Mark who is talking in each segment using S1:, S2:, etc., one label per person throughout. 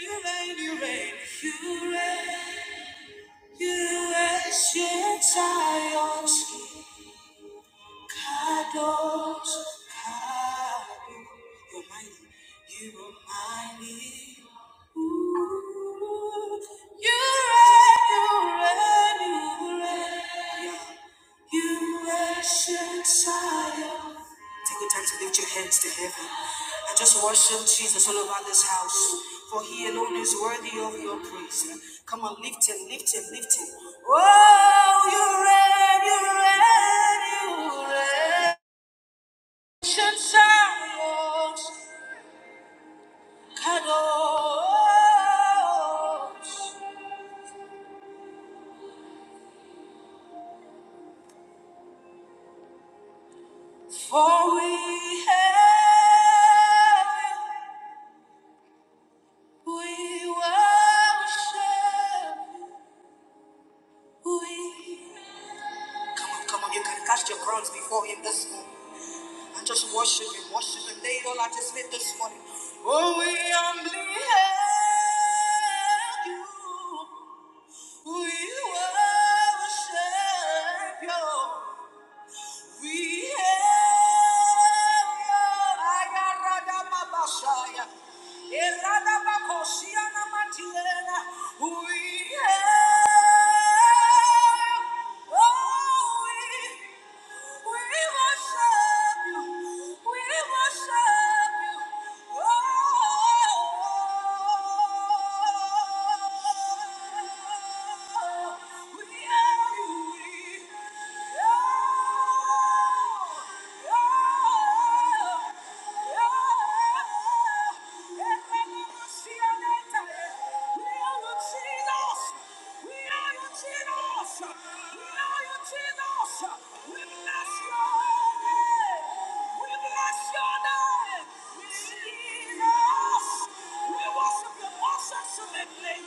S1: You reign, you reign, you reign, you ancient Zion's King. Kadosh, Kadosh. You're mighty, you are mighty. Ooh. You reign, you reign, you reign. Yeah, You ancient Zion. Take the time to lift your hands to heaven. and just worship Jesus all over this house, for he alone is worthy of your praise. Come on, lift him, lift him, lift him. Oh, you reign, you reign, you reign. Ancient Zions, Kadosh, for we have we worship, we Come on, you can cast your crowns before him this morning and just worship him, worship him. They all at his feet this morning. Oh, we humbly hail you. We worship you. We hail you. Ayaradama Basaya. Eradama Kosiana Matilena. We hail, Oh we we We We you. you. you. Oh. oh, oh, oh. we hail you. We We your your bless bless name. name. Jesus! We worship your most excellent name.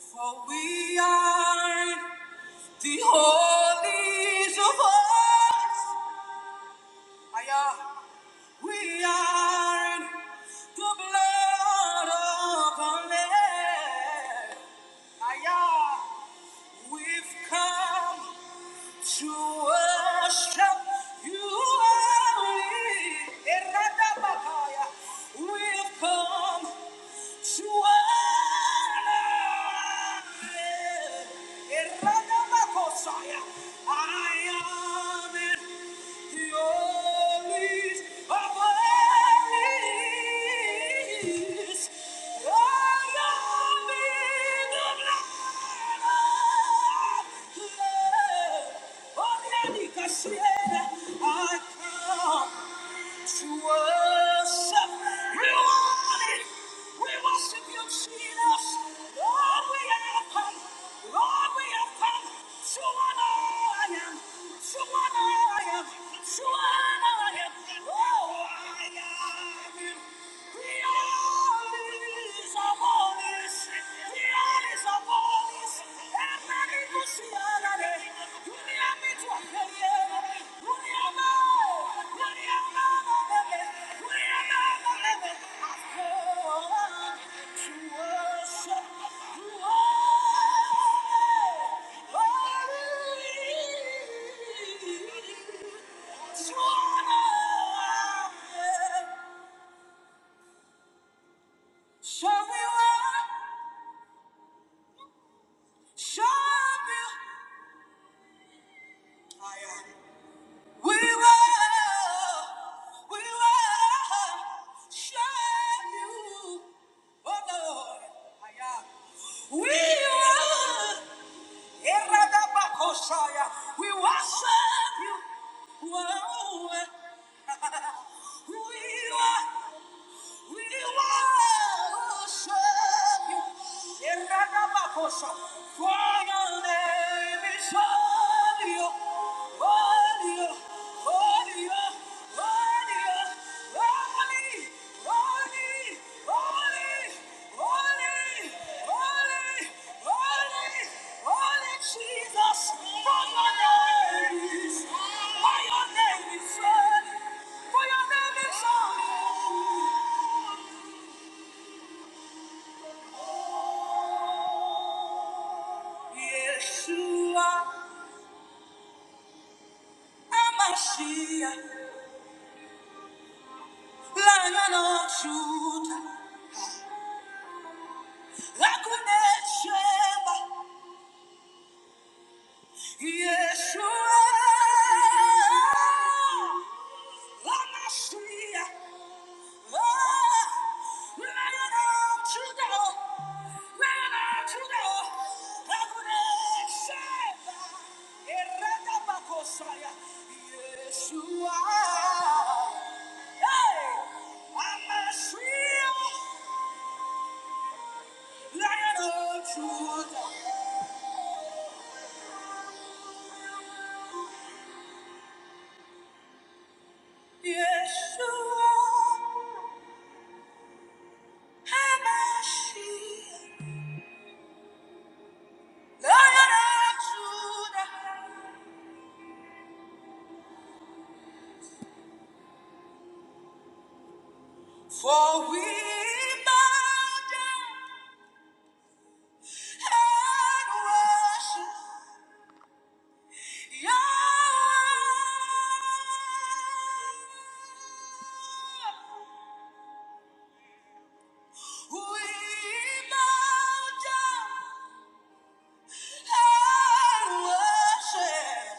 S1: For we are the holies of all. Aya, we are in the blood of the Lamb. Aya, we've come to worship you only. Eradabakaya, We've come to honor. you. Eradabakosaya, I am in I come to worship. We want it. We worship you, Jesus. Lord, we have come. Lord, we have come to honor I am. To honor I am. To honor I am. Oh, I am. We are his, our holy. We are Show me what, show me. I am. We will, we will share you, oh Lord. Aya. We will, Eradabakosaya. we worship you. Whoa. We will, we worship you. Eradabakosha. For your name is holy, holy, holy, holy, holy, holy, holy, holy, holy, holy, Jesus. For your name is, for your name is holy, for your name is holy. Yeshua, Amashia, Lion of Judah, Lakunecheva, Yeshua, Amashia, Yeshua. Hamashiach, Lion of Judah, For we bow down and worship Yahweh. We bow down and worship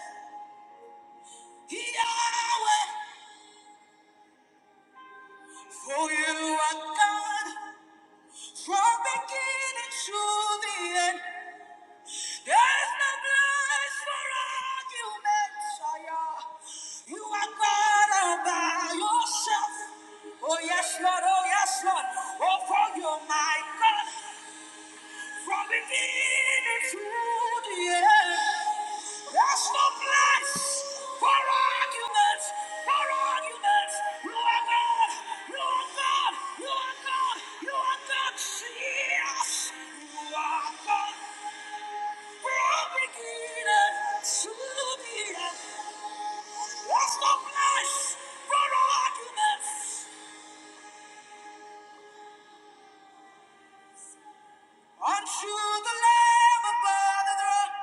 S1: Yahweh. For you are God from beginning to the end. There is no place for arguments, Shia. You are God all by yourself. Oh yes, Lord, oh yes, Lord. Oh, for you, are my God, from beginning to the end. There's no place for arguments, for arguments. You are God, you are God, you are God, you are God. Yes, you are God. Unto the Lamb above the throne,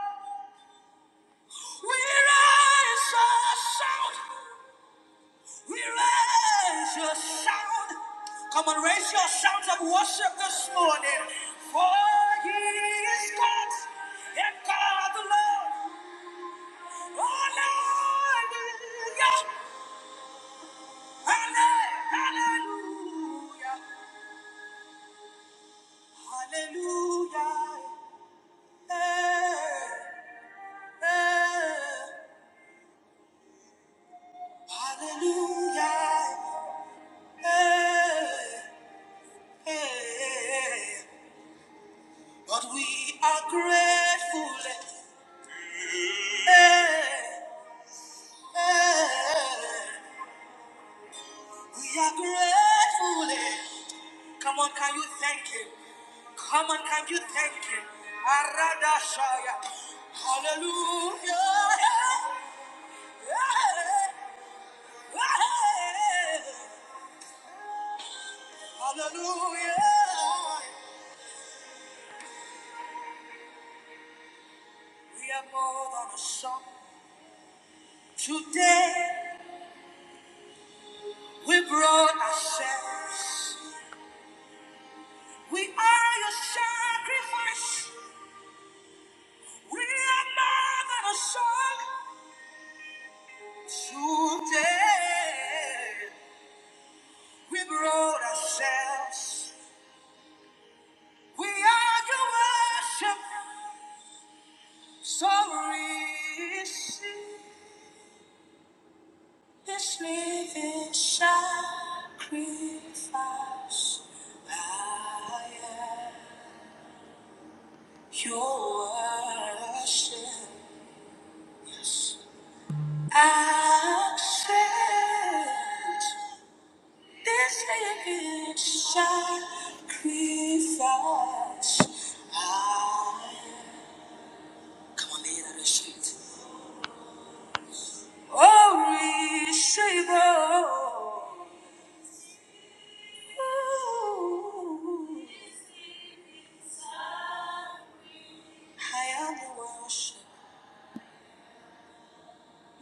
S1: we raise a shout. We raise a shout. Come on, raise your sounds of worship this morning. For He is God, and God alone. Hallelujah. Hallelujah. Hallelujah. Eh, eh. Hallelujah. Eh, eh. But we are grateful. Eh, eh. We are grateful. eh. Come on, can you thank him? Come on, can you thank him? Arada Hallelujah. Yeah. Yeah. Hallelujah. We are more than a song. Today we brought ourselves. We are your sacrifice. We are more than a song. Today. We brought ourselves. We are your worship. So receive this living sacrifice. I am your worship. Yes. I Accept this living sacrifice. I am. Come on, lay it at his feet. Oh, Shiva. Ooh, I am your worship,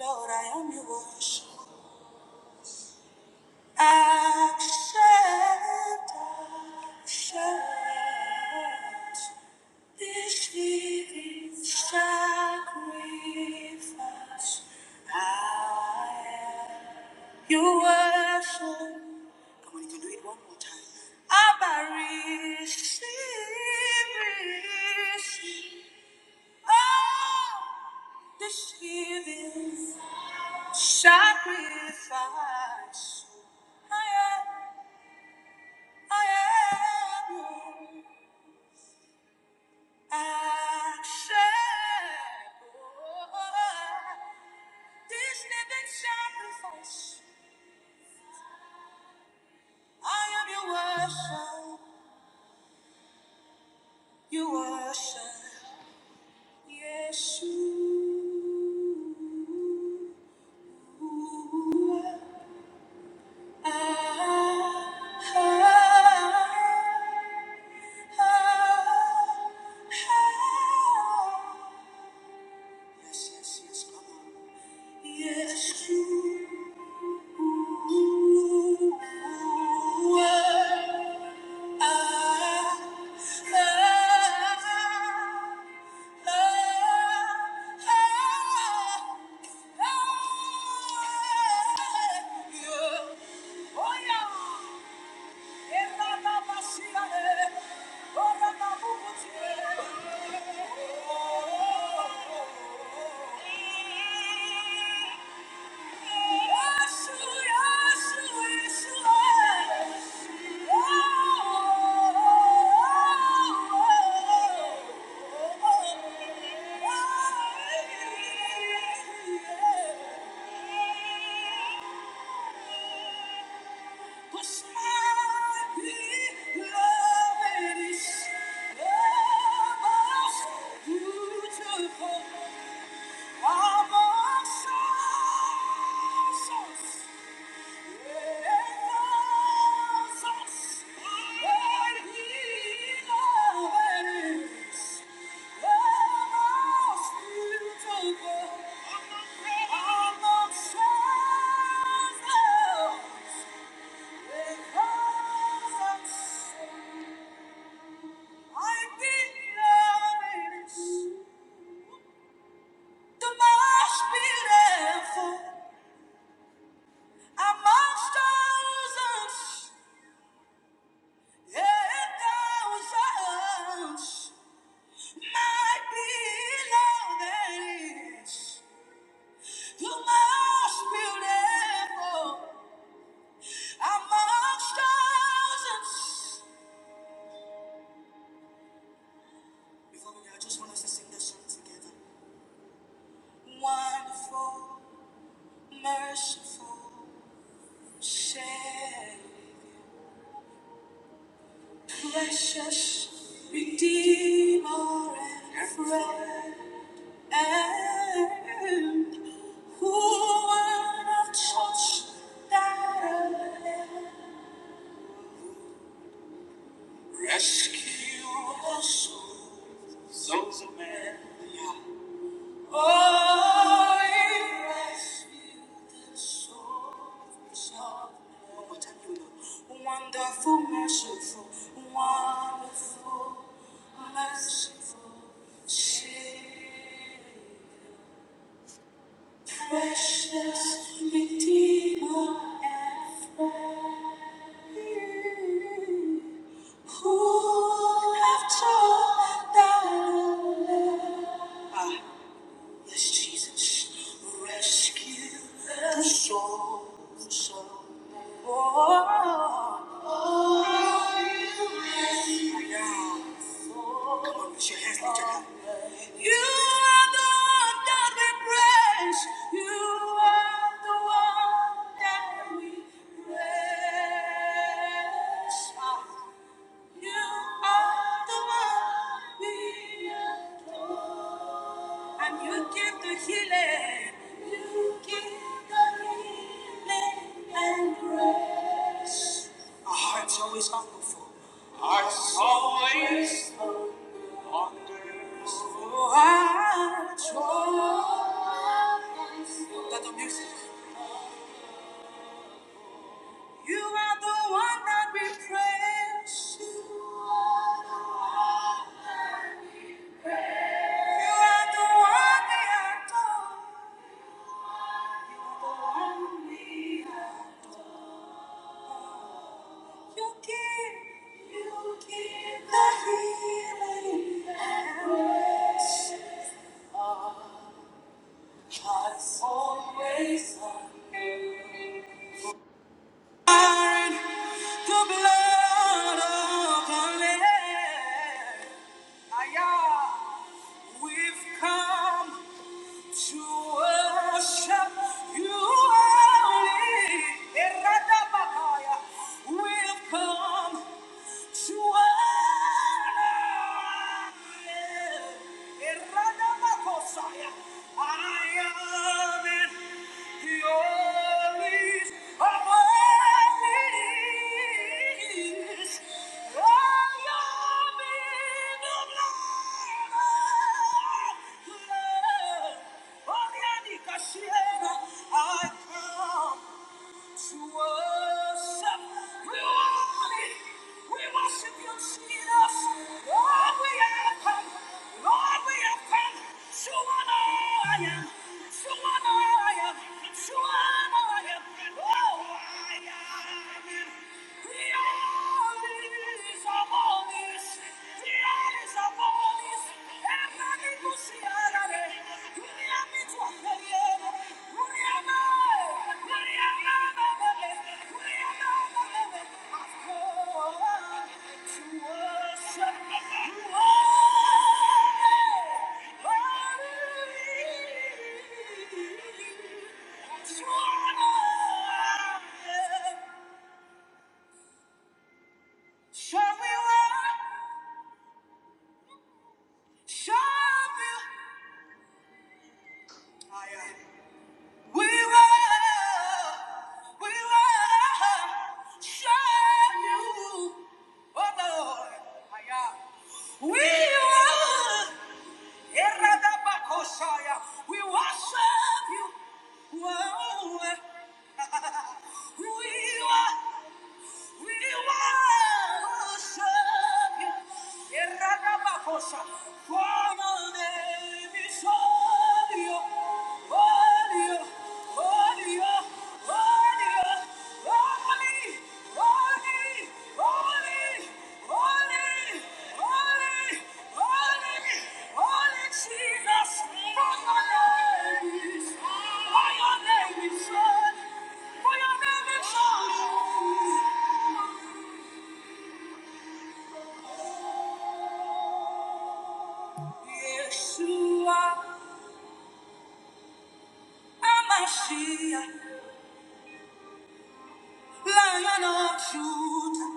S1: Lord, I am your worship. Accept, accept this living sacrifice. I am. You worship. Come on, you can do it one more time. Abba, receive, receive. Oh, this giving sacrifice. I am, I am your acceptable. This living sacrifice. I am your worship, your worship. Yeshua, Yes, yes, yes, come on. Oh, yeah. Beautiful. I've been the most beautiful. Amongst thousands and thousands, my beloved is the most beautiful. Amongst thousands. Before we go, I just want us to sing this song together. Wonderful, merciful, Savior, precious, Redeemer and friend. And who would have touched that I am? Rescue us, sons of men. Yeah. Oh, you rescued the souls of men. One more time, here we Wonderful, merciful, wonderful, merciful Savior. Precious Redeemer and friend, who have taught thy love. Yes, Jesus, rescue the soul. of men. Oh, you are the one that we praise. You are the one that we praise. Ah. You are the one we adore. And you give the healing. You give the healing and grace. Our hearts always humble for. Our hearts always. Oh, I trust that the music. You are the one that we praise. You are the one we adore. The one we adore. You give, you give the healing and grace. I've always loved. you. The blood of the Lamb. Aya. We've come to worship you only. Eradabakaya. We've come. I come to worship. We worship you. We worship you, Jesus. Lord, we have come. Lord, we have come. To honor I am. To honor I am. To honor I am. Oh, I am. The all is above this. The all is above this. Shall we work? Shall we? I am. We will, we will serve you, oh Lord, my God. We will. Eradabakosaya. We will serve you. Whoa. We will. We worship you. Erradabakosa. For the name is holy, holy, holy, holy, holy, holy, holy, holy, holy, holy, holy Jesus. For your name is, for your name is holy, for your name is holy. Yeshua, Amashiach, Lion of Judah,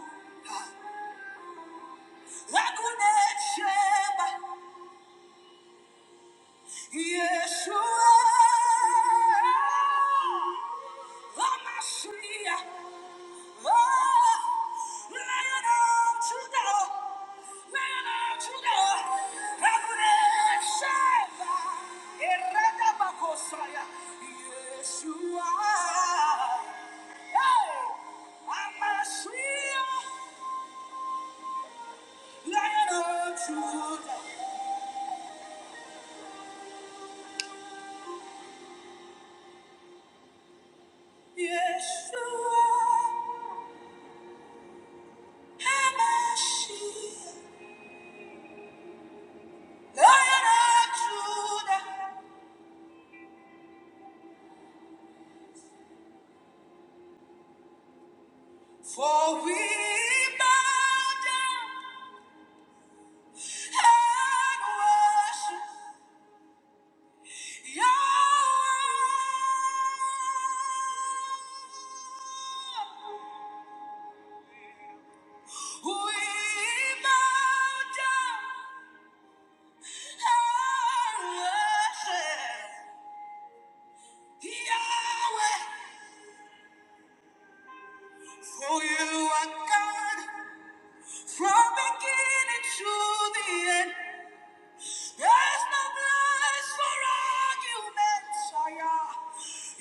S1: Lagunet Sheba, Yeshua, Amashiach, Yeshua. Hamashiach, Lion of Judah, for we bow down. For you are God from beginning to the end. There's no place for argument, oh yeah.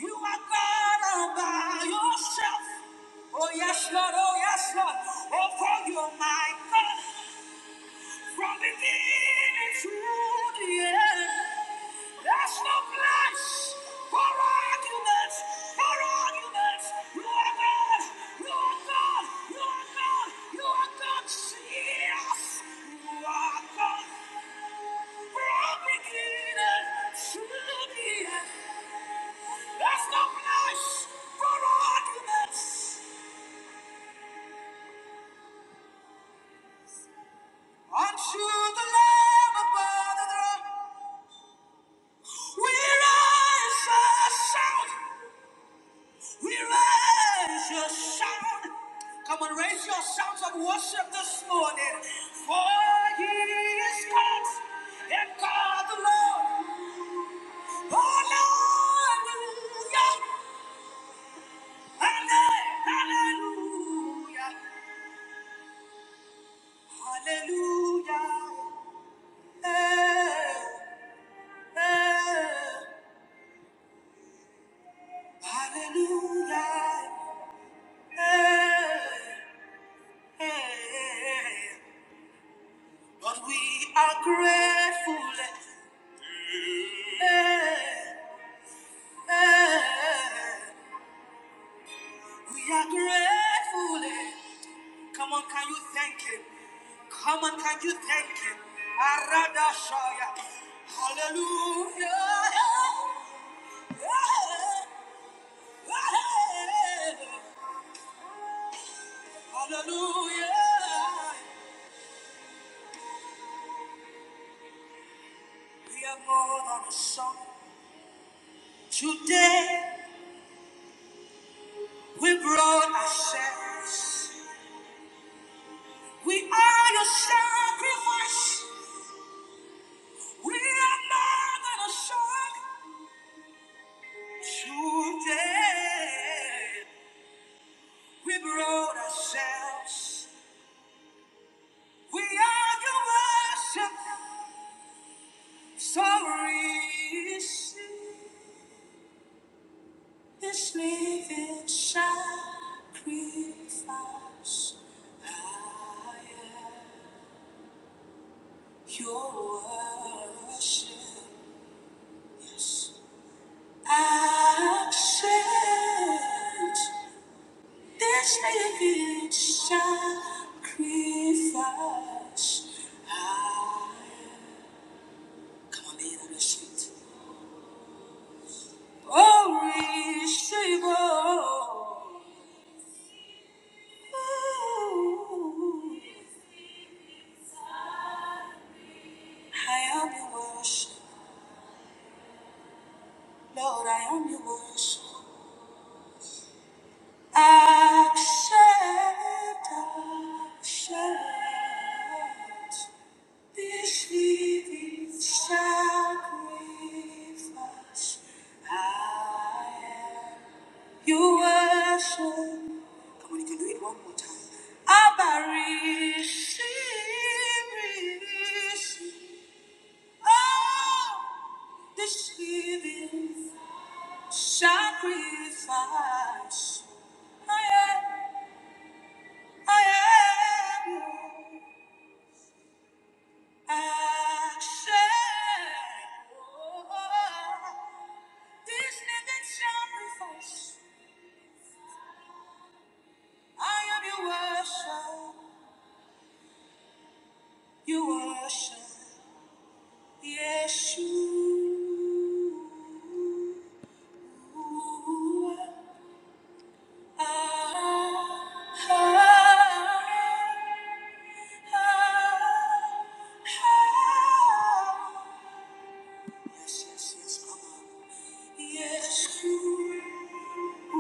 S1: You are God all by yourself. Oh yes, Lord, oh yes, Lord. Oh, for you are my God. From beginning to the end, there's no place for arguments, for arguments. You are God, you are God, you are God, you are God. Yes, you are God. From beginning to the end, there's no place for arguments. Unto the Lamb above the throne. We raise a sound. We raise your sound. Come on, raise your sounds of worship this morning. For he is God, and God alone. Hallelujah. Hallelujah. Hallelujah. Eh, eh. Hallelujah. Eh, eh. eh. But we are grateful. eh, eh, eh. We are grateful. eh. Come on, can you thank Him? Come on, can you thank Him? Arada Shaya. Hallelujah. Hallelujah. We are more than a song. Today we brought ourselves. We are your sacrifice. We are more than a song. Today, we brought ourselves. We are your worship. So receive this living sacrifice. I am your worship. Yes. Accept This may be sacrifice. Ah. Come on, lay it on the street. Oh, reachable. Ooh, I am your worship. Lord, I am your worship. Accept, accept. Wish me these sacrifice. I am your worship. Come on, you can do it one more time. Abba, receive, receive. Oh, this living sacrifice. I am, I am. I said, oh, this nigga sacrifice. I am your worship, your worship. Yes, you are. Yes, yes, yes, come on. Yes, you. Oh,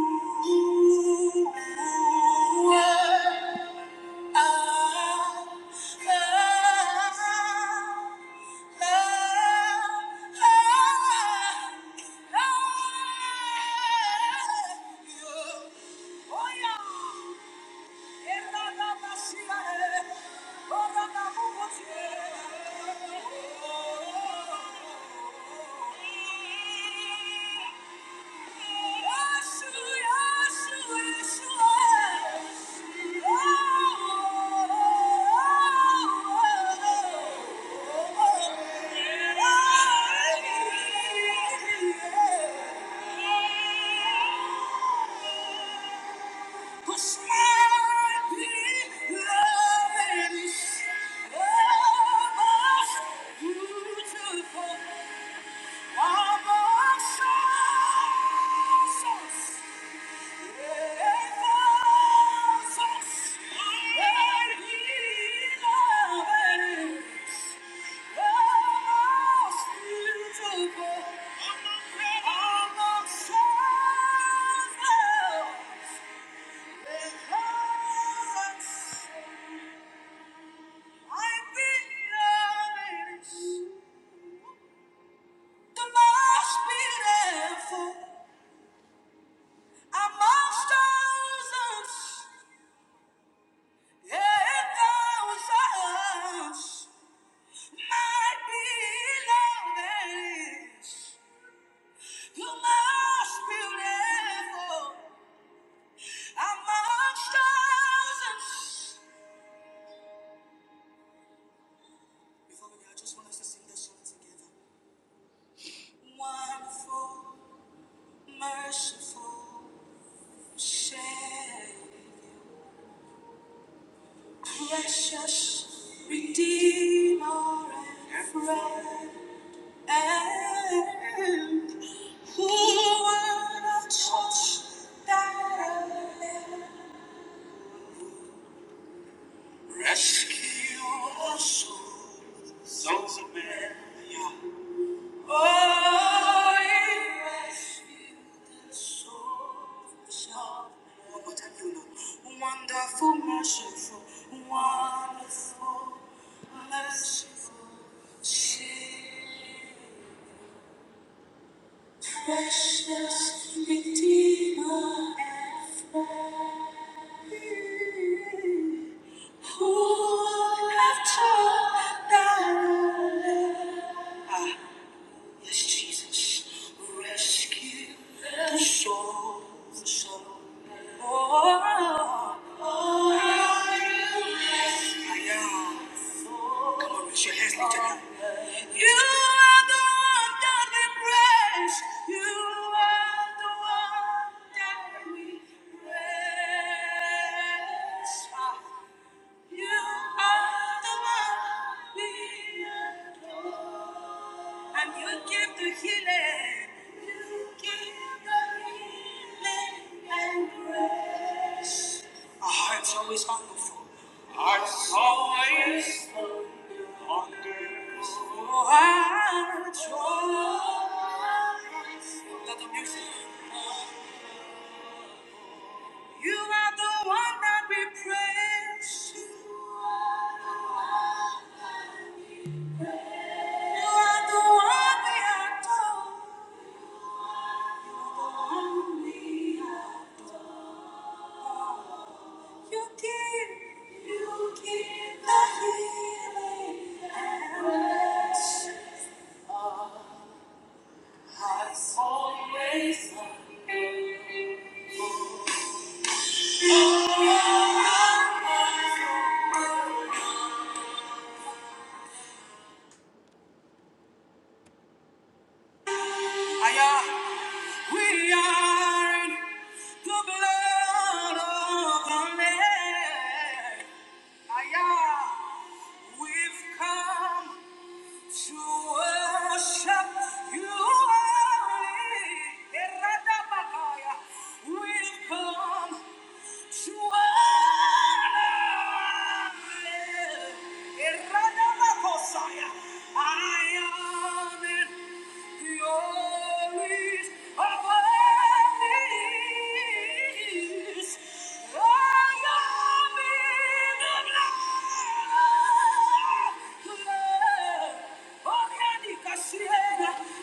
S1: yeah. Beautiful, I'm a Amongst thousands, and thousands. Precious Redeemer and friend, and who would have touch that I? am? Rescue our souls, sons of men. Yeah. Oh, you rescue the souls of men. One more time, you know. Wonderful, merciful, wonderful, merciful Savior. Precious Redeemer and friend. Who would have thought that I, yes, Jesus, rescue the soul, the soul. Oh, oh, oh, yeah. Come on, raise your hands, lift your hands. You are the one that we praise. You are the one that we praise. You are the one we adore. And you give the healing. You give the healing and grace. Our hearts always hunger for. Our hearts always hunger for. Oh, Our hearts always- Let the music. You are the one that we praise. You are the one we adore. The one we adore. You give, you give the healing hand. Aya, we are in the blood of the Lamb. Aya, we've come to worship you. only. Eradabakaya, We've come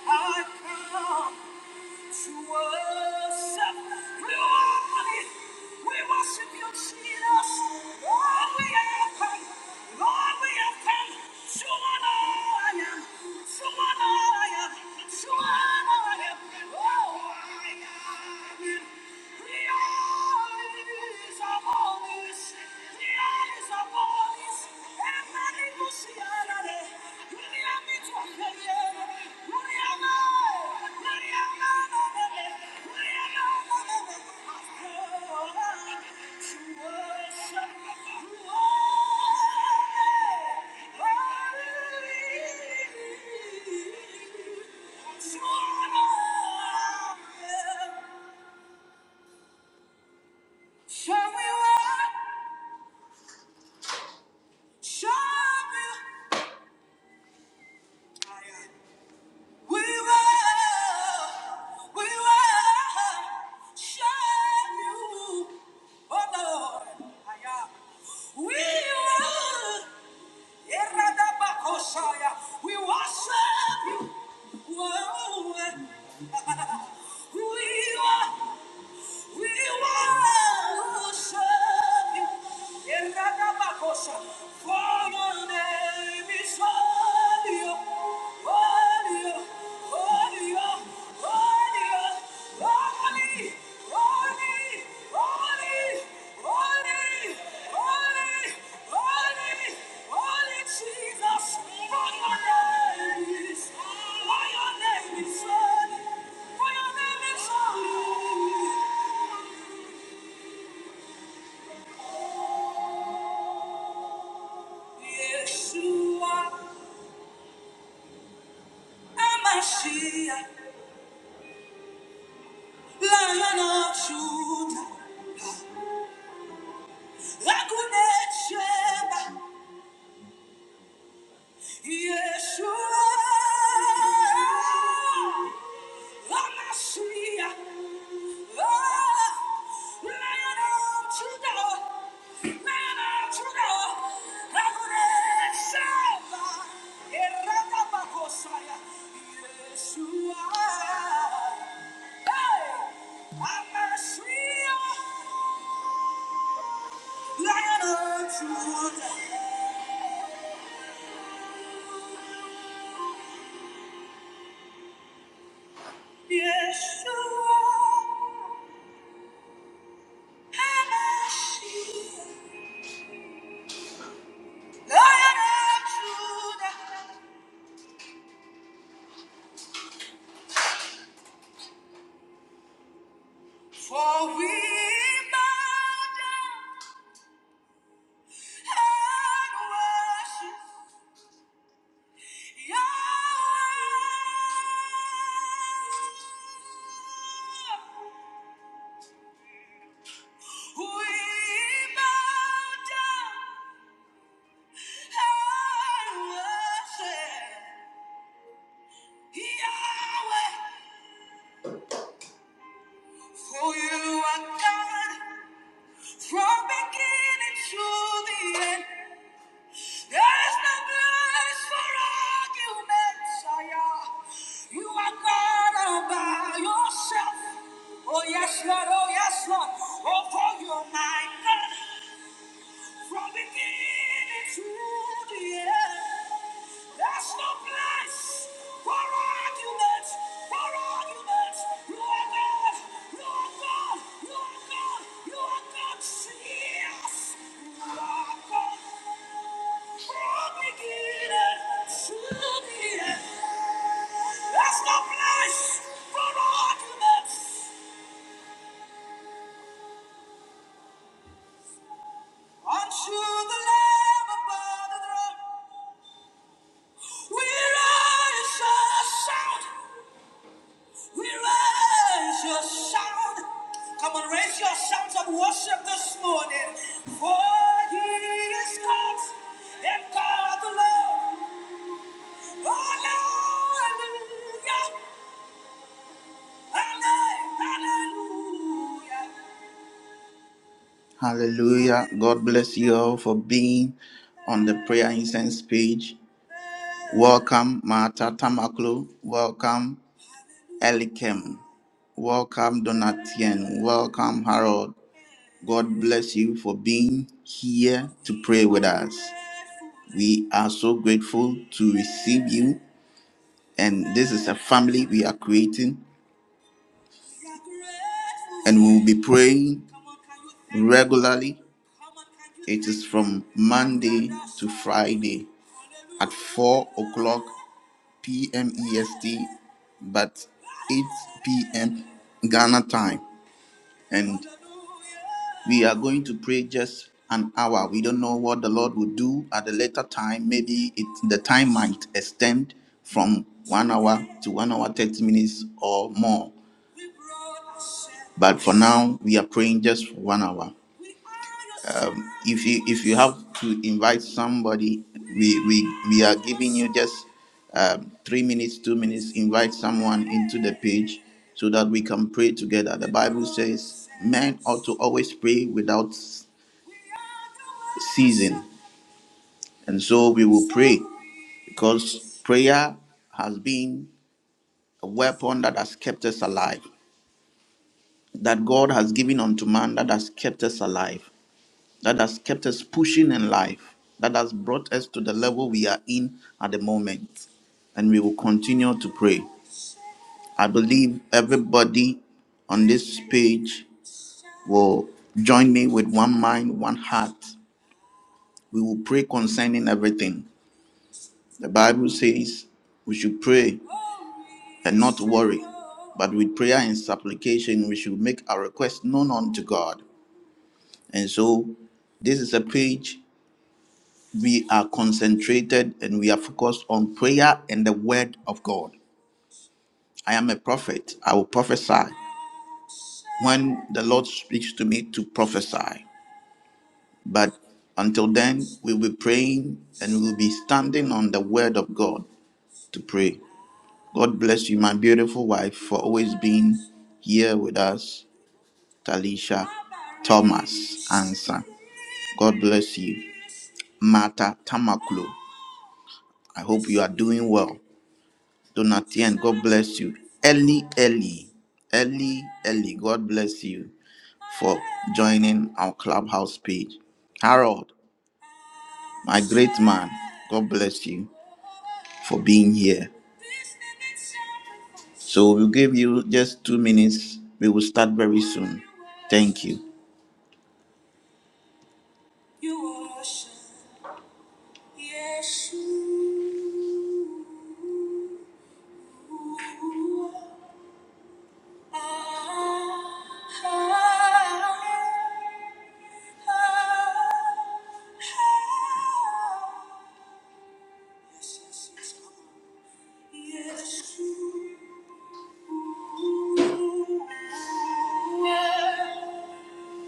S1: I come to worship. We worship We worship you, Jesus. Lord, we have come. Lord, we have come. To honor I am. To honor Oh, I am. in The earth is abolish. The Show me what, show me. We will, we will share you, oh Lord. Aya. We will, Eradabakosaya. we worship you. Oh, we will, we worship you. Eradabakosha. For your name is holy, holy, holy, holy, holy, holy. Yeshua, Amashiach, Lion of Judah, Lagunet Sheba, Yeshua, Hamashiach, oh, Lion of Judah, Lion of Judah, Adonai Shaddai, Erata Bakosaya, Yeshua, hey, Hamashiach, Lion of Judah, Yeshua. For we bow bow down down and and worship worship We bow down and worship Yahweh, for you are God. From beginning to the end, there's no place for arguments. Ah, yeah. You are God all by yourself. Oh yes, Lord. Oh yes, Lord. Oh, for you're my God. From beginning to the end, there's no place for arguments, for arguments. You are God, you are God, you are God, you are God, yes. You are God. From beginning to the end, there's no place for arguments. Unto the Lamb above the throne. We raise a sound. We raise your sound. Come on, raise your sounds of worship this morning. For he is God and God alone. Hallelujah. Hallelujah. Hallelujah. God bless you all for being on the prayer incense page. Welcome, Martha Tamaklo. Welcome. Elikem. Welcome, Donatien. Welcome, Harold. God bless you for being here to pray with us. We are so grateful to receive you, and this is a family we are creating, and we will be praying regularly. It is from Monday to Friday at 4 o'clock p.m. EST, but 8 p.m. Ghana time. and we are going to pray just an hour. We don't know what the Lord will do at a later time. Maybe it the time might extend from one hour to one hour, 30 minutes or more. But for now, we are praying just for one hour um, if you if you have to invite somebody we we, we are giving you just um, three minutes two minutes invite someone into the page so that we can pray together the bible says men ought to always pray without ceasing and so we will pray because prayer has been a weapon that has kept us alive that god has given unto man that has kept us alive that has kept us pushing in life, that has brought us to the level we are in at the moment. And we will continue to pray. I believe everybody on this page will join me with one mind, one heart. We will pray concerning everything. The Bible says we should pray and not worry, but with prayer and supplication, we should make our request known unto God. And so, this is a page we are concentrated and we are focused on prayer and the word of God. I am a prophet. I will prophesy when the Lord speaks to me to prophesy. But until then, we'll be praying and we'll be standing on the word of God to pray. God bless you, my beautiful wife, for always being here with us, Talisha Thomas Ansa. God bless you, Mata Tamaklo. I hope you are doing well. Donatien, God bless you. Ellie, Ellie, Ellie, Ellie, God bless you for joining our clubhouse page. Harold, my great man, God bless you for being here. So we'll give you just two minutes. We will start very soon. Thank you. Yes, you.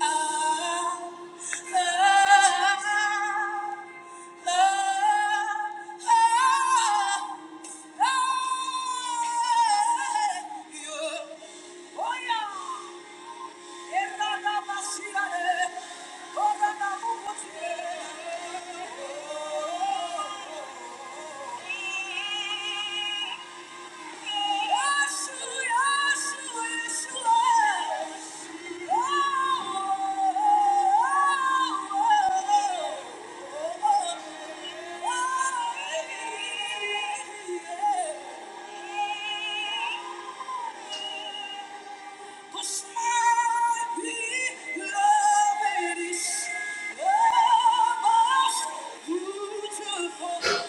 S1: Oh, yeah. Beautiful.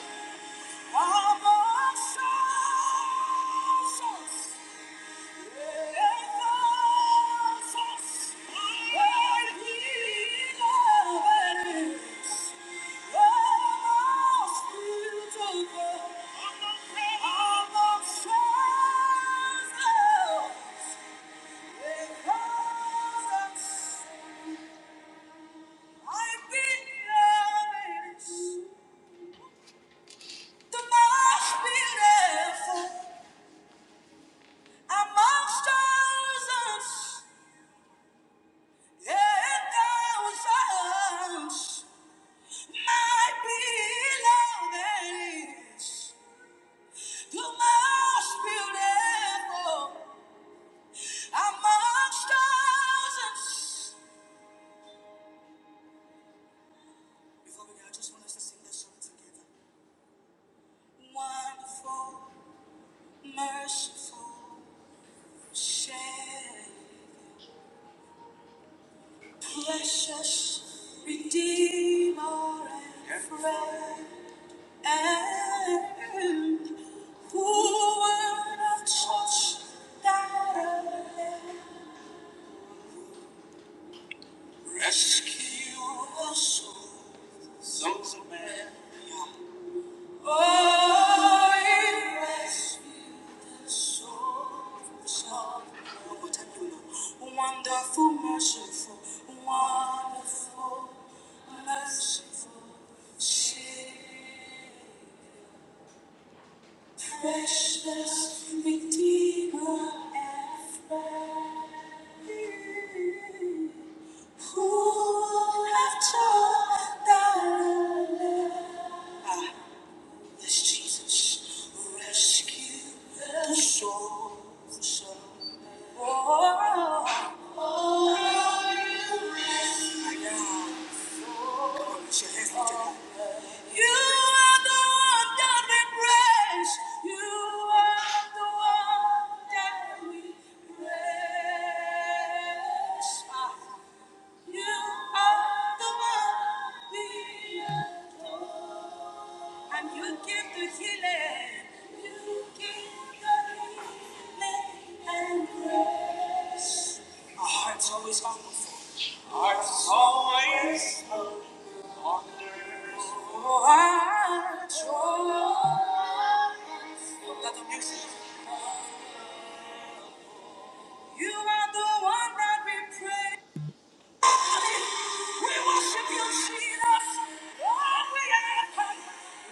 S1: I've been the most beautiful. Amongst thousands and thousands, my beloved is the most beautiful. Amongst thousands. Before we go, I just want us to sing this song together. Wonderful, merciful, share, precious, redeemer, and friend. And who would have thought that I would rescue the soul so bad? Oh, you rescued the souls of men. One more time, you know. Wonderful, merciful, wonderful, merciful Savior. Precious Redeemer and friend, who have taught thy love. This Jesus will rescue the souls of all. Oh, My God. Come on, lift your hands, lift your hands. You are the one that we praise. You are the one that we praise. You are the one we adore. And you give the healing. You give the healing and grace. Our heart's always hungry Our heart's always hungry Let the music. You are the one that we praise. We worship you, Jesus. Lord, we have come.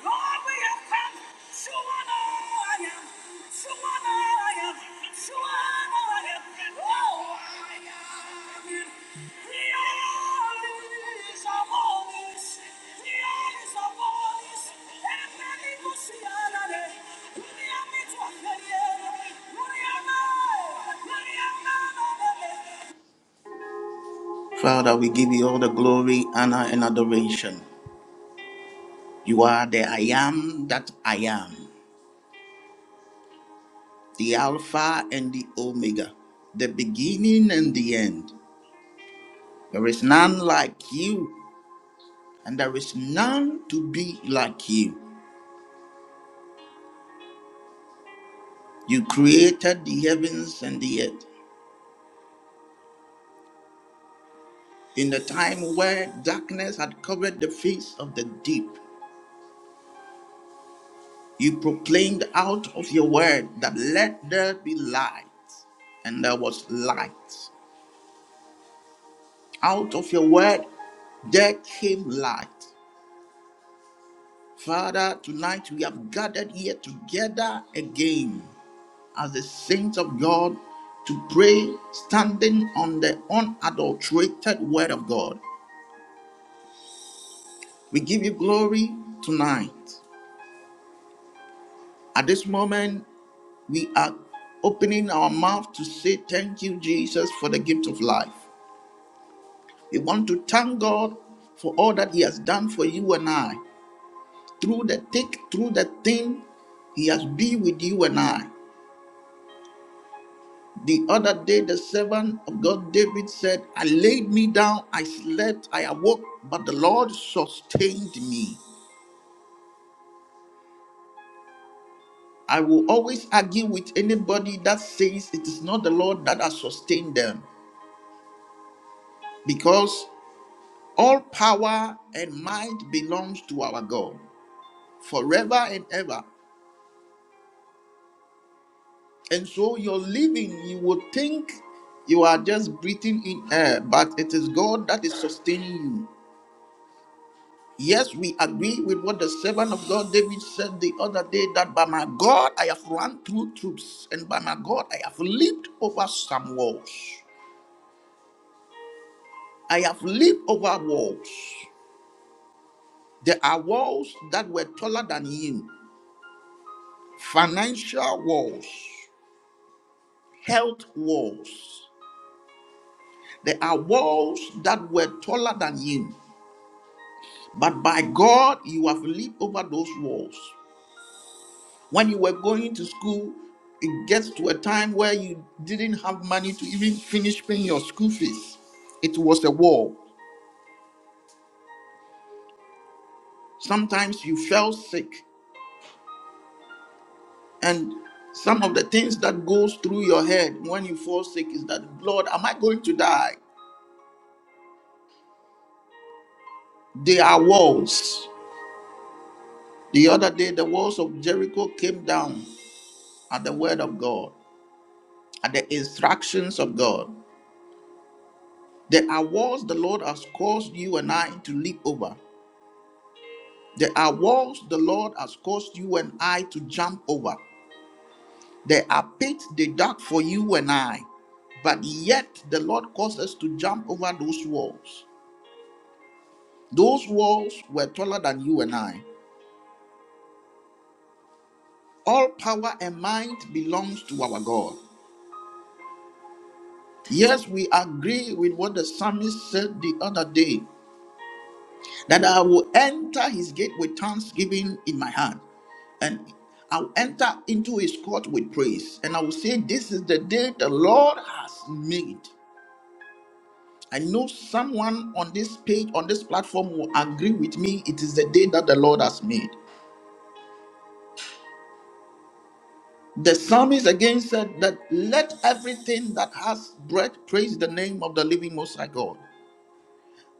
S1: Lord, we have come. To honor I am. To honor I am. To Oh, I The earth is our The earth is our And many go see our day. We are meant to appear. We are now. We are now. Father, we give you all the glory, honor, and adoration. You are the I am that I am, the Alpha and the Omega, the beginning and the end. There is none like you, and there is none to be like you. You created the heavens and the earth. In the time where darkness had covered the face of the deep, you proclaimed out of your word that let there be light, and there was light. Out of your word, there came light. Father, tonight we have gathered here together again as the saints of God to pray, standing on the unadulterated word of God. We give you glory tonight. At this moment, we are opening our mouth to say thank you, Jesus, for the gift of life. We want to thank God for all that He has done for you and I. through the thick, through the thin, he has been with you and I. The other day, the servant of God David said, I laid me down, I slept, I awoke, but the Lord sustained me. I will always argue with anybody that says it is not the Lord that has sustained them because all power and might belongs to our God forever and ever. And so your living, you would think you are just breathing in air, but it is God that is sustaining you. Yes, we agree with what the servant of God David said the other day that by my God I have run through troops, and by my God I have leaped over some walls. I have leaped over walls. There are walls that were taller than him financial walls, health walls. There are walls that were taller than him But by God, you have leaped over those walls. When you were going to school, it gets to a time where you didn't have money to even finish paying your school fees. It was a wall. Sometimes you fell sick, and some of the things that goes through your head when you fall sick is that, Lord, am I going to die? They are walls. The other day, the walls of Jericho came down at the word of God, at the instructions of God. There are walls the Lord has caused you and I to leap over. There are walls the Lord has caused you and I to jump over. There are pits they dug for you and I. But yet the Lord caused us to jump over those walls. Those walls were taller than you and I. All power and might belongs to our God. Yes, we agree with what the psalmist said the other day. that I will enter his gate with thanksgiving in my hand, and I'll enter into his court with praise. And I will say, This is the day the Lord has made. I know someone on this page, on this platform, will agree with me. It is the day that the Lord has made. The psalmist again said that let everything that has breath praise the name of the living Most High God.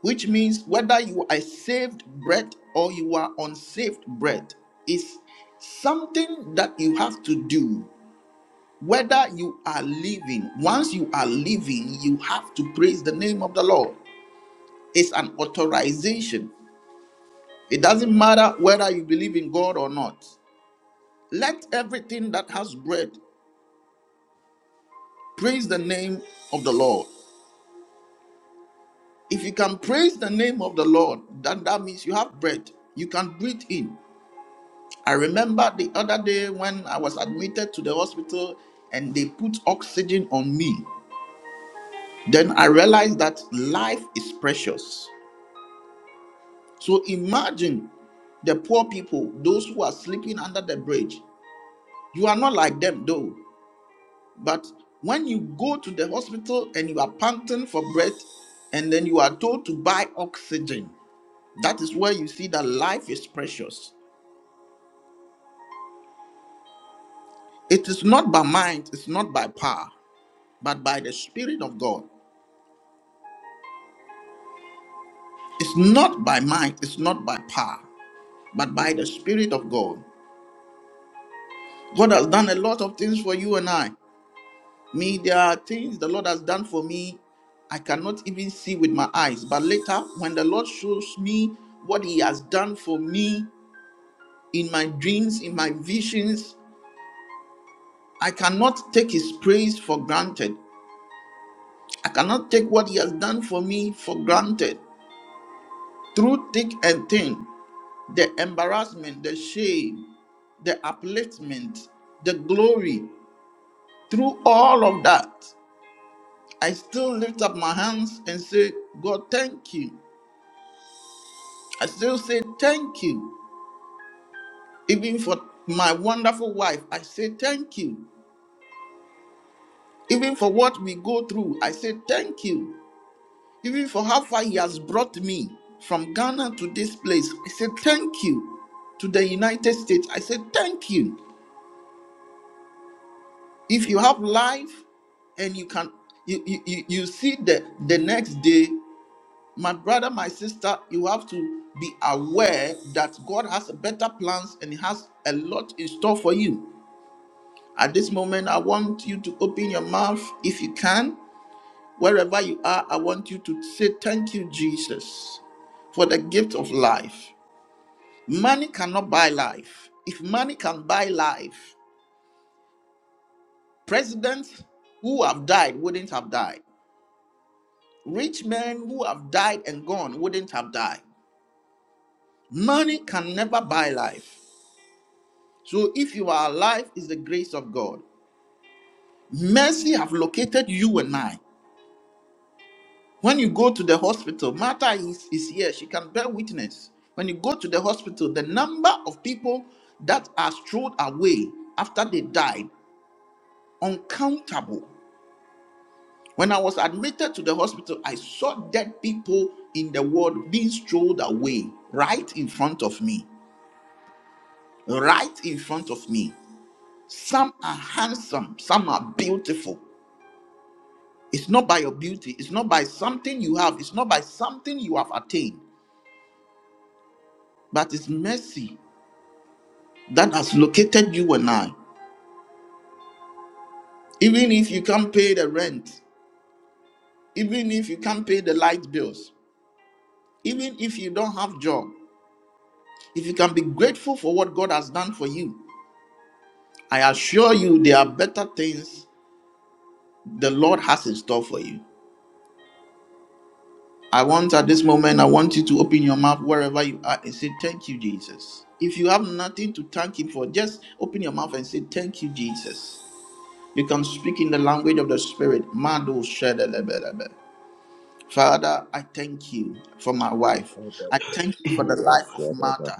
S1: which means whether you are saved bread or you are unsaved bread is something that you have to do whether you are living once you are living you have to praise the name of the lord it's an authorization it doesn't matter whether you believe in god or not let everything that has bread praise the name of the lord if you can praise the name of the lord then that means you have bread you can breathe in I remember the other day when I was admitted to the hospital and they put oxygen on me. Then I realized that life is precious. So imagine the poor people, those who are sleeping under the bridge. You are not like them though. But when you go to the hospital and you are panting for breath and then you are told to buy oxygen, that is where you see that life is precious. It is not by might, it's not by power, but by the Spirit of God. It's not by might, it's not by power, but by the Spirit of God. God has done a lot of things for you and I. Me, there are things the Lord has done for me I cannot even see with my eyes. But later, when the Lord shows me what He has done for me in my dreams, in my visions, I cannot take His praise for granted. I cannot take what He has done for me for granted. Through thick and thin, the embarrassment, the shame, the upliftment, the glory, through all of that, I still lift up my hands and say, God, thank you. I still say thank you. Even for my wonderful wife, I say thank you. Even for what we go through, I say thank you. Even for how far He has brought me from Ghana to this place, I say thank you. To the United States, I say thank you. If you have life and you can you you, you you see the the next day, my brother, my sister, you have to be aware that God has better plans and He has a lot in store for you. At this moment, I want you to open your mouth if you can. Wherever you are, I want you to say thank you, Jesus for the gift of life. Money cannot buy life. If money can buy life, presidents who have died wouldn't have died. Rich men who have died and gone wouldn't have died. Money can never buy life. So if you are alive, it's the grace of God. Mercy have located you and I. When you go to the hospital, Martha is, is here. She can bear witness. When you go to the hospital, the number of people that are strode away after they died, uncountable. When I was admitted to the hospital, I saw dead people in the world being strolled away right in front of me. right in front of me. Some are handsome, some are beautiful. It's not by your beauty, it's not by something you have, it's not by something you have attained, but it's mercy that has located you and I. Even if you can't pay the rent, even if you can't pay the light bills, even if you don't have job, if you can be grateful for what God has done for you, I assure you there are better things the Lord has in store for you. I want at this moment, I want you to open your mouth wherever you are and say, Thank you, Jesus. If you have nothing to thank Him for, just open your mouth and say, Thank you, Jesus. You can speak in the language of the Spirit. Mado shedelebelebe. Father, I thank you for my wife.
S2: Thank
S1: I thank you for the life of Martha.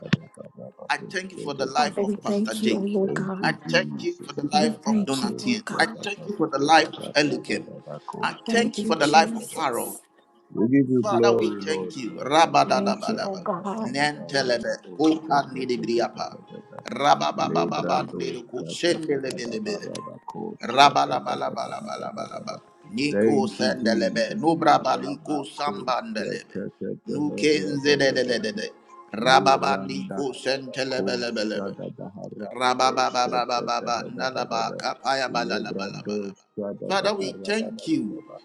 S1: I thank you for the life
S3: Father, we
S1: of Pastor
S3: thank you, oh
S1: Jake.
S3: Lord God.
S1: I
S2: you,
S1: thank you
S2: Jesus.
S1: for the
S3: We
S1: life of
S3: thank you, oh
S1: Donatien. I
S3: God.
S1: thank you for the life of Elikim. I thank
S3: Thank
S1: you for
S3: you,
S1: the life of Harold.
S3: Jesus.
S2: We give you
S1: Father, we
S2: glory, Lord.
S1: thank you.
S3: Thank you, oh
S1: Rabadabadaba.
S3: God.
S1: Nentelebe. Kupa nidibriapa. Rababababa
S2: Lebrando
S1: nidiku. Shendelebelebelebe. Rabalabalabalabalabalaba. Niko
S2: Thank you,
S1: sendelebe.
S2: Jesus.
S1: Nubrabaliko sambandelebe. Nukenzedelelelele.
S2: Liranda
S1: Rababandiko sentelebelebelebe. Rababababababa. Nalaba kapaya balabalabalaba. Father, we thank you.
S2: Lebrando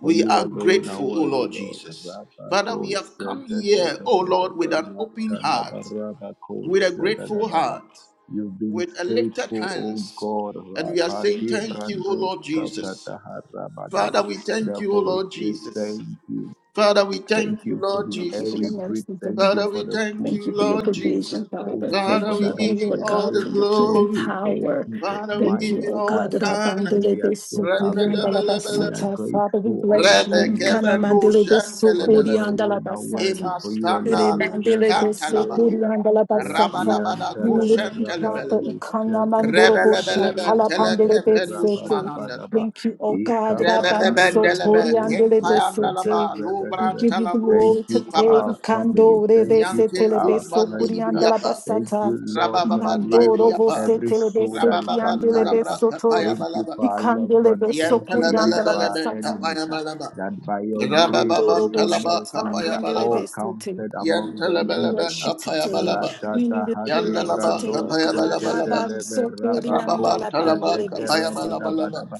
S2: for
S1: We
S2: you
S1: are
S2: alone are
S1: grateful, O
S2: worthy,
S1: Lord
S2: Lord.
S1: Jesus.
S2: Rabba
S1: Father, we have
S2: dosha
S1: come
S2: da da
S1: here,
S2: da
S1: O
S2: da da
S1: Lord,
S2: da
S1: with an
S2: rabba
S1: open
S2: la
S1: heart,
S2: rabba
S1: with a
S2: kosha da da
S1: grateful
S2: da ba.
S1: heart,
S2: You've been
S1: with a lifted
S2: faithful, O
S1: hands,
S2: God.
S1: and we are
S2: Rabba
S1: saying
S2: de
S1: thank you, O
S2: brandos
S1: Lord
S2: ka da
S1: Jesus.
S2: da ha rabba da
S1: Father,
S2: ba.
S1: we thank you, O
S2: Therefore, we
S1: Lord
S2: say
S1: Jesus.
S2: thank you.
S1: Father, we thank
S2: Thank
S1: you,
S2: you for
S1: Lord
S2: the
S3: Thank
S2: air
S3: you for your
S2: we
S1: Jesus.
S2: breathe.
S3: mercy, for
S2: Thank you
S1: Father,
S3: goodness.
S2: for
S1: we
S2: the
S1: thank
S2: food
S3: Thank
S1: you,
S3: you for your
S2: we
S1: Lord
S2: eat.
S1: Jesus.
S3: provision,
S2: Thank
S3: Father.
S2: you
S1: Father,
S2: for
S3: Thank
S1: we
S2: that
S3: you, oh
S1: give
S2: which
S1: you
S3: Lord
S2: we
S1: all
S3: God,
S1: the
S3: for
S2: drink.
S3: your
S2: Thank
S3: keeping
S1: glory.
S2: you for the
S3: power.
S2: peace of
S1: Father, we
S3: Thank
S2: mind
S1: give
S3: you,
S2: we've
S1: you
S3: oh
S1: all
S3: God,
S2: had
S1: the
S3: that
S2: uh,
S3: I
S1: honor.
S2: and
S3: bandele
S2: we are still having. uh, We are
S3: basata. Father, we
S2: grateful
S3: bless
S2: unto
S3: you.
S2: you,
S3: Ikana
S1: Rebekebe no
S2: Jesus.
S3: mandele
S2: uh, For you
S1: shentelebelebe.
S2: alone are worthy.
S1: Ima
S3: basata.
S2: For you
S3: Ere
S2: alone
S1: standa nus
S2: deserve
S3: mandele
S2: the
S3: de
S1: kantalaba.
S2: glory. uh,
S3: basata.
S1: Rabadabada
S3: We
S2: Raiyandala
S3: lift you, Father.
S1: kushentelebelebe.
S2: rabado
S3: Ikana mandoro
S2: shakatala
S3: boshata
S1: Rebelebelebe
S2: barakatata
S1: telekepe nus mahandela.
S2: rabadabadaba.
S3: Thank you, oh God, that I ban
S1: Rebebebendelebe
S2: Ikapaharabako
S1: kempayandalaba
S3: we
S2: shakatala
S3: give you
S2: Thank
S3: glory
S1: lubrantalabrus
S2: you for
S3: today.
S2: our
S1: ipavada.
S2: family.
S3: Ikando
S2: Thank
S3: rebe
S2: you
S3: se
S2: for
S1: Nyante
S3: telebe
S2: our
S3: so
S1: kumbandi
S2: friends.
S3: kurianda la
S1: libriyapa.
S2: Thank
S3: basata.
S2: you, Lord, for the life of
S3: Mandoro vo
S1: Rabababandiribriyapa.
S3: se
S2: every
S3: telebe
S2: soul
S3: se
S2: that is alive.
S3: kiandelebe
S1: Rabababantalabra
S3: soto.
S2: Thank you
S1: kapayabalaba.
S2: for our loved ones.
S3: Ikandelebe so
S2: Thank you even
S3: kurianda la
S2: for our
S1: Yantalabalabalaba
S3: basata.
S2: enemies.
S1: kapayabalaba.
S2: That by your grace
S3: Mandoro
S2: and your
S3: vo
S1: Rabababantalaba
S2: mercy we are
S1: kapayabalaba.
S2: all
S3: shatalapandelebe sete.
S2: counted among the
S3: We
S1: Yantalabalaba
S2: living.
S3: bless you today.
S1: kapayabalaba.
S3: We lift up your
S2: Radadahate
S3: name
S1: Yandalaba
S3: today,
S2: brandos
S3: oh God.
S1: kapayabalabalaba.
S3: Habam
S2: tetetelebe
S3: so kurianda
S2: rabako
S3: la
S1: Rababantalaba
S3: bandelebe sete.
S1: kapayabalabalaba.
S2: teteterabadabadaba.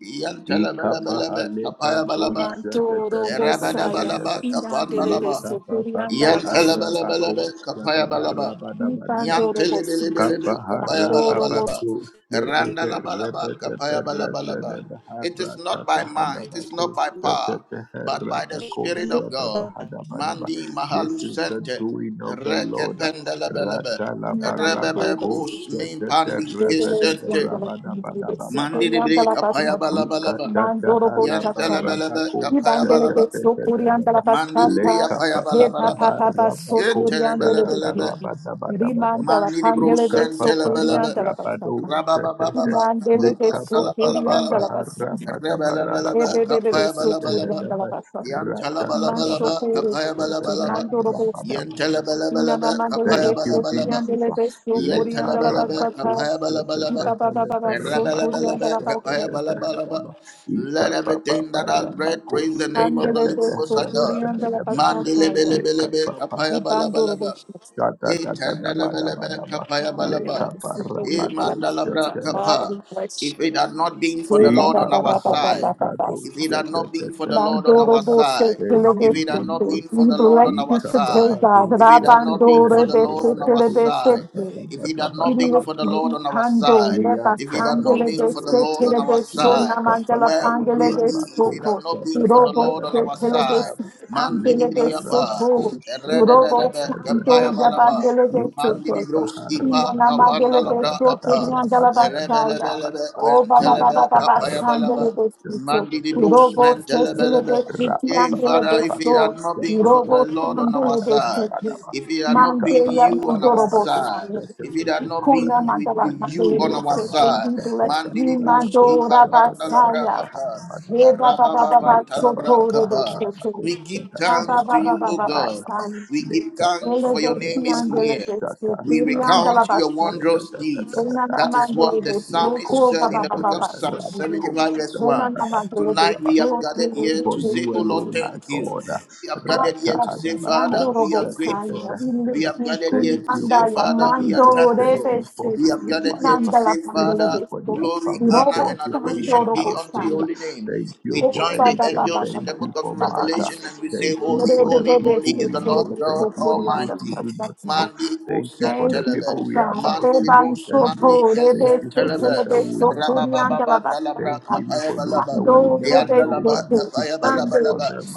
S1: Yantalabalabalaba
S2: Ikapahale
S1: kapayabalaba.
S2: pradosa de
S3: Mandoro vo
S2: terrebe de
S3: saya.
S2: bedebe.
S1: Erabadabalaba,
S2: Le
S3: Inandelebe
S1: kapanbalaba.
S3: so kurianda
S2: kapapaka
S3: la basata.
S1: Yantelebelebelebe,
S2: harabakos da da da
S1: kapayabalaba.
S2: raba da ba da ba.
S3: Ibandorobosita,
S1: Yantelebelebelebe, kapayabalabalaba.
S3: Mandorobosita,
S2: Kapaharabakos da da da
S1: Erandalabalaba,
S2: rebe de berete
S1: kapayabalabalaba.
S2: de
S1: It
S2: bahara
S1: is
S2: da
S1: not
S2: da
S1: by mind, it is not
S2: hadabakos
S1: by
S2: da ba ko da
S1: power,
S2: da
S1: but by the Spirit
S2: harabakos da
S1: of
S2: da
S1: God.
S2: da hadabadaba.
S1: Mandi Mahalu
S2: This is the
S1: Sente,
S2: doing of the Lord.
S1: Rekependelebelebe,
S2: Rata la
S3: Inana
S2: barabakos
S1: Rebebembos
S2: da
S3: Mandorobosita,
S1: Min
S2: da da
S1: Pandi
S2: rebe
S3: Dodoros
S2: de
S1: Kisente,
S3: Yandala Pandibes,
S2: berabada
S1: Mandi Libri
S3: Yandala Basmata,
S1: Kapayabalabalaba.
S3: Mandorobosata,
S1: Yantelebelebe,
S3: Ibandele de
S1: kapayabalaba.
S3: Sokuriandala
S1: Mandili bria
S3: Basata,
S1: faya bala
S3: Heba
S1: bala ba.
S3: Papa
S1: Yentele bele
S3: Soturiandele de
S1: bele be.
S3: Kiki, Rimandala
S1: Mandili bro
S3: Pandele de
S1: sentele bele be.
S3: Sokuriandala Basata,
S1: Raba ba ba ba ba. Kapa
S3: Imandele de
S1: ba bala bala bala ba.
S3: Sokuriandala Basata,
S1: Rebele bele be.
S3: Ebebe
S1: Kapaya bala bala ba.
S3: de
S1: Yantala bala bala ba.
S3: Mashokoro
S1: Kapaya bala
S3: Besichi,
S1: bala ba.
S3: Mandoro Bosa,
S2: Rata
S1: Yentele bele bele be.
S3: Inana Mandala
S1: Kapaya
S2: Thank
S1: bala
S2: you,
S3: Beso,
S1: bala ba.
S2: Jesus.
S3: Piandele Beso,
S2: Le
S3: Puriandala Basata,
S2: marabakosa
S3: Ipa Baba
S2: tatahele
S3: Baba So, Turiandala
S2: marabakosa
S3: Basata,
S2: tatahadaba. Ika
S1: Let
S2: papa
S1: everything that has breath praise the
S2: parabakosa
S1: name of the
S3: Andele
S1: living Most
S3: Beso,
S1: High God.
S3: Puriandala
S2: tatataharabadabadabadaba.
S3: Basata,
S2: Le
S1: Mandelebelebelebe,
S2: kapapa
S3: Ibandoro
S1: Apayabalabalaba.
S3: Bosa,
S2: shata
S1: Yetandalabalaba,
S2: tatadabadabadaba. Le
S3: Anamandele
S1: Apayabalaba.
S3: Beso, Puriandala Basata,
S1: Imandalabra,
S2: kaparabakosa
S3: Father, we
S1: Kapa.
S3: bless
S1: If it
S3: you.
S1: had not been for
S3: Oh,
S1: the Lord
S3: Baba
S1: on our
S3: Baba
S2: Ikapaha
S3: Baba
S1: side,
S3: Baba Baba.
S1: if
S2: lebrados.
S1: it
S2: Da,
S1: had
S2: da,
S1: not
S2: da,
S1: been for
S2: da,
S1: the
S2: da,
S1: Lord
S2: da,
S1: on
S2: da,
S3: Bandoro
S1: our
S2: ba.
S3: Bose
S1: side,
S2: Thank
S1: if
S3: Telebese.
S2: you,
S1: it had not been
S2: Jesus.
S1: for
S3: We
S1: the Lord
S3: bless
S1: on our
S3: you today,
S2: Ikapaha
S1: side,
S3: God.
S2: dos.
S1: if it
S2: Da,
S1: had
S2: da,
S1: not
S2: da,
S1: been
S2: he,
S1: for
S3: Rabandoro
S1: the Lord
S3: Bese
S1: on
S2: rebe,
S1: our
S2: kosh. Da,
S1: side,
S2: da,
S3: Telebese.
S2: da,
S1: if
S2: da,
S1: it
S2: da,
S1: had
S2: ba,
S1: not
S2: da,
S1: been
S2: ba,
S1: for
S2: da,
S1: the
S2: ba.
S1: Lord on our
S3: Pando,
S1: side,
S3: Rebas,
S1: if it
S2: Yantapa
S1: had not
S3: Handele
S1: been
S3: de
S1: for the Lord
S2: lebradosa
S1: on
S3: Setele
S1: our
S3: de
S2: le
S3: Sona
S1: side,
S3: Mandela
S1: where
S2: kapapa
S1: would
S3: Pandele
S1: we
S3: de
S1: be if it had
S3: Soto,
S2: rabakosa
S1: not
S2: da
S1: been for
S2: da
S1: the
S2: da
S3: Robo
S2: da
S1: Lord on
S2: da
S1: our
S2: ba
S3: Setele
S2: da ba
S3: de
S2: da
S1: side? Man di
S2: le
S1: di
S3: Andele
S1: di
S3: de
S1: ya ba,
S3: Soto,
S2: barabakosa
S1: erre de
S2: da
S1: de
S2: da
S1: de
S3: Robo
S1: be,
S2: da
S1: ke
S2: raba
S3: Sando,
S1: ba
S2: da
S1: la
S2: ba
S1: ba.
S3: Yabandele
S1: Mandi
S3: de
S1: di
S2: ikapapa
S1: bros ipa
S3: Nana
S1: kavanda
S3: Mandela
S2: rabakosa
S3: de
S2: da
S1: labra
S2: da da
S1: apa
S3: Sokiri
S2: raba
S3: Mandela
S2: da ba da ba da
S3: Basaya.
S2: da
S1: rebelebelebe
S2: ba
S3: Oh Baba
S1: mentelebe
S3: Baba Baba
S2: yantaha
S1: kapaya balaba
S3: Sandele de
S2: rabakosa da
S3: Sito.
S2: da da
S1: mandi di
S2: da
S1: bros
S2: da
S3: Robo
S2: da da ba
S3: Sesele de
S1: mentelebelebe
S3: Siti
S1: Hey,
S3: Andele
S1: Father,
S3: de
S1: if it
S3: Sto.
S1: had not
S2: da
S1: been
S2: da
S1: for
S2: da
S1: the
S3: Robo
S1: Lord on
S2: raba
S1: our
S3: Sandele
S2: da
S3: de
S2: ba da
S1: side,
S2: ba da
S3: Siti.
S2: ba
S1: if it had not been
S3: Mandela
S1: you
S2: ikapapa
S1: on our
S3: Mandorobo
S1: side,
S3: Saya.
S2: rabakosa da
S1: if
S2: da
S1: it had not
S2: da
S3: Kuna
S2: raba
S1: been with
S2: da
S3: Mandela
S1: you
S3: Mandele
S1: on
S3: de
S1: our
S3: Siti.
S2: Leprando
S1: side,
S3: We
S2: Sata
S3: bless
S2: Tata
S1: mandi
S3: you,
S1: di Bros
S2: Damako
S3: Mandora
S1: Kipa
S2: Sata
S1: Vanda
S2: Tata do,
S1: Labra
S3: Basaya.
S1: Apa,
S2: Hadama Dama
S3: Ye
S2: Dama
S3: Baba Baba Baba
S1: Rabababanta
S2: Leta
S1: Labra
S2: Papa
S3: Sotore de
S1: Kapa,
S2: Haramako
S1: we give
S2: Sata
S3: Baba
S1: thanks to
S2: Rama
S3: Baba
S1: you,
S2: Dama
S1: O
S3: Baba
S2: Dama Dama
S1: God.
S3: Basaya.
S1: We give
S2: Leta
S1: thanks
S3: Dele
S2: Papa
S1: for your
S3: besti
S1: name is
S2: Haramako
S3: andole
S1: near.
S3: besti,
S2: Sata
S1: We
S3: tiri andala
S1: recount
S2: Ramado
S1: your
S3: basti.
S2: Sata
S1: wondrous
S2: Tata
S1: deeds.
S2: Tata
S3: Dena
S1: That is
S2: Hadama
S3: namandele
S1: what the
S3: besti,
S2: Leko
S1: psalmist
S3: ko ba
S1: said in
S3: ba
S1: the
S3: ba
S2: Sata
S1: book
S3: ba
S1: of
S2: Tata
S3: basti.
S1: Psalm
S2: Ramako
S1: 75, verse
S2: Sata
S3: Dena
S1: 1.
S2: Dama
S3: namandele
S2: Dama
S1: Tonight
S2: Dama
S1: we
S3: besti,
S1: have gathered here
S3: tiri
S2: for
S1: to say,
S2: you
S1: Oh
S3: besti.
S1: Lord,
S2: alone, our
S1: thank you.
S2: God.
S1: We have gathered here
S3: Ada
S1: to say,
S3: besti,
S1: Father,
S2: Ratahadabakoshatatahadaba.
S3: Mandoro
S1: we are
S3: boskali,
S1: grateful.
S3: avile
S1: We
S3: besti,
S1: have gathered here
S3: kun
S2: Thank
S1: to
S2: you
S1: say,
S2: for
S3: andaya,
S2: Pastor
S1: Father, we are
S2: Joshua.
S3: mandore
S2: Thank
S1: thankful.
S2: you
S3: besti.
S2: for
S1: We
S2: his
S1: have gathered
S3: Dina
S1: here
S2: wife.
S1: to
S3: andala
S1: say,
S2: Thank
S3: mandele
S2: you
S1: Father,
S3: besti,
S2: for their
S1: glory,
S2: family.
S1: honor,
S3: robo
S2: Thank
S1: and
S2: you for their
S1: adoration
S3: andoro
S1: be unto your
S2: household.
S3: boskali.
S1: holy name.
S2: Thank you
S1: We
S2: for
S3: O
S1: join
S3: ba
S1: the
S3: ba ba
S2: Elikem.
S3: ba
S1: angels
S3: ba
S1: in
S2: Thank
S1: the book
S2: you
S1: of
S3: ba
S2: for
S3: ba ba
S2: Martha.
S3: basti.
S1: Revelation and we say,
S2: Thank you
S1: Holy,
S3: Ure
S2: for the
S3: bebe
S1: holy, holy
S2: people
S3: besti,
S1: is
S2: we
S1: the
S3: tiri
S2: know.
S1: Lord
S3: besti,
S2: Thank
S1: God
S2: you for
S3: kuri
S2: those
S3: andala
S2: we
S1: Almighty.
S2: do not
S3: basti.
S2: know.
S1: Mandi
S2: Thank you for
S3: Thank
S2: the
S3: you,
S2: people
S3: O
S1: Osentelebe.
S2: we are
S3: God.
S2: about to
S1: Mandi
S3: Devan
S2: meet
S1: Bruce
S2: and know.
S1: Mandi
S3: soto,
S2: Thank
S3: rebe
S1: Kesen
S2: you for
S3: soto,
S2: those
S1: Telebe
S2: that
S3: rebe
S2: we will never
S3: soto,
S2: meet.
S3: rianda la
S1: Rabababa
S3: basta.
S1: Dalabra
S2: Thank you even
S1: Kapaya
S2: for those
S1: Balaba
S2: that we will
S3: Mando,
S2: never
S3: rebe
S2: know,
S1: Niandalaba
S2: but we
S3: soto,
S2: keep
S1: Kapaya
S2: praying
S3: mando.
S2: for
S1: Balabalaba
S2: them.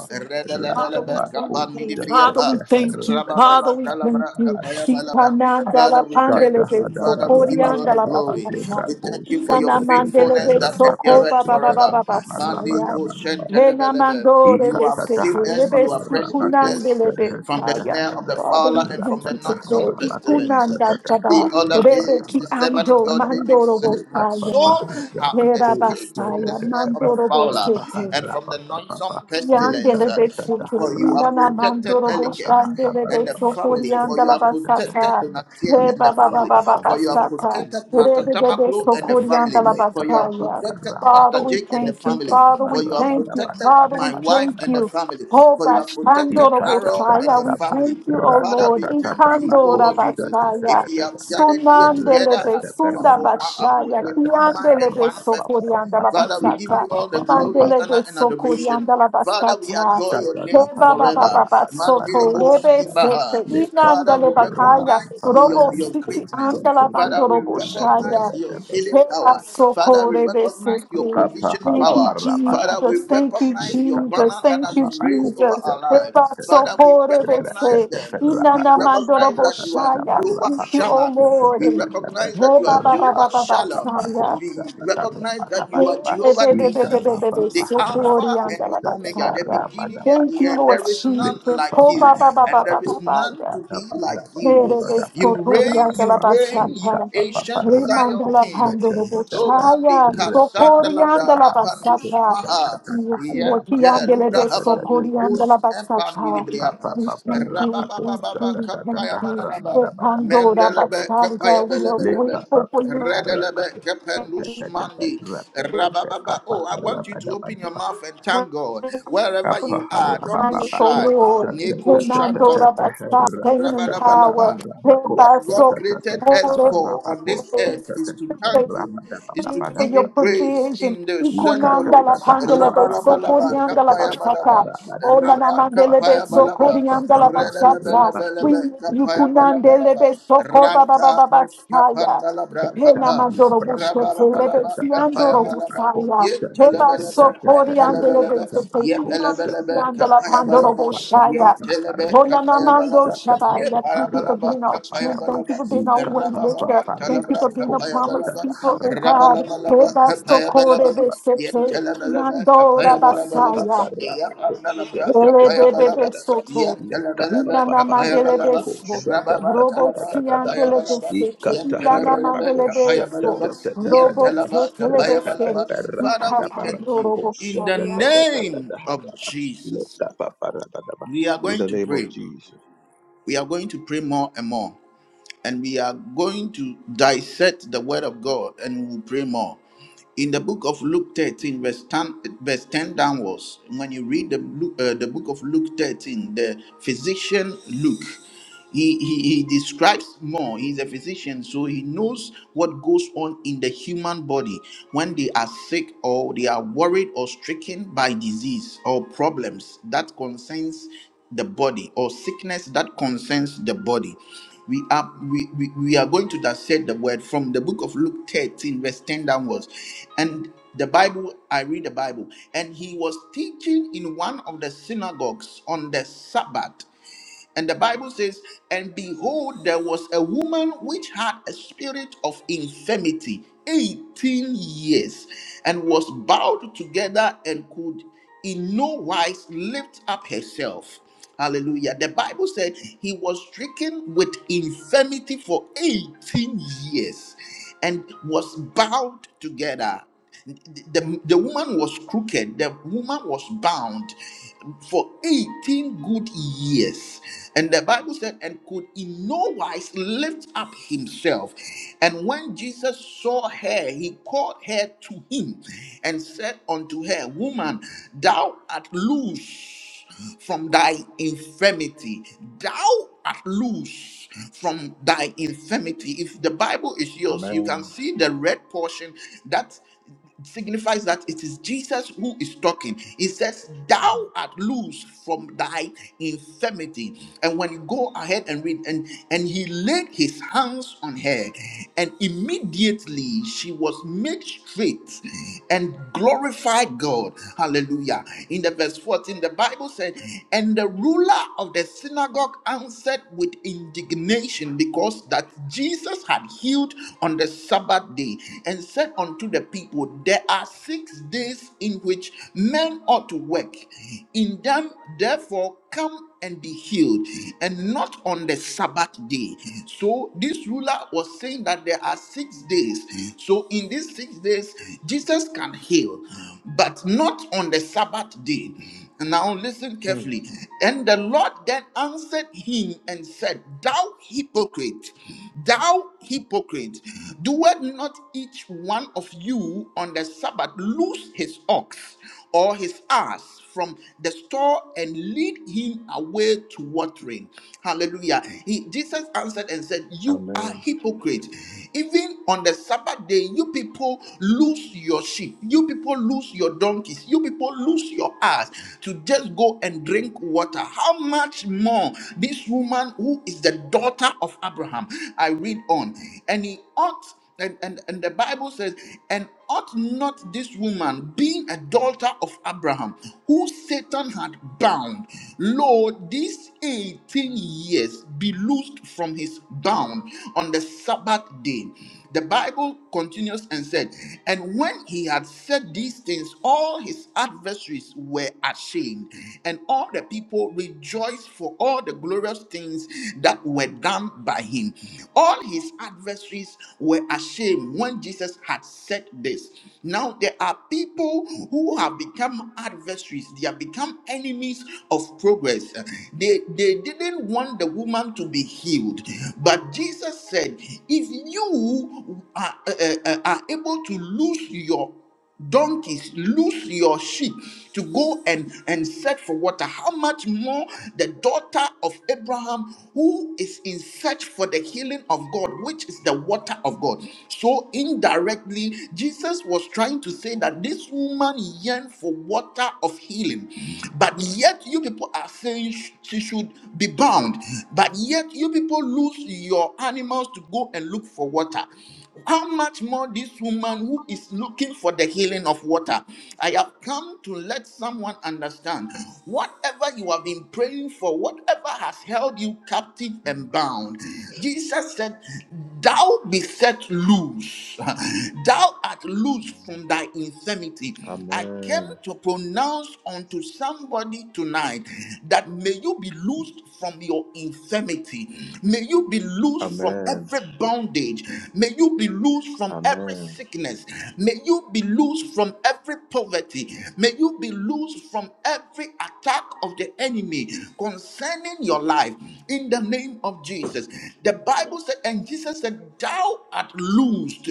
S3: Father, we
S1: Redalaba
S3: thank
S2: Ratabako
S1: Kapan
S3: you. Father, we
S1: Midibriapa
S2: Shataka
S3: thank you. Father,
S1: Rabababa
S3: we thank
S1: Dalabra
S3: you.
S1: Kapaya Balaba
S3: Ipananda la
S1: Father we thank
S3: pandele
S2: Shata
S3: de
S1: you Father we
S3: soto,
S2: Hadabara
S1: give you all
S3: rianda
S2: Baba
S1: the
S3: la
S1: glory
S3: basta.
S2: Hadebra
S1: we thank you for
S2: Koska
S1: your
S3: Nana
S2: Tata
S3: mandele
S1: faithfulness
S3: de
S1: that
S3: soko
S2: Herabako
S3: ba
S1: endureth
S3: ba ba
S1: forever Mandi
S3: saya.
S2: Shata
S1: Kesen
S3: Hena
S1: Telebelebe
S3: mandore
S1: you
S3: de
S1: have
S3: sete
S1: saved us
S3: lebe
S1: you have rescued
S3: sukunande
S1: us
S3: lebe
S1: from the
S3: saya.
S1: snare of the
S3: Father,
S1: fowler
S3: we
S1: and from
S3: thank
S1: the
S3: you
S1: noisome
S3: today.
S1: pestilence.
S3: Ukunanda
S1: The
S3: chaba
S1: other day,
S3: rebe ki
S1: the servant of
S3: ando
S1: God David
S3: mandoro
S1: said, My
S3: bosaya.
S1: soul have
S3: Hera
S1: escaped from the
S3: basaya
S1: snare of the
S3: mandoro
S1: fowler and from the noisome pestilence,
S3: Yandele de soto,
S1: for you are
S3: indana
S1: protected,
S3: mandoro
S1: Elikim
S3: boşandele
S1: and
S3: de
S1: the
S3: soto,
S1: family, for you
S3: yandala
S1: have protected
S3: basata,
S1: Donatien
S3: he
S1: and the
S3: baba
S1: family,
S3: baba
S1: for you have
S3: basata,
S1: protected Martha
S3: rebe de de
S1: Tamaklo and the
S2: Ika
S3: soto,
S1: family,
S3: yandala
S1: for you have
S2: Lekapa
S3: basaya.
S1: protected
S2: harama
S3: Father,
S1: Pastor
S3: we
S1: Jake and the
S3: thank you.
S1: family,
S3: Father,
S1: for
S3: we
S1: you have
S3: thank you.
S1: protected
S3: Father, we
S1: my wife
S3: thank
S1: and the
S3: you.
S1: family,
S3: Oh,
S1: for you have protected
S3: bashandoro
S1: Harold and
S3: boşaya,
S1: the
S3: we
S1: family.
S3: thank you, oh
S1: Father,
S3: Lord.
S1: we thank you, O
S3: Ikandora
S1: Lord Jesus.
S3: basaya,
S1: If we have gathered here
S3: sunandele
S1: together
S3: de
S1: as we were
S3: sunda
S1: for one, uh, with
S3: basaya,
S1: with one mind
S3: kiyandele
S1: and
S3: de
S1: one
S3: soto,
S2: papa
S1: purpose,
S2: ya
S3: yandala
S1: Father, we give
S3: basata.
S1: you all the glory,
S3: Mandele de
S1: honor, and adoration.
S3: sokorianda la
S1: Father, we
S3: bastata.
S1: adore your name
S3: Reba ba ba
S1: forever.
S3: ba ba soto rebe
S1: Mandiliboskibaha.
S3: sete inanda
S1: Father,
S3: le
S1: we
S3: bakaya
S1: recognize
S3: robo
S1: your, your
S3: siti
S1: greatness.
S3: anda la
S1: Father, we
S3: bandorobo
S1: recognize
S3: shaya
S1: your healing
S2: Leka
S3: reba
S1: power. Father,
S3: soko
S1: we
S3: rebe
S1: recognize your
S3: sete.
S1: provision
S3: Thank you,
S1: power. Father,
S2: Kapahalabarabadabadaba.
S1: we
S3: Jesus. Thank you,
S1: recognize your
S3: Jesus.
S1: banner that
S3: Thank
S1: has
S3: you,
S1: been raised over
S3: Jesus.
S1: our lives.
S3: Reba
S1: Father,
S2: Lekabababababakostatatatataba.
S1: we
S3: soko rebe
S1: recognize
S3: se
S1: them. We
S3: inanda
S1: recognize
S3: mandorobo
S1: that you are
S3: shaya.
S1: Jehovah
S3: Thank you, O
S1: Shammah.
S3: Lord.
S1: We
S2: Rakatabarabakostatatatatabarabakostatatataba.
S1: recognize that you are
S3: Reba ba ba ba
S1: Jehovah
S3: ba ba
S1: Shalom.
S3: saya.
S1: We recognize that you are
S3: Thank
S2: Rabababababakostatatarabadabadaba.
S1: Jehovah Nisi, the Alpha and the Omega, the beginning and the
S3: you,
S1: end.
S3: Lord
S2: Ikabababaharabakostatatarabadabadabadaba.
S1: There is none
S3: Jesus.
S1: like
S3: Oh, ba,
S1: you,
S3: ba, ba, ba,
S1: and there
S3: ba, ba,
S1: is
S3: ba,
S1: none
S3: yeah.
S1: to be like you.
S3: Mere
S1: You
S3: beso
S1: reign,
S3: torianda
S1: you
S3: la
S2: Lekababaharabakostatatarabadabadabadabadabadaba.
S1: reign, you
S3: basata.
S1: ancient Zion
S3: Remanda la
S1: King.
S3: pando de
S1: Oh,
S2: Lekabababaharabakostatatataba.
S1: Mandi,
S3: bochaya.
S2: Rapa
S3: Socorianda
S1: Kasandalabra,
S3: la
S1: Apandus
S3: basata.
S1: Maha.
S3: Yes, Lord,
S1: Yente
S3: kiande le
S1: lubra
S3: beso
S1: habandiri
S3: corianda la
S1: us empandiri
S3: basata.
S1: briapa.
S3: We thank you, we thank you,
S1: Rababababa
S3: we thank
S1: kapaya
S3: you.
S1: bananaba.
S3: The Pandora
S1: Mendelebe kapaya
S3: Bastarda, we are
S1: belebelebe.
S3: grateful for
S1: Redelebe
S3: you.
S1: kepenus mandi. Rabababa. Oh, I want you to open your mouth and
S3: Pain
S1: thank God. Wherever you are, don't be shy. Neko shanta
S3: and power,
S1: Rabalabalaba.
S3: thereby
S1: What God
S3: so
S1: created us for on this earth is to thank
S3: Thank
S1: Him, is to
S3: you for
S1: give
S3: your
S1: Him praise
S3: provision.
S1: in the
S2: Ika
S3: Ukunanda
S1: Shandolo.
S3: la
S2: papa
S3: pandele de
S2: para
S3: so
S1: Rabalabalaba,
S3: corianda la bachata.
S1: Kapayabalaba,
S3: Oh nana
S1: Rapa
S3: mandele de so
S1: Kapayabalaba,
S3: corianda la bachata. We
S1: Redalabalaba,
S3: ukunandele
S1: Kapayabalabalaba,
S3: de so koba baba
S1: Ranta
S3: baba saya.
S1: Nuskapandalabra
S3: Hena
S1: Kapa,
S3: mandoro bushete, lebe
S1: Rabalabalaba,
S3: siandoro
S1: Kapayabalaba,
S3: busaya, heba
S1: Yetalabalaba,
S3: sokori andele
S1: Mantalabalaba,
S3: benzete, ina
S1: Yepalabalaba,
S3: siandela pandoro bushaya.
S1: Kapayabalaba, Lebe
S3: Hona
S1: kapaya
S3: namando
S1: balaba, ye
S3: shabaya.
S1: paya
S3: Thank you for
S1: balaba,
S3: being our
S1: kapaya
S3: strength. Thank you
S1: balaba,
S3: for being our way
S1: raba
S3: maker.
S1: raba,
S3: Thank you
S1: talabra
S3: for being a
S1: kapaya
S2: kosa
S3: promise
S1: balaba,
S2: tata
S3: keeper, oh
S2: harapa
S1: raba
S2: da
S3: God.
S1: laba
S2: para
S1: laba,
S2: pada
S3: Heba
S2: pada
S1: kapaya
S2: pada
S1: balaba,
S3: sokori
S2: pada
S1: ye
S3: besete,
S1: talaba laba,
S3: mandora
S2: In
S1: kapaya balaba laba,
S3: basaya.
S1: ya panda labra, kapaya balaba,
S3: Elebebebe
S1: ye
S3: soto.
S1: talaba laba,
S3: Inana
S1: kapaya balaba,
S3: mandelebe so.
S1: raba ba
S3: Robo
S1: talaba, kapaya
S3: siandelebe
S1: balaba,
S3: seto.
S1: ye talaba
S3: Inana
S1: laba,
S3: mandelebe
S1: kapaya
S3: so.
S1: balaba, ye
S3: Robo
S1: talaba, kapaya
S3: setelebe seri.
S1: balaba. Father, we
S3: Ikapa
S1: thank you
S3: dorobo
S1: in the
S3: naya.
S1: name of Jesus. We are going
S2: the
S1: to
S2: name of
S1: pray.
S2: Jesus.
S1: We are going to pray more and more and we are going to dissect the word of God and we will pray more. In the book of Luke 13, verse 10, verse 10 downwards, when you read the, Lu- uh, the book of Luke 13, the physician Luke, he, he, he describes more. He's a physician, so he knows what goes on in the human body when they are sick or they are worried or stricken by disease or problems that concerns the body or sickness that concerns the body we are we, we, we are going to dissect the word from the book of Luke 13, verse 10 downwards. And the Bible, I read the Bible, and he was teaching in one of the synagogues on the Sabbath. And the Bible says, And behold, there was a woman which had a spirit of infirmity 18 years, and was bowed together and could in no wise lift up herself. Hallelujah. The Bible said he was stricken with infirmity for 18 years and was bound together. The, the woman was crooked, the woman was bound for 18 good years. And the Bible said, and could in no wise lift up himself. And when Jesus saw her, he called her to him and said unto her, Woman, thou art loose loose from thy infirmity. Thou art loose from thy infirmity. If the Bible is yours, you can
S2: Amen.
S1: see the red portion that signifies that it is Jesus who is talking. He says, Thou art loose from thy infirmity. And when you go ahead and read, and, and he laid his hands on her, and immediately she was made straight and glorified God. Hallelujah. In the the verse 14, the Bible said, And the ruler of the synagogue answered with indignation because that Jesus had healed on the Sabbath day and said unto the people, There are six days in which men ought to work. In them, therefore, come and be healed, and not on the Sabbath day. So this ruler was saying that there are six days. So in these six days, Jesus can heal, but not on the Sabbath day. Now listen
S2: Hmm.
S1: carefully. And the Lord then answered him and said, Thou hypocrite, thou hypocrite, doeth not each one of you on the Sabbath loose his ox? or his ass from the store and lead him away to watering. Hallelujah. He, Jesus answered and said, You are
S2: Amen.
S1: hypocrites. Even on the Sabbath day, you people lose your sheep, you people lose your donkeys, you people lose your ass to just go and drink water. How much more this woman who is the daughter of Abraham? I read on, and he ought and, and, and the Bible says, and. Ought not this woman, being a daughter of Abraham, who Satan had bound, lo, these 18 years be loosed from his bound on the Sabbath day? The Bible continues and said, And when he had said these things, all his adversaries were ashamed, and all the people rejoiced for all the glorious things that were done by him. All his adversaries were ashamed when Jesus had said this. Now, there are people who have become adversaries, they have become enemies of progress. They, they didn't want the woman to be healed, but Jesus said, If you are, uh, uh, uh, are able to lose your donkeys loose your sheep to go and and search for water how much more the daughter of abraham who is in search for the healing of god which is the water of god so indirectly jesus was trying to say that this woman yearned for water of healing but yet you people are saying sh- she should be bound but yet you people lose your animals to go and look for water how much more this woman who is looking for the healing of water? I have come to let someone understand whatever you have been praying for, whatever has held you captive
S2: Hmm.
S1: and bound. Jesus said, Thou be set loose, thou art loose from thy infirmity. I came
S2: Amen.
S1: to pronounce unto somebody tonight that may you be loosed from your infirmity, may you be loosed from
S2: Amen.
S1: every bondage bondage. May you be loose from every
S2: Amen.
S1: sickness. May you be loose from every poverty. May you be loose from every attack of the enemy concerning your life in the name of Jesus. The Bible said, and Jesus said, Thou art loosed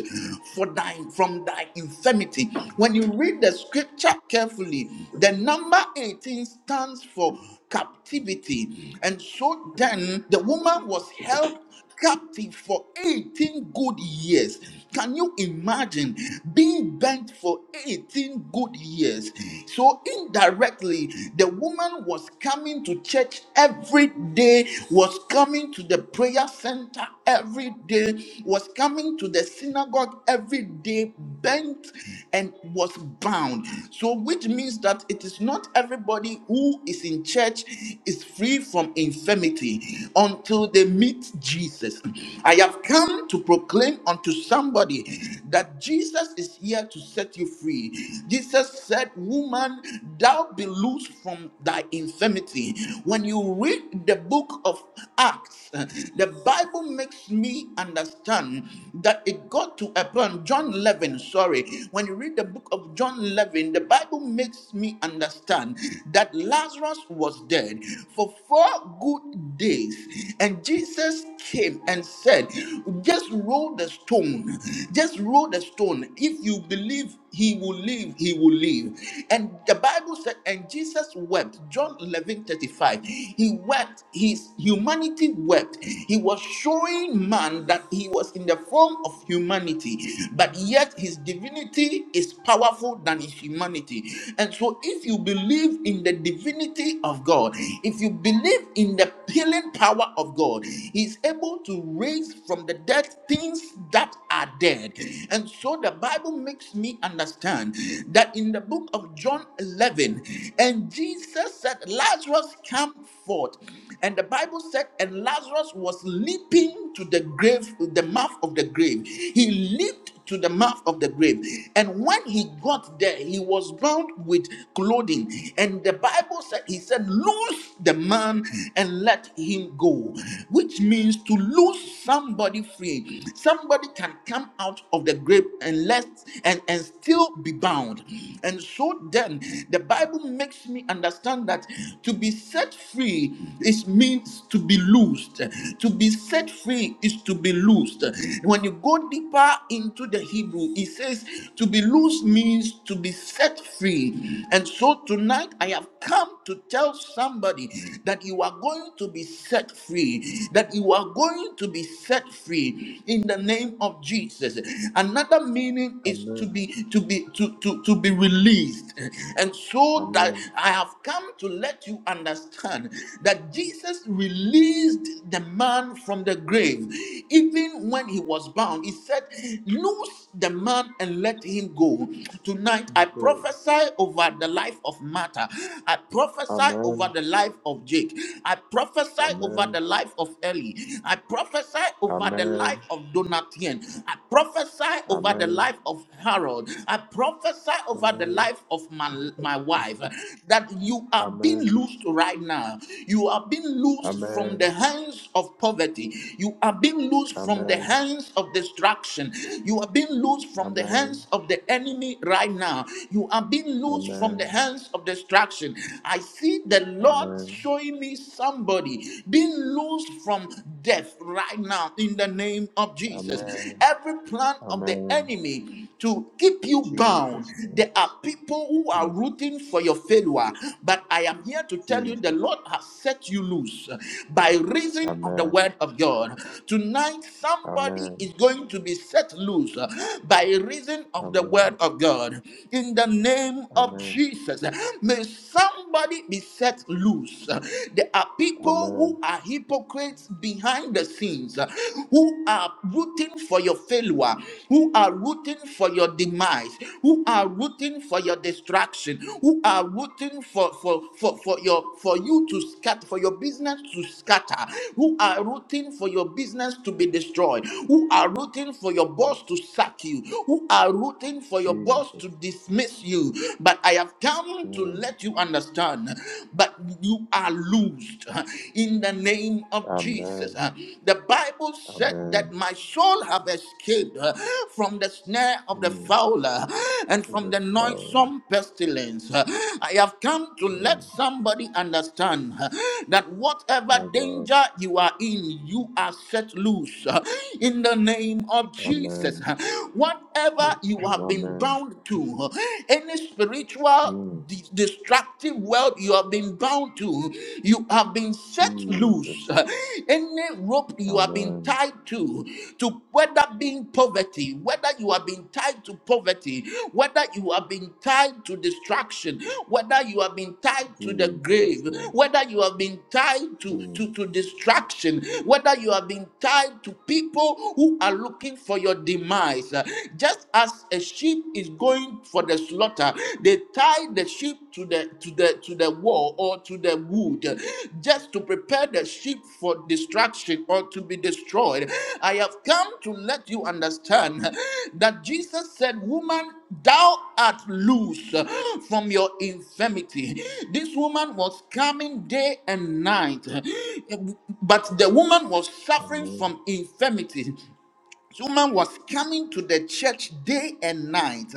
S1: for thine from thy infirmity. When you read the scripture carefully, the number 18 stands for captivity. And so then the woman was held captive for 18 good years. Can you imagine being bent for 18 good years? So, indirectly, the woman was coming to church every day, was coming to the prayer center every day, was coming to the synagogue every day, bent and was bound. So, which means that it is not everybody who is in church is free from infirmity until they meet Jesus. I have come to proclaim unto somebody that Jesus is here to set you free. Jesus said, Woman, thou be loosed from thy infirmity. When you read the book of of Acts, the Bible makes me understand that it got to a point, John 11, sorry, when you read the book of John 11, the Bible makes me understand that Lazarus was dead for four good days, and Jesus came and said, Just roll the stone, just roll the stone. If you believe, he will live, he will live. And the Bible said, and Jesus wept. John 11:11. 11 35. He wept, his humanity wept. He was showing man that he was in the form of humanity, but yet his divinity is powerful than his humanity. And so, if you believe in the divinity of God, if you believe in the healing power of God, he's able to raise from the dead things that are dead. And so, the Bible makes me understand that in the book of John 11. 11. And Jesus said, Lazarus, come forth. And the Bible said, and Lazarus was leaping to the grave, the mouth of the grave. He leaped to the mouth of the grave. And when he got there, he was bound with clothing. And the Bible said, he said, Loose the man and let him go, which means to loose somebody free. Somebody can come out of the grave and let and, and still not be bound. And so then, the Bible makes me understand that to be set free is means to be loosed. To be set free is to be loosed. When you go deeper into the Hebrew, it says to be loosed means to be set free. And so tonight, I have come to tell somebody that you are going to be set free, that you are going to be set free in the name of Jesus another meaning is to
S2: Amen.
S1: be to be to, to, to be released and so that
S2: Amen.
S1: i have come to let you understand that jesus released the man from the grave even when he was bound he said loose the man and let him go tonight i
S2: Go.
S1: prophesy over the life of martha i prophesy over
S2: Amen.
S1: the life of jake i prophesy over
S2: Amen.
S1: the life of ellie i prophesy over the the life
S2: Amen.
S1: of Donatien. I prophesy over the
S2: Amen.
S1: life of Harold. I prophesy over the
S2: Amen.
S1: life of my, my wife that you are being
S2: Amen.
S1: loosed right now. You are being loosed from
S2: Amen.
S1: the hands of poverty. You are being loosed from the
S2: Amen.
S1: hands of destruction. You are being loosed from the
S2: Amen.
S1: hands of the enemy right now. You are being loosed from the
S2: Amen.
S1: hands of destruction. I see the Lord
S2: Amen.
S1: showing me somebody being loosed loosed from death right now in the name of Jesus.
S2: Amen.
S1: Every plan of the
S2: Amen.
S1: enemy to keep you bound,
S2: Jesus name.
S1: there are people who are
S2: Mm.
S1: rooting for your failure, but I am here to tell you the
S2: Jesus.
S1: Lord has set you loose by reason of the
S2: Amen.
S1: word of God. Tonight, somebody
S2: Amen.
S1: is going to be set loose by reason of the
S2: Amen.
S1: word of God. In the name of
S2: Amen.
S1: Jesus, may somebody be set loose. Uh, There are people
S2: Amen.
S1: who are hypocrites behind the scenes, uh, who are rooting for your failure, who are rooting for your demise, who are rooting for your destruction, who are rooting for for for, for your for you to scatter, for your business to scatter, who are rooting for your business to be destroyed, who are rooting for your boss to sack you, who are rooting for your boss
S2: Jesus.
S1: to dismiss you. But I have come to let
S2: Mm.
S1: let you understand, but you are loosed huh, in the name of Jesus.
S2: Amen.
S1: huh. The Bible said that
S2: Amen.
S1: my soul have escaped huh, from the snare of the
S2: Mm.
S1: fowler huh, and
S2: Of
S1: from the
S2: power.
S1: noisome pestilence. huh. I have come to let
S2: Mm.
S1: somebody understand huh, that whatever
S2: My God.
S1: danger you are in, you are set loose huh, in the name of Jesus.
S2: Amen.
S1: huh. Whatever you have been
S2: Amen.
S1: bound to, huh, any spiritual
S2: Mm.
S1: de- destructive world you have been bound to, you have been set loose.
S2: Jesus.
S1: Any rope you have been
S2: Amen.
S1: tied to, to whether being poverty, whether you have been tied to poverty, whether you have been tied to destruction, whether you have been tied to the
S2: Jesus
S1: grave,
S2: name.
S1: whether you have been tied to,
S2: Mm.
S1: to, to distraction, whether you have been tied to people who are looking for your demise just as a sheep is going for the slaughter they tie the sheep to the to the to the wall or to the wood just to prepare the sheep for destruction or to be destroyed i have come to let you understand that jesus said woman thou art loose from your infirmity this woman was coming day and night but the woman was suffering
S2: Amen.
S1: from infirmity this woman was coming to the church day and night,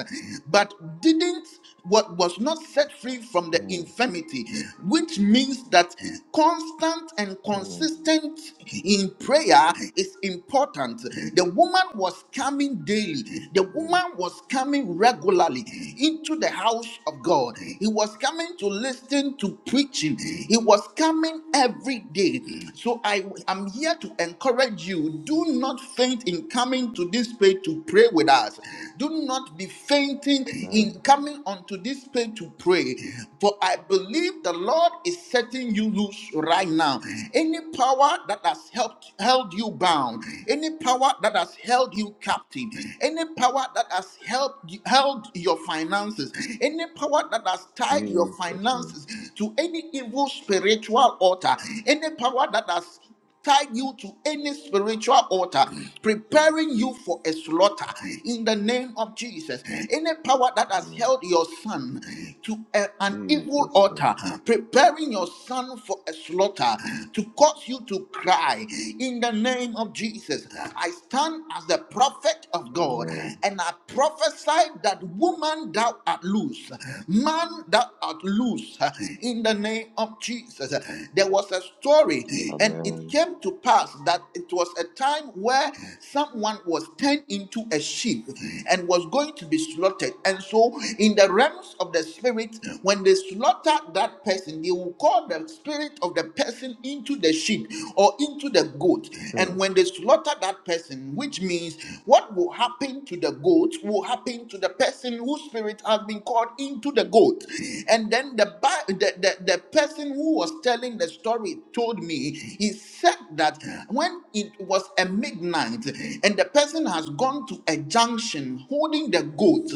S1: but didn't what was not set free from the
S2: Mm.
S1: infirmity, which means that constant and
S2: Mm.
S1: consistent in prayer is important. The woman was coming daily, the
S2: Mm.
S1: woman was coming regularly into the house of God. He was coming to listen to preaching, he was coming every day. So I am here to encourage you do not faint in coming to this page to pray with us. Do not be fainting in
S2: Amen.
S1: coming onto this page to pray. For I believe the Lord is setting you loose right now. Any power that has helped held you bound, any power that has held you captive, any power that has helped you- held your finances, any power that has tied your
S2: Jesus name.
S1: finances to any evil spiritual altar, any power that has tie you to any spiritual altar preparing you for a slaughter in the name of jesus any power that has
S2: Amen.
S1: held your son to a- an evil
S2: Jesus name.
S1: altar preparing your son for a slaughter to cause you to cry in the name of jesus i stand as the prophet of god
S2: Amen.
S1: and i prophesy that woman thou art loose man thou art loose in the name of jesus there was a story and it it
S2: Amen.
S1: came to pass that it was a time where someone was turned into a sheep and was going to be slaughtered. And so, in the realms of the spirit, when they slaughter that person, they will call the spirit of the person into the sheep or into the goat.
S2: Hmm.
S1: And when they slaughter that person, which means what will happen to the goat will happen to the person whose spirit has been called into the goat. And then the, Bi- the, the, the person who was telling the story told me, he said that when it was a midnight and the person has gone to a junction holding the goat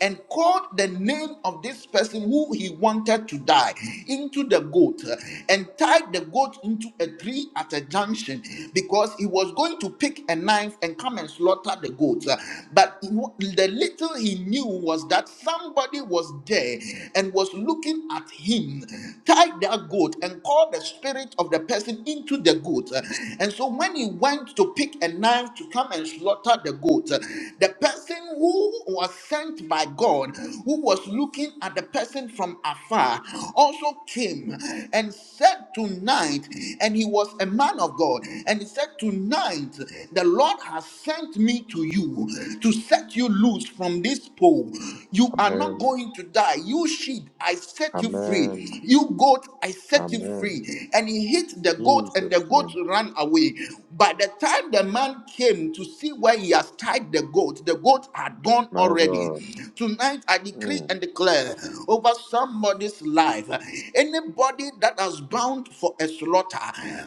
S1: and called the name of this person who he wanted to die into the goat and tied the goat into a tree at a junction because he was going to pick a knife and come and slaughter the goat. But the little he knew was that somebody was there and was looking at him, tied that goat and called the spirit of the person into killed the goat. Uh, And so when he went to pick a knife to come and slaughter the goat, uh, the person who was sent by God, who was looking at the person from afar, also came and said, Tonight, and he was a man of God, and he said, Tonight, the Lord has sent me to you to set you loose from this pole. You are not
S2: Amen.
S1: going to die. You sheep, I set you
S2: Amen.
S1: free. You goat, I set you
S2: Amen.
S1: free. And he hit the goat and the
S2: Jesus
S1: goats
S2: name.
S1: ran away. By the time the man came to see where he has tied the goat, the goat had gone
S2: My
S1: already.
S2: God.
S1: Tonight, I decree
S2: Mm.
S1: and declare over somebody's life anybody that has bound for a slaughter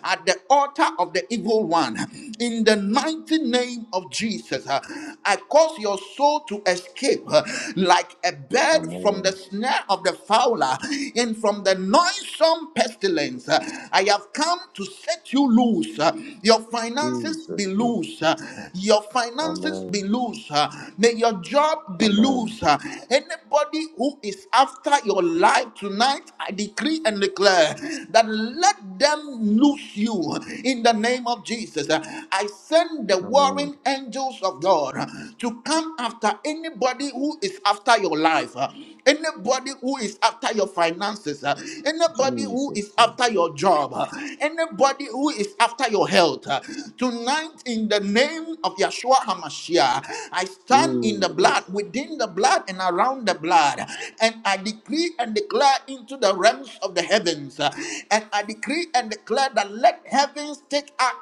S1: at the altar of the evil one, in the mighty name of Jesus, uh, I cause your soul to escape uh, like a bird from the
S2: Amen.
S1: snare of the fowler and from the noisome pestilence. Uh, I have come to set you loose. uh, Your finances be
S2: Jesus name.
S1: loose. uh, Your finances be
S2: Amen.
S1: loose. uh, May your job be
S2: Amen.
S1: loose. uh, Anybody who is after your life tonight, I decree and declare that let them loose you in the name of Jesus. Uh, I send the
S2: Amen.
S1: warring angels of God uh, to come after anybody who is after your life. Anybody who is after your finances, uh, anybody who
S2: Jesus
S1: is
S2: name.
S1: after your job, uh, anybody who is after your health, uh, tonight in the name of Yeshua HaMashiach, I stand in the blood,
S2: Jesus.
S1: within the blood, and around the blood, and I decree and declare into the realms of the heavens, uh, and I decree and declare that let heavens take active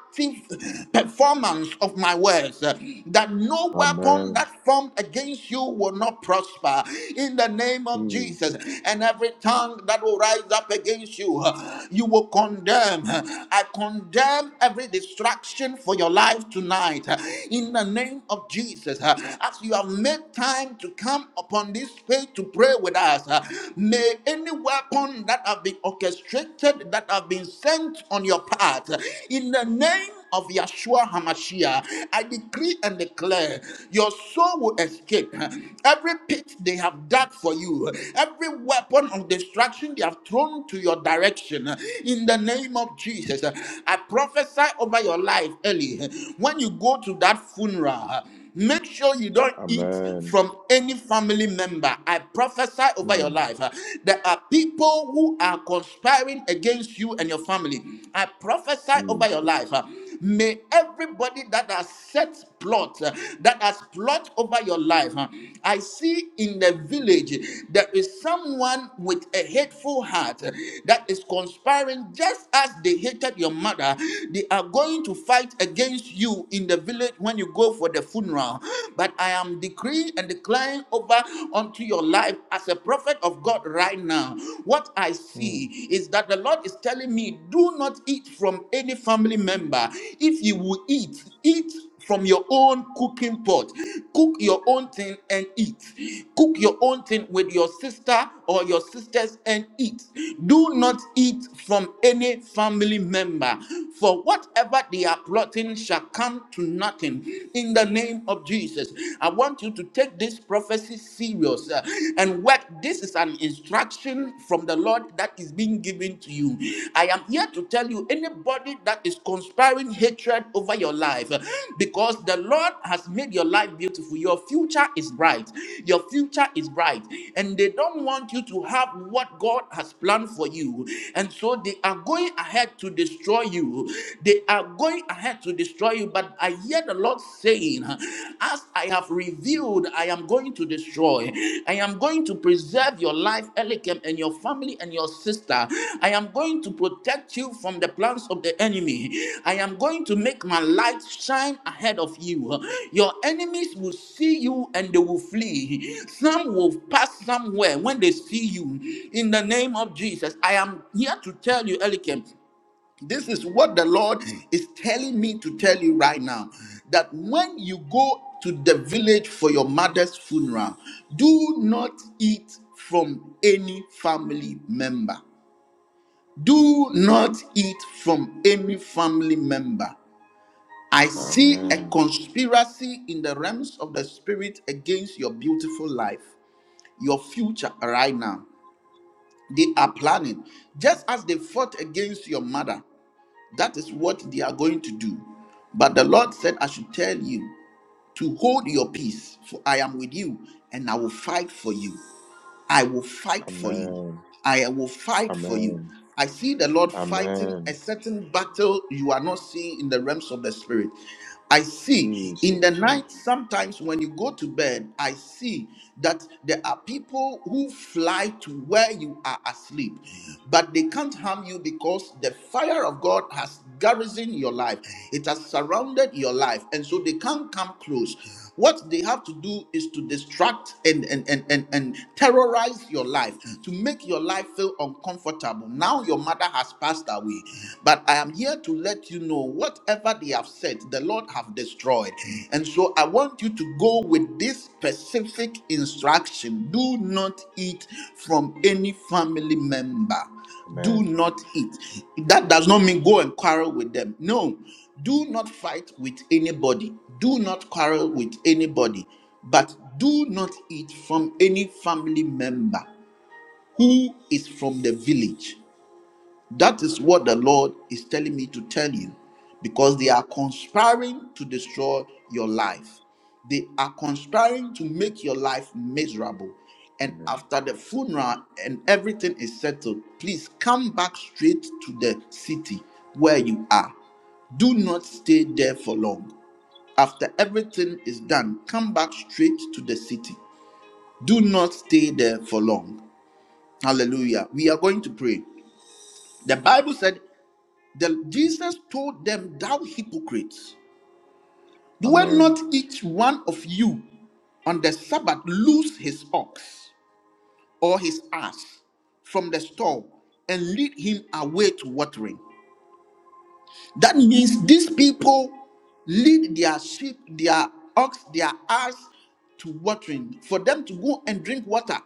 S1: performance of my words, uh, that no weapon weapon
S2: Amen.
S1: that formed against you will not prosper in the name of Jesus.
S2: Jesus.
S1: And every tongue that will rise up against you, you will condemn. I condemn every distraction for your life tonight in the name of Jesus. As you have made time to come upon this space to pray with us, may any weapon that have been orchestrated, that have been sent on your path, in the name of Yeshua HaMashiach, I decree and declare your soul will escape every pit they have dug for you, every weapon of destruction they have thrown to your direction. In the name of Jesus, I prophesy over your life, Ellie. When you go to that funeral, Make sure you don't eat
S2: Amen.
S1: from any family member. I prophesy over your
S2: Mm.
S1: life. uh, There are people who are conspiring against you and your family. I prophesy over your
S2: Jesus.
S1: life. uh, May everybody that has set plot, uh, that has plot over your life, huh, I see in the village there is someone with a hateful heart uh, that is conspiring just as they hated your mother. They are going to fight against you in the village when you go for the funeral. But I am decreeing and declaring over unto your life as a prophet of God right now. What I see
S2: Mm.
S1: me is that the Lord is telling me, do not eat from any family member. If you will eat, eat from your own cooking pot. Cook your own thing and eat. Cook your own thing with your sister or your sisters and eat. Do not eat from any family member, for whatever they are plotting shall come to nothing in the name of Jesus. I want you to take this prophecy serious. uh, and work, this is an instruction from the Lord that is being given to you. I am here to tell you anybody that is conspiring hatred over your life, uh, because the Lord has made your life beautiful. Your future is bright. Your future is bright. And they don't want you to have what God has planned for you. And so they are going ahead to destroy you. They are going ahead to destroy you. But I hear heard the Lord saying, As I have revealed, I am going to destroy. I am going to preserve your life, Elikem, and your family and your sister. I am going to protect you from the plans of the enemy. I am going to make my light shine ahead of you. Your enemies will see you and they will flee. Some will pass somewhere when they see you. In the name of Jesus, I am here to tell you, Elikem. This is what the Lord is telling me to tell you right now that when you go to the village for your mother's funeral, do not eat from any family member. Do not eat from any family member. I see a
S2: Amen.
S1: conspiracy in the realms of the spirit against your beautiful life, your future right now. They are planning, just as they fought against your mother. That is what they are going to do. But the Lord said, I should tell you to hold your peace, for I am with you and I will fight for you. I will fight for you.
S2: Amen.
S1: I will fight for you.
S2: Amen.
S1: I see the Lord fighting
S2: Amen.
S1: a certain battle you are not seeing in the realms of the spirit. I see in
S2: Jesus.
S1: the
S2: name.
S1: night, sometimes when you go to bed, I see that there are people who fly to where you are asleep, but they can't harm you because the fire fire of God has garrisoned your life, it has surrounded your life, and so they can't come close. What they have to do is to distract and, and, and, and, and terrorize your life, to make your life feel uncomfortable. Now your mother has passed away, but I am here to let you know whatever they have said, the Lord have destroyed. And so I want you to go with this specific instruction do not eat from any family member do
S2: Amen.
S1: not eat. That does not mean go and quarrel with them. No, do not fight with anybody. Do not quarrel with anybody. But do not eat from any family member who is from the village. That is what the Lord is telling me to tell you because they are conspiring to destroy your life. They are conspiring to make your life miserable. And
S2: Amen.
S1: after the funeral and everything is settled, please come back straight to the city where you are. Do not stay there for long. After everything is done, come back straight to the city. Do not stay there for long. Hallelujah. We are going to pray. The Bible said the, Jesus told them, Thou hypocrites, do
S2: Amen.
S1: not each one of you on the Sabbath loose his ox or his ass from the stall and lead him away to watering? That means these people lead their sheep, their ox, their ass to watering for them to go and drink water.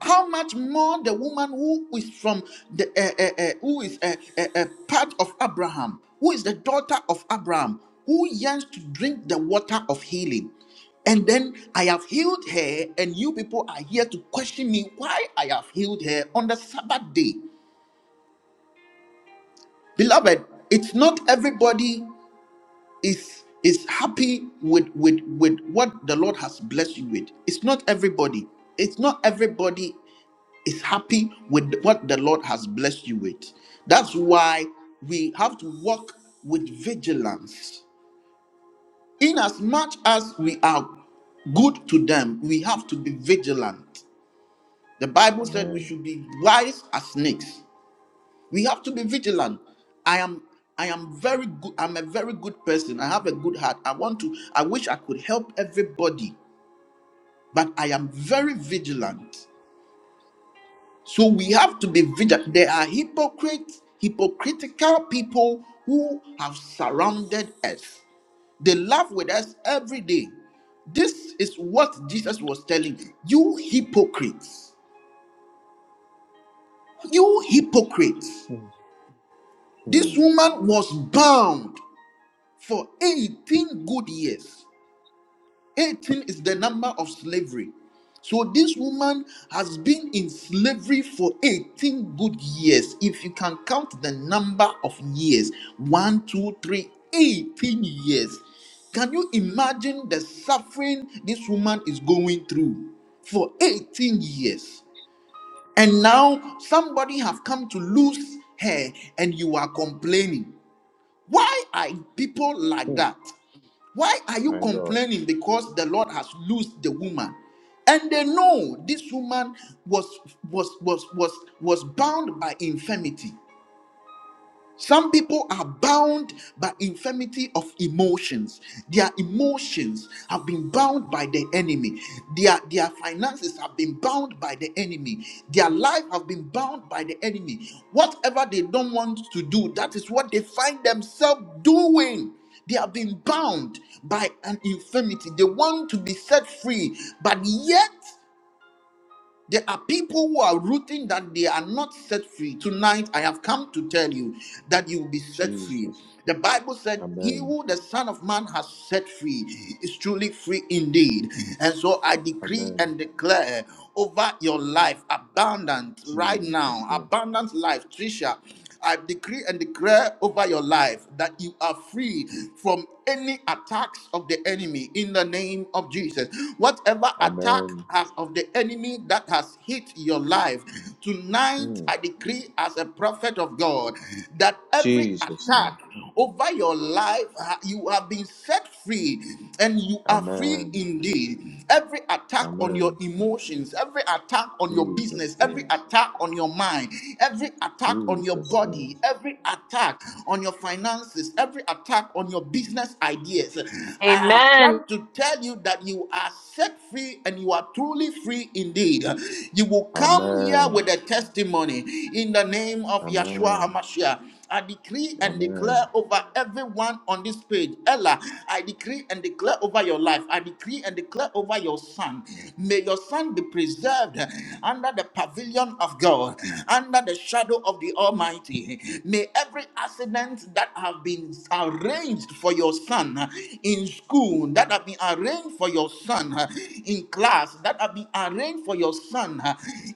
S1: How much more the woman who is from the uh, uh, uh, who is a uh, uh, uh, part of Abraham, who is the daughter of Abraham, who yearns to drink the water of healing. And then I have healed her, and you people are here to question me why I have healed her on the Sabbath day. Beloved, it's not everybody is is happy with with with what the Lord has blessed you with. It's not everybody. It's not everybody is happy with what the Lord has blessed you with. That's why we have to walk with vigilance. In as much as we are good to them, we have to be vigilant. The Bible said we
S2: Amen.
S1: should be wise as snakes. We have to be vigilant. I am I am very good. I'm a very good person. I have a good heart. I want to I wish I could help everybody, but I am very vigilant. So we have to be vigilant. There are hypocrites, hypocritical people who have surrounded us. They laugh with us every day. This is what Jesus was telling you. You hypocrites. You hypocrites.
S2: Mm.
S1: This
S2: Mm.
S1: woman was bound for 18 good years. 18 is the number of slavery. So this woman has been in slavery for 18 good years. If you can count the number of years, one, two, three, eighteen years. Can you imagine the suffering this woman is going through for 18 years? And now somebody have come to lose her and you are complaining. Why are people like
S2: Mm.
S1: that? Why are you
S2: My God.
S1: complaining? Because the Lord has loosed the woman. And they know this woman was was was was was bound by infirmity. Some people are bound by infirmity of emotions. Their emotions have been bound by the enemy. Their, their finances have been bound by the enemy. Their life have been bound by the enemy. Whatever they don't want to do, that is what they find themselves doing. They have been bound by an infirmity. They want to be set free, but yet there are people who are rooting that they are not set free. Tonight, I have come to tell you that you will be set free.
S2: Jesus.
S1: The Bible said, He
S2: Amen.
S1: who the Son of Man has set free is truly free indeed. And so I decree
S2: Amen.
S1: and declare over your life abundant right
S2: Jesus
S1: now,
S2: name.
S1: abundant life, Trisha. I decree and declare over your life that you are free from any attacks of the enemy in the name of Jesus. Whatever attack
S2: Amen.
S1: has of the enemy that has hit your life, tonight
S2: Mm.
S1: I decree as a prophet of God that every
S2: Jesus name.
S1: attack over your life, uh, you have been set free and you are free
S2: Amen.
S1: indeed. Every attack on your
S2: Amen.
S1: emotions, every attack on your
S2: Jesus
S1: business, every
S2: name.
S1: attack on your mind, every attack on your body
S2: Jesus name.
S1: body, every attack on your finances, every attack on your business ideas. I have
S4: Amen.
S1: come to tell you that you are set free and you are truly free indeed. You will come here
S2: Amen.
S1: with a testimony in the name of Yeshua
S2: Amen.
S1: HaMashiach. I decree and declare
S2: Amen.
S1: over everyone on this page. Ella, I decree and declare over your life. I decree and declare over your son. May your son be preserved under the pavilion of God, under the shadow of the Almighty. May every accident that have been arranged for your son in school, that have been arranged for your son in class, that have been arranged for your son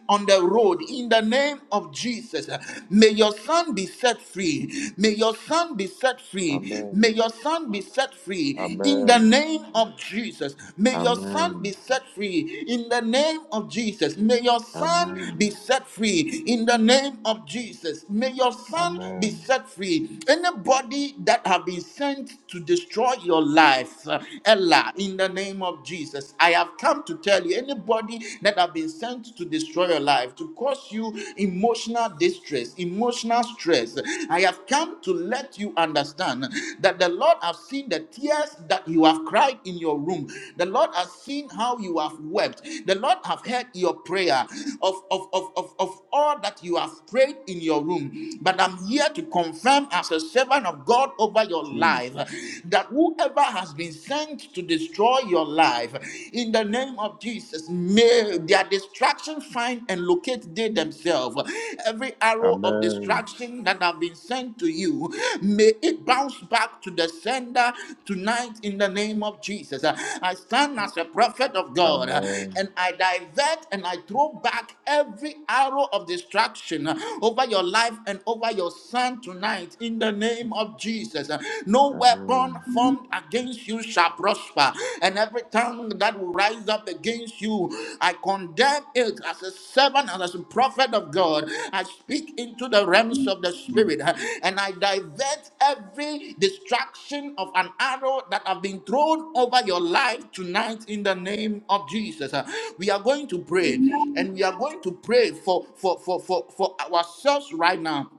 S1: on the road, in the the name of Jesus. May your son be set free. May your son be set free.
S2: Amen.
S1: May your son be set free in the
S2: Amen.
S1: name of Jesus. May your son be
S2: Amen.
S1: set free in the name of Jesus. May your son be
S2: Amen.
S1: set free in the name of Jesus. May your son be
S2: Amen.
S1: set free. Anybody that have been sent to destroy your life, uh, Ella, in the name of Jesus, I have come to tell you anybody anybody that have been sent to destroy your life, to cause you emotional distress, emotional stress. I have come to let you understand that the Lord has seen the tears that you have cried in your room. The Lord has seen how you have wept. The Lord have heard your prayer of of of of of, all that you have prayed in your room. But I'm here to confirm as a servant of God over your life
S2: Jesus.
S1: that whoever has been sent to destroy your life, in the name of Jesus, may their distraction find and locate they themselves. Every arrow of
S2: Amen.
S1: distraction that have been sent to you, may it bounce back back to the sender tonight in the name of Jesus. Uh, I stand as a prophet of God uh,
S2: Amen.
S1: and I divert and I throw back every arrow of destruction uh, over your life and over your son tonight in the name of Jesus. Uh, No weapon
S2: Amen.
S5: The name
S1: formed against you shall prosper, and every tongue that will rise up against you you. I condemn it as a servant and as a prophet of God. I speak into the realms of the spirit uh, and I divert every distraction of an arrow that have been thrown over your life tonight in the name of Jesus. Uh, We are going to pray
S5: of Jesus,
S1: and we are going to pray for for for for, for ourselves right now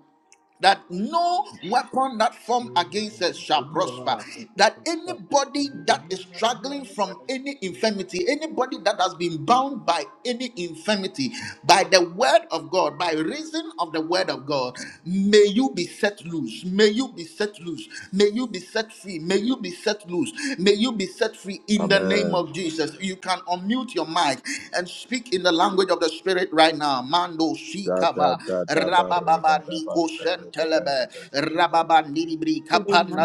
S1: that no weapon that formed
S6: Mm,
S1: against
S6: mm.
S1: us shall
S6: Obi wɔ hɔ
S1: prosper.
S6: a, it, it,
S1: That
S6: it's fact.
S1: anybody
S6: Obi,
S1: that is
S6: obiara, obiara
S1: struggling
S6: ne na
S1: from
S6: n'agye.
S1: any infirmity, anybody that has been bound by any infirmity, by the word of God, by reason of the word of God, may you be set loose. May you be set loose. May you be set free. May you be set loose. May you be set free in the name
S2: Amen.
S1: of Jesus. You can unmute your mic and speak in the language of the Spirit right now. Mando,
S2: Da da da da ba
S1: Shikava,
S2: ra ba da ba
S1: Rabababandiko
S2: da da da ba da
S1: Shentelebe,
S2: da da ba da da.
S1: Rababandibri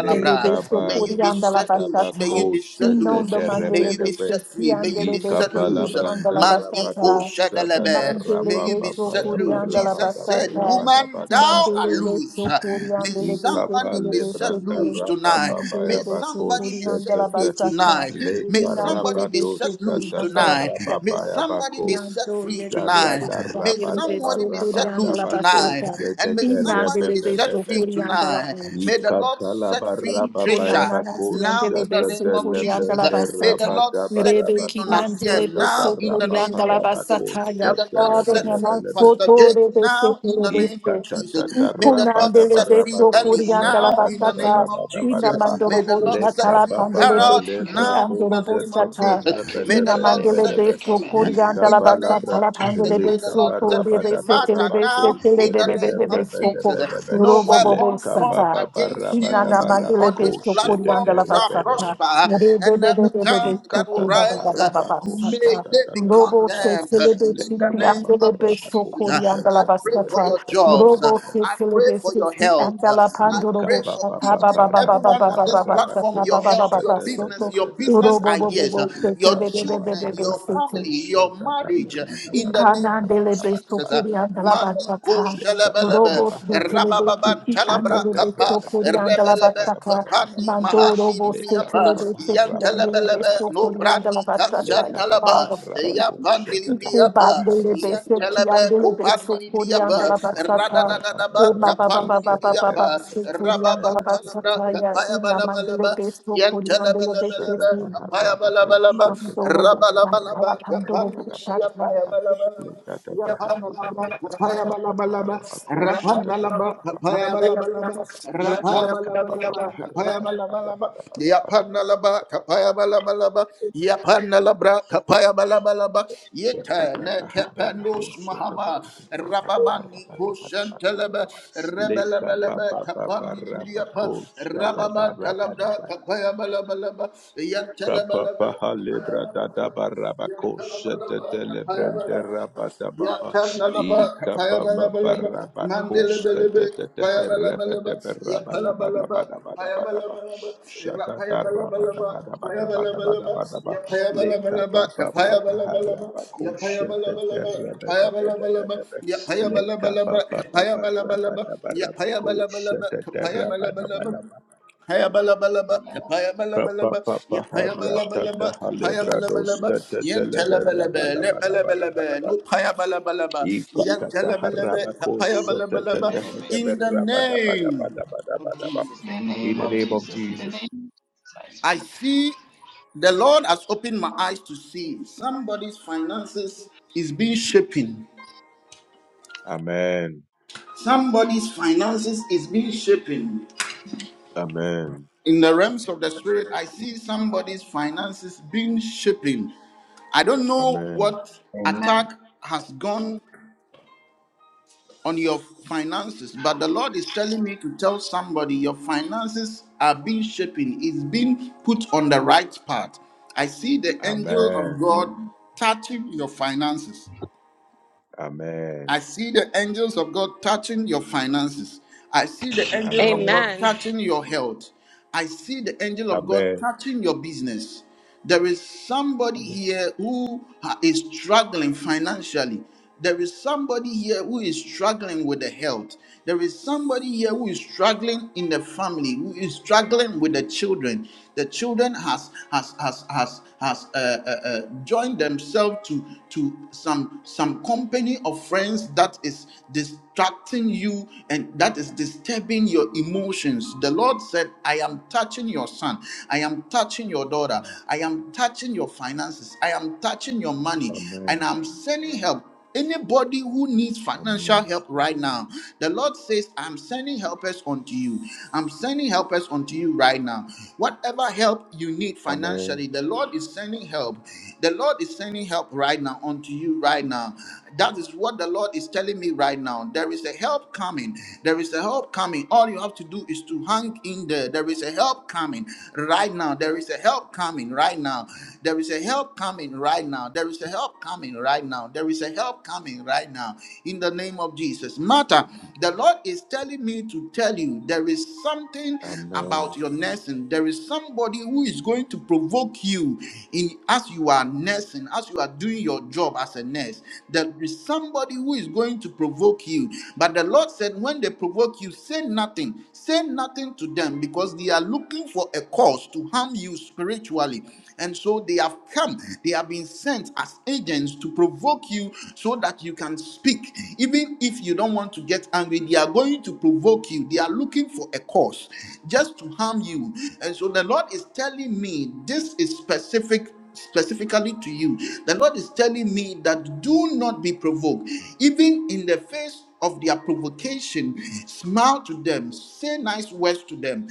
S2: Le ka
S3: beso
S2: ba
S1: May
S3: kuri
S1: you be
S2: ra ba
S3: andala
S1: set
S2: da ba
S1: loose, may
S3: basata.
S1: you
S2: ko
S1: be
S2: she
S1: set
S2: te
S1: loose,
S3: Inondo
S2: te re
S1: may
S2: be
S3: mandele
S1: you
S2: de
S1: be
S2: be.
S1: set
S3: beso
S1: free, may
S2: I
S1: you
S3: andele
S1: be
S2: ka
S1: set
S3: beso
S2: pa la
S3: kuri
S1: loose.
S2: branda
S3: andala
S2: ra ba
S1: Mandiko
S2: do
S3: basata.
S2: sha da da
S1: Shedelebe,
S2: ra
S3: Mandele
S1: may
S2: ba
S1: you
S2: pa
S1: be
S3: beso
S2: pa
S1: set
S2: ya
S3: kuri
S2: ba
S1: loose.
S2: ra
S3: andala
S2: ba
S1: Jesus
S2: da ba
S1: said,
S2: ra ba
S3: basata.
S2: da ba
S1: Woman,
S2: da ba
S1: thou
S2: da
S1: art
S2: ba.
S3: Mandele
S1: loose.
S3: beso kuri
S1: May
S3: beso
S2: Ipapa
S1: somebody
S3: kuri
S1: be
S3: beso
S1: set
S2: lebranda
S3: kuri.
S1: loose tonight.
S2: rababa
S3: Mandele
S1: May
S3: beso
S2: yabako
S1: somebody
S3: kuri
S1: be set
S3: andala
S1: free
S2: shetete
S3: basata.
S1: tonight.
S2: le
S1: May somebody
S3: Inandele
S1: be
S3: beso
S2: parabados
S1: set
S3: kuri
S1: loose
S2: katata
S3: andala
S1: tonight. May
S2: rababa
S3: basata.
S1: somebody be
S2: yabako
S1: set
S3: Nando
S1: free
S3: yete
S1: tonight.
S2: shatata
S1: May
S2: rabada
S1: somebody
S3: beso
S1: somebody be
S3: kuri
S2: baraba
S1: set loose
S3: andala
S2: tabako
S1: tonight.
S3: basata.
S1: And may
S2: shetete
S1: somebody
S3: Inandele
S1: be set
S3: beso
S2: repepepepe
S1: free
S3: kuri andala
S1: tonight. May the Lord
S2: ikatala
S1: set free
S2: barababa
S1: Trisha
S3: Ikolana
S2: yabako
S3: lasi
S1: now
S3: andele
S1: in the
S3: beso
S2: shatete
S1: name of
S3: kurianda
S1: Jesus.
S3: la
S2: lebrende
S1: May the
S3: basata.
S1: Lord
S2: rabada
S1: set
S3: Rebe
S1: free
S3: ki
S2: barabako
S3: andele
S1: Donatien
S2: skatata
S1: now
S3: beso
S1: in the name
S2: rababa
S3: kurianda
S1: of
S3: la
S1: Jesus.
S2: yabako
S1: Jesus.
S3: basata.
S1: May
S3: Ya
S1: the Lord
S2: shetele
S3: Father,
S1: set free
S3: nama
S1: Pastor
S3: soto
S1: Jake
S3: rebe se
S1: now in
S3: kule
S1: the name of
S3: bese.
S1: Jesus. May the Lord
S3: Ikonandele
S1: set free
S3: beso
S1: Ellie
S3: kurianda la
S1: now in the
S3: basata.
S1: name of
S3: Ina
S1: Jesus.
S2: Ikatatatarababarabadoshagadadadabadabadaba.
S1: May
S3: mandoro bo
S1: the Lord
S3: shata
S1: set
S3: la
S1: free
S3: pandele
S1: Harold
S3: beso ki
S1: now in
S3: andoro
S1: the
S3: bo
S1: name of
S3: shata.
S1: Jesus. May
S5: in
S1: the
S3: Ina
S1: Lord
S3: mandele
S1: set
S2: Lekabababalebrandosheteterebedebedebedebe.
S1: free
S3: beso
S1: free.
S3: kurianda la
S1: In the name
S3: basata
S2: Ikabalabra-
S3: la
S1: of
S3: pandele
S1: Jesus, may the
S3: beso
S1: Lord
S3: to
S1: set free
S3: rebe se tele
S1: Martha now. In the name of Jesus,
S2: lekabarabadabarabakosheteterebedebedebe.
S1: no weapon formed against you
S3: Inana mandele
S1: on this
S3: beso
S1: platform
S3: kurianda la
S1: shall
S2: Lekabababarabarabakosheteterebedebe.
S3: basata.
S1: prosper,
S3: Rebe
S1: and
S3: bebe
S1: every
S3: bebe
S1: tongue
S3: beso
S1: that will
S3: kuba baba
S1: rise, uh,
S3: baba
S1: may
S3: basata.
S1: they be
S3: Robo se
S2: Ikatataharabakosatatatatahadaba.
S1: condemned. uh,
S3: celebe
S1: In the
S3: siki
S1: name
S3: andele
S1: of
S3: beso
S1: Jesus, uh,
S3: kurianda la
S1: I pray for
S3: basata.
S1: your jobs. uh,
S2: Lekabababarabakosetetetetetetetete.
S3: Robo se
S1: I pray
S3: celebe
S1: for your
S3: siki
S1: health. uh,
S3: andala
S1: I
S2: Leka
S1: pray
S3: pandorobo
S2: pa
S1: for
S2: pa
S3: shata
S2: pa
S1: each
S3: ba
S2: pa
S1: and
S3: ba ba
S2: ra
S3: ba
S2: pa
S3: ba
S1: everyone
S3: ba
S2: ka
S1: on
S3: ba
S2: pa
S1: this
S3: ba
S2: ra pa ko
S1: platform,
S3: basata ba
S1: your health,
S2: sha
S3: baba
S1: your
S2: ta ta ta
S1: business,
S3: basoto.
S1: your
S2: Da da da
S3: Robo
S1: business
S2: da da
S3: bobo
S1: ideas,
S3: bobo
S1: uh,
S3: se
S1: your
S2: Leka pa
S3: celebe
S2: pa
S3: bebe
S2: pa
S1: children,
S3: bebe
S2: ra
S1: your
S2: pa ko
S3: beso.
S1: family,
S2: sha
S1: your
S2: da da
S1: marriage,
S2: da. ta ta ta
S1: in the
S2: ra
S1: name of
S3: Ikanandele
S2: pa da
S1: Jesus.
S2: pa da
S3: besokuriandala
S2: pa da pa da pa da pa da
S1: Mandi
S2: pa.
S1: go
S3: basaka.
S2: Leka pa pa
S1: shalabalabe,
S3: Robos
S2: pa
S3: de
S2: ha ra pa
S3: telebe
S2: ko
S1: rabababan
S3: siki
S2: sha da da
S1: talabra
S3: andele
S2: ra
S1: kapa,
S2: pa da pa da pa da
S3: besokuriandala
S2: pa
S1: rebelebe
S3: basaka.
S2: da pa da pa da. pa
S1: kapani
S2: ta pa.
S3: Mando
S1: mahani
S3: robos de
S2: Leka pa
S1: libriapa,
S2: pa
S3: telebe
S2: pa ha
S3: siki
S1: yan
S2: ra pa ta
S3: andele
S2: pa ta pa
S1: talabalabe,
S2: ta pa
S1: no
S2: ta pa ta pa.
S3: besokuriandala
S1: brandi kashan
S3: basaka.
S2: Leka pa pa ha
S1: talaba,
S3: Father, we
S2: ra pa
S3: thank
S1: yan
S2: ko sha
S1: pandi
S2: ta
S3: you.
S2: ta ta ta pa
S1: libriapa,
S2: ha
S3: Ikubandele
S2: ra pa
S1: yan
S2: ta pa ta
S3: beseki
S2: pa ta
S1: talabe
S2: pa
S3: andele
S2: ta pa ta
S1: kupandi
S2: pa.
S1: libriapa,
S3: besokuriandala
S2: Lekapa
S3: basaka.
S1: radadadadaba
S3: Ema ba ba ba
S1: kapandi
S3: ba ba ba ba
S1: libriapa,
S3: sokuriandala
S1: rababan talabra
S3: basaka ya.
S1: kapaya
S3: Ina mandele
S1: balabalaba, yan
S3: besokuriandele
S1: talabalabalaba,
S3: beseki.
S1: kapaya balabalaba,
S3: Mando robos basaka.
S1: Rabalabalaba,
S3: Mando robos
S1: Kapaniya
S3: shakra.
S1: Payabalabalaba, Yapanabalaba, Payabalabalaba, Rapanalaba, Payabalabalaba, Rapayabalabalaba, Payabalabalaba, Yapanalaba, Payabalabalaba, Yapanalabra, Payabalabalaba, Yetana Kapanus Mahama, Rababani Kusantalaba,
S2: Leka pa
S1: Rabalabalaba,
S2: pa pa pa
S1: Kapani
S2: rapa ko
S1: Briapa,
S2: shada da
S1: Rabaman
S2: rapa da
S1: Kalabra,
S2: ba la
S1: Payabalabalaba, Yantalabalaba.
S2: Kapapaha lebra dadaba rabakosha
S1: Yapaya
S2: tetelebrende rabadabaha ikapapapa rabakoska tetetehe rebetebe rabadabadabadabadabadaba shatata rabadabadabadabadabadabadaba lekapapapaha rabakosha tete rebedebedebedebe lekapapapa rabadabarabakosha tete
S1: balaba,
S2: rabadabadaba
S1: Hayabalabalaba,
S2: Kapa
S1: tapayabalabalaba,
S2: papa harata
S1: yapayabalabalaba, tapayabalabalaba,
S2: te te telebera
S1: yentelebelebe,
S2: bada bada bada
S1: lebelebelebe,
S2: bada bada.
S1: nupayabalabalaba,
S2: Ika kata
S1: yentelebelebe,
S2: haraba kosa te te
S1: tapayabalabalaba.
S2: te
S1: In the
S2: tebera bada bada
S1: name
S2: bada bada
S1: of
S2: bada
S1: Jesus,
S2: bada.
S5: the
S2: In
S5: name
S2: the
S5: of
S2: name of
S5: Jesus, I
S2: Jesus.
S1: I
S5: speak.
S1: see the Lord has opened my eyes to see somebody's finances is being shaken.
S2: Amen.
S1: Somebody's finances is being shaken.
S2: Amen.
S1: in the realms of the spirit, I see somebody's finances being shaken. I don't know
S2: Amen.
S1: what
S5: Amen.
S1: attack has gone on your finances, but the Lord is telling me to tell somebody your finances are being shaken. It's being put on the right path. I see the angel
S2: Amen.
S1: of God touching your finances.
S2: Amen.
S1: I see the angels of God touching your finances. I see the angel of God
S2: Amen.
S4: Amen.
S1: touching your health. I see the angel of God
S2: Amen.
S1: touching your business. There is somebody here who ha- is struggling financially. There is somebody here who is struggling with the health. There is somebody here who is struggling in the family, who is struggling with the children. The children has has has has has uh, uh, uh, joined themselves to to some some company of friends that is distracting you and that is disturbing your emotions. The Lord said, "I am touching your son. I am touching your daughter. I am touching your finances. I am touching your money, and
S2: Amen.
S1: I'm sending help." Anybody who needs financial
S2: Amen.
S1: help right now, the Lord says, I'm sending helpers unto you. I'm sending helpers unto you right now. Whatever help you need
S2: Amen.
S1: financially, the Lord is sending help. The Lord is sending help right now unto you right now. That is what the Lord is telling me right now. There is a help coming. There is a help coming. All you have to do is to hang in there. There is a help coming right now. There is a help coming right now. There is a help coming right now. There is a help coming right now. There is a help coming right now. In the name of Jesus. Martha, the Lord is telling me to tell you there is something about
S2: Amen.
S1: your nursing. There is somebody who is going to provoke you in as you are nursing, as you are doing your job as a nurse. There is somebody who is going to provoke you. But the Lord said, when they provoke you, say nothing. Say nothing to them because they are looking for a cause to harm you spiritually. And so they have come, they have been sent as agents to provoke you so that you can speak. Even if you don't want to get angry, they are going to provoke you. They are looking for a cause just to harm you. And so the Lord is telling me this is specific specifically to you. The Lord is telling me that do not be provoked. Even in the face of their provocation, smile to them, say nice words to them.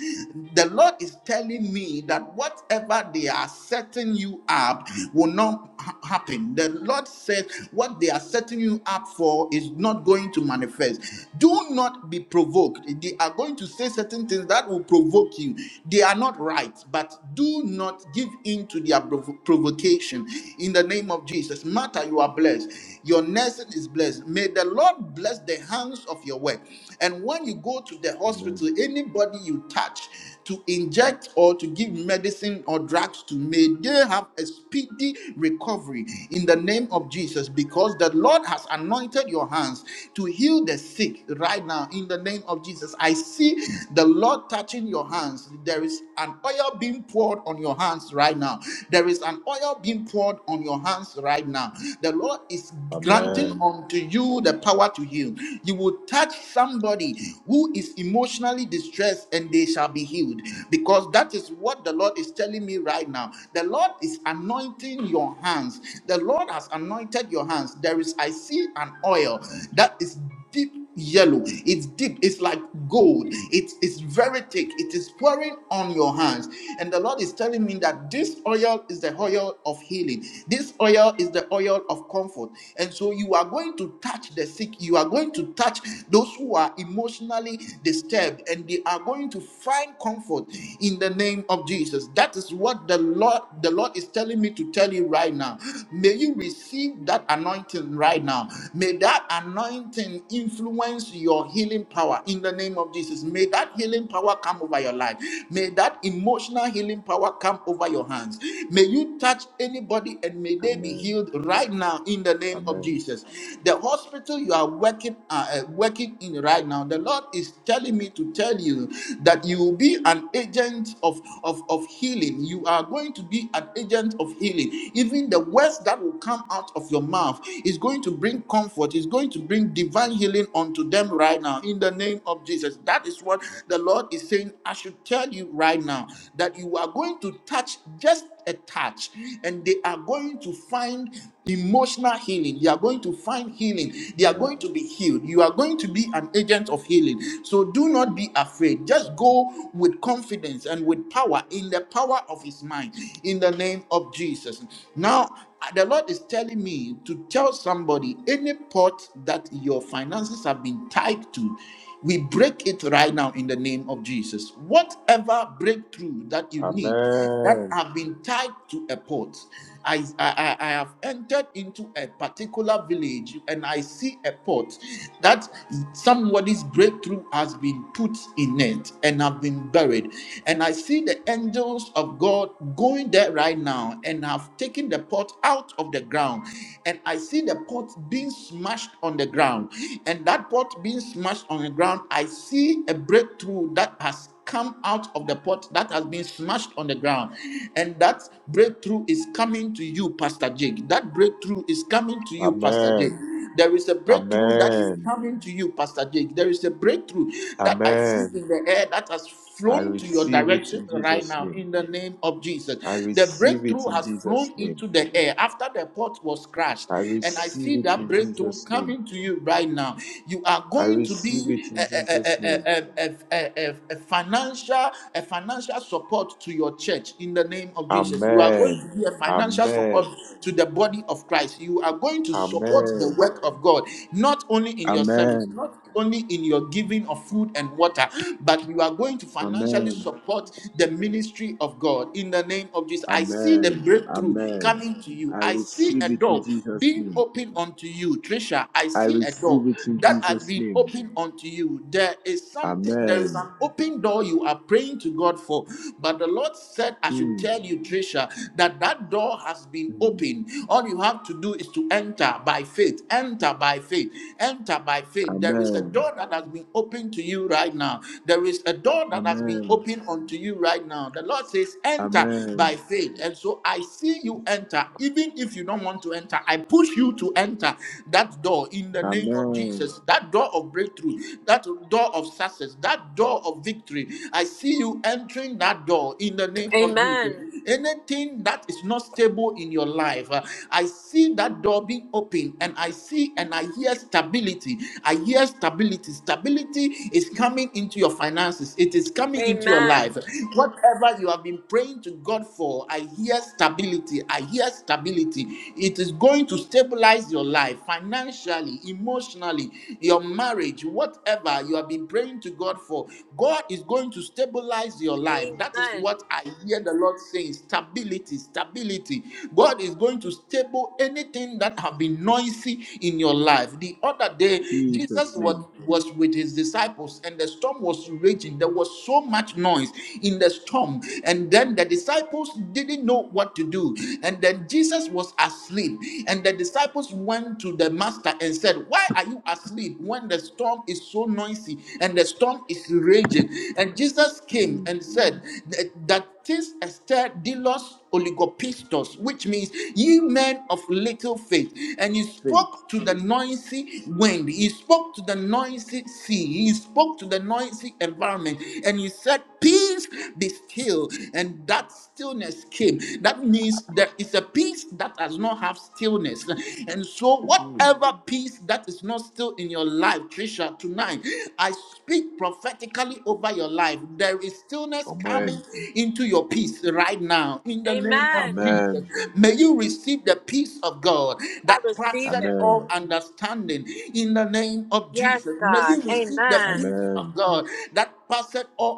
S1: The Lord is telling me that whatever they are setting you up will not ha- happen. The Lord says what they are setting you up for is not going to manifest. Do not be provoked. They are going to say certain things that will provoke you. They are not right, but do not not give in to their provo- provocation in the name of Jesus. Martha, you are blessed. Your nursing is blessed. May the Lord bless the hands of your work. And when you go to the hospital,
S2: Amen.
S1: anybody you touch to inject or to give medicine or drugs to, may they have a speedy recovery in the name of Jesus because the Lord has anointed your hands to heal the sick right now in the name of Jesus. I see the Lord touching your hands. There is an oil oil being poured on your hands right now. There is an oil being poured on your hands right now. The Lord is
S2: Amen.
S1: granting unto you the power to heal. You will touch somebody who is emotionally distressed and they shall be healed because that is what the Lord is telling me right now. The Lord is anointing your hands. The Lord has anointed your hands. There is, I see an oil that is. deep yellow it's deep it's like gold it's it's very thick it is pouring on your hands and the lord is telling me that this oil is the oil of healing this oil is the oil of comfort and so you are going to touch the sick you are going to touch those who are emotionally disturbed and they are going to find comfort in the name of jesus that is what the lord the lord is telling me to tell you right now may you receive that anointing right now may that anointing anointing influence your healing power in the name of Jesus. May that healing power come over your life. May that emotional healing power come over your hands. May you touch anybody and may they be
S2: Amen.
S1: healed right now in the name of
S2: Amen.
S1: Jesus. The hospital you are working uh, uh, working in right now, the Lord is telling me to tell you that you will be an agent of, of, of healing. You are going to be an agent of healing. Even the words that will come out of your mouth is going to bring comfort. He's going to bring divine healing unto them right now in the name of Jesus. That is what the Lord is saying. I should tell you right now that you are going to touch just a touch and they are going to find emotional healing you are going to find healing they are
S2: Amen.
S1: going to be healed you are going to be an agent of healing so do not be afraid just go with confidence and with power in the power of his mind in the name of jesus now uh, The Lord is telling me to tell somebody any pot that your finances have been tied to, we break it right now in the name of Jesus. Whatever breakthrough that you need that
S2: Amen.
S1: have been tied to a pot, I, I, I I have entered into a particular village and I see a pot that somebody's breakthrough has been put in it and have been buried. And I see the angels of God going there right now and have have taken the pot out of the ground and I see the pot being smashed on the ground. And that pot being smashed on the ground, I see a breakthrough that has come out of the pot that has been smashed on the ground. And that breakthrough is coming to you, Pastor Jake. That breakthrough is coming to you, Pastor Jake.
S2: Amen.
S1: There is a breakthrough that is
S2: Amen.
S1: coming to you, Pastor Jake. There is a breakthrough that I see
S2: Amen.
S1: in the air that has
S2: I
S1: flown to your
S2: receive it in
S1: direction right
S2: Jesus'
S1: now
S2: name.
S1: in the name of Jesus.
S2: I
S1: The
S2: receive it
S1: breakthrough
S2: in
S1: has
S2: Jesus'
S1: flown
S2: name.
S1: into the air after the pot was crashed.
S2: I
S1: And I
S2: receive
S1: see
S2: it
S1: that
S2: in
S1: breakthrough
S2: Jesus' name.
S1: coming to you right now. You are
S2: I
S1: going to
S2: receive it
S1: be a,
S2: in Jesus'
S1: a, a,
S2: name.
S1: a, a, a, a, a financial a financial support to your church in the name of Jesus. You are going
S2: Amen.
S1: to be a financial support
S2: Amen.
S1: to the body of Christ. You are going to support the
S2: Amen.
S1: work of God, not only in your service,
S2: Amen.
S1: not only in your giving of food and water, but you are going going to financially
S2: Amen.
S1: support the ministry of God in the name of Jesus. I see the
S2: Amen.
S1: breakthrough
S2: Amen.
S1: coming to you.
S2: I
S1: I see a
S2: receive it in
S1: door
S2: Jesus'
S1: being
S2: name.
S1: opened unto you, Trisha. I
S2: I
S1: see a
S2: receive
S1: door
S2: it in
S1: that has
S2: Jesus'
S1: been
S2: name.
S1: opened unto you. There is something, there is
S2: Amen.
S1: an open door you are praying to God for. But the Lord said, I should
S2: Mm,
S1: tell you, Trisha, that that door has been
S2: mm.
S1: opened. All you have to do is to enter by faith, enter by faith, enter by faith. There is a
S2: Amen.
S1: door that has been opened to you right now. There is is a door that has been
S2: Amen.
S1: opened unto you right now. The Lord says, Enter by
S2: Amen.
S1: faith. And so I see you enter. Even if you don't want to enter, I push you to enter that door in the name of
S2: Amen.
S1: Jesus. That door of breakthrough, that door of success, that door of victory. I see you entering that door in the name of Jesus.
S4: Amen.
S1: Anything that is not stable in your life, uh, I see that door being open and I see and I hear stability. I hear stability. Stability is coming into your into your finances. It is coming into your
S4: Amen.
S1: life. Whatever you have been praying to God for, I hear stability. I hear stability. It is going to stabilize your life financially, emotionally, your marriage, whatever you have been praying to God for. God is going to stabilize your life. That is
S4: Amen.
S1: what I hear the Lord saying stability, stability. God is going to stable anything that have been noisy in your life. The other day,
S2: Jesus'
S1: Jesus was,
S2: name.
S1: was with his disciples, and the storm was raging. There was so much noise in the storm. And then the disciples didn't know what to do. And then Jesus was asleep. And the disciples went to the master and said, Why are you asleep when the storm is so noisy and the storm is raging? And Jesus came
S2: Mm.
S1: and said, That that is Esther Delos Theos oligopistos, which means ye men of little faith. And he
S2: Faith.
S1: spoke to the noisy wind, he spoke to the noisy sea, he spoke to the noisy environment, and he said, Peace be still. And that stillness came. That means there is a peace that does not have stillness. And so,
S2: Mm.
S1: whatever peace that is not still in your life, Trisha, tonight, I speak prophetically over over your life. There is stillness
S2: Amen.
S1: coming into your peace right now in the name of
S4: Amen.
S1: Jesus.
S2: Amen.
S1: May you receive the peace of God
S4: I
S1: that
S4: receive
S1: passes
S4: it.
S1: all
S2: Amen.
S1: understanding in the name of
S4: Yes,
S1: Jesus. May
S4: God.
S1: you receive the
S4: Amen.
S1: peace of
S2: Amen.
S1: God that passes all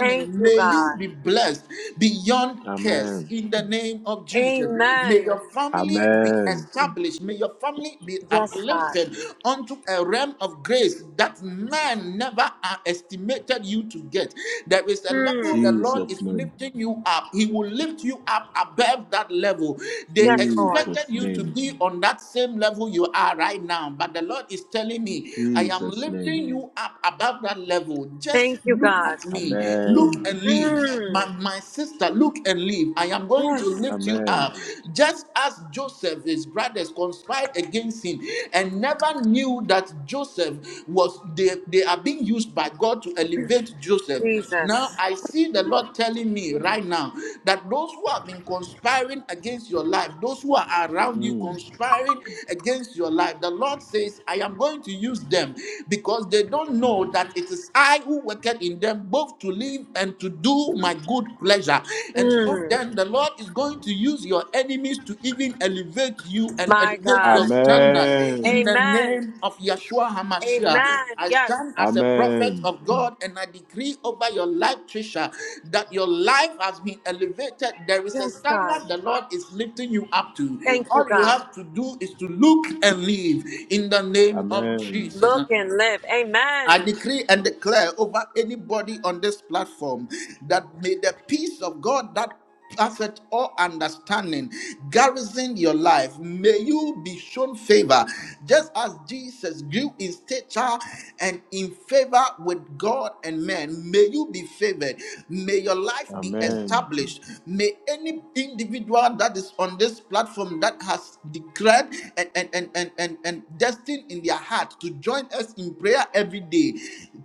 S4: Thank you,
S1: May you
S4: God.
S1: be blessed beyond curse
S2: Amen.
S1: in the name of Jesus. May
S4: Amen.
S1: your family be
S2: Amen.
S1: established. May your family be
S4: Yes, God.
S1: uplifted unto a realm of grace that man never uh, estimated you to get. There is a level
S4: Hmm.
S1: the Lord
S2: Jesus'
S1: is
S2: name.
S1: lifting you up. He will lift you up above that level. They
S4: Yes, Lord.
S1: expected
S2: Jesus'
S1: you to
S2: name.
S1: be on that same level you are right now, but the Lord is telling me, I am
S2: Jesus' name.
S1: lifting you up above that level. Just
S4: Thank you,
S1: look
S4: God.
S1: at me. Look and
S2: Amen.
S1: and live. My,
S4: Mm.
S1: my sister, look and live. I am going to
S4: Yes,
S1: lift you
S2: Amen.
S1: up. Just as Joseph, his brothers conspired against him and never knew that Joseph was, they, they are being used by God to elevate Joseph. Now
S4: Jesus.
S1: I see the Lord telling me right now that those who have been conspiring against your life, those who are around you
S2: Mm.
S1: conspiring against your life, the Lord says, I am going to use them because they don't know that it is I I who worketh in them both to live and to do my good pleasure. And so
S4: Mm.
S1: then the Lord is going to use your enemies to even elevate you and
S4: My
S1: elevate your
S4: God.
S1: standard
S2: Amen.
S1: in the
S4: Amen.
S1: name of Yeshua HaMashiach.
S4: Amen.
S1: I
S4: Yes.
S1: stand as a prophet
S2: Amen.
S1: of God and I decree over your life, Trisha, that your life has been elevated. There is a
S4: Yes, God.
S1: standard the Lord is lifting you up to.
S4: Thank you,
S1: All you
S4: God.
S1: have to do is to look and live in the name of
S2: Amen.
S4: Look
S1: Jesus.
S4: and live.
S1: I
S4: Amen.
S1: decree and declare over anybody on this platform that may the peace of God that perfect all understanding garrison your life may you be shown favor just as jesus grew in stature and in favor with god and men may you be favored may your life
S7: Amen.
S1: be
S2: Amen.
S1: established may any individual that is on this platform that has declared and and and and and, and destined in their heart to join join us in prayer every day.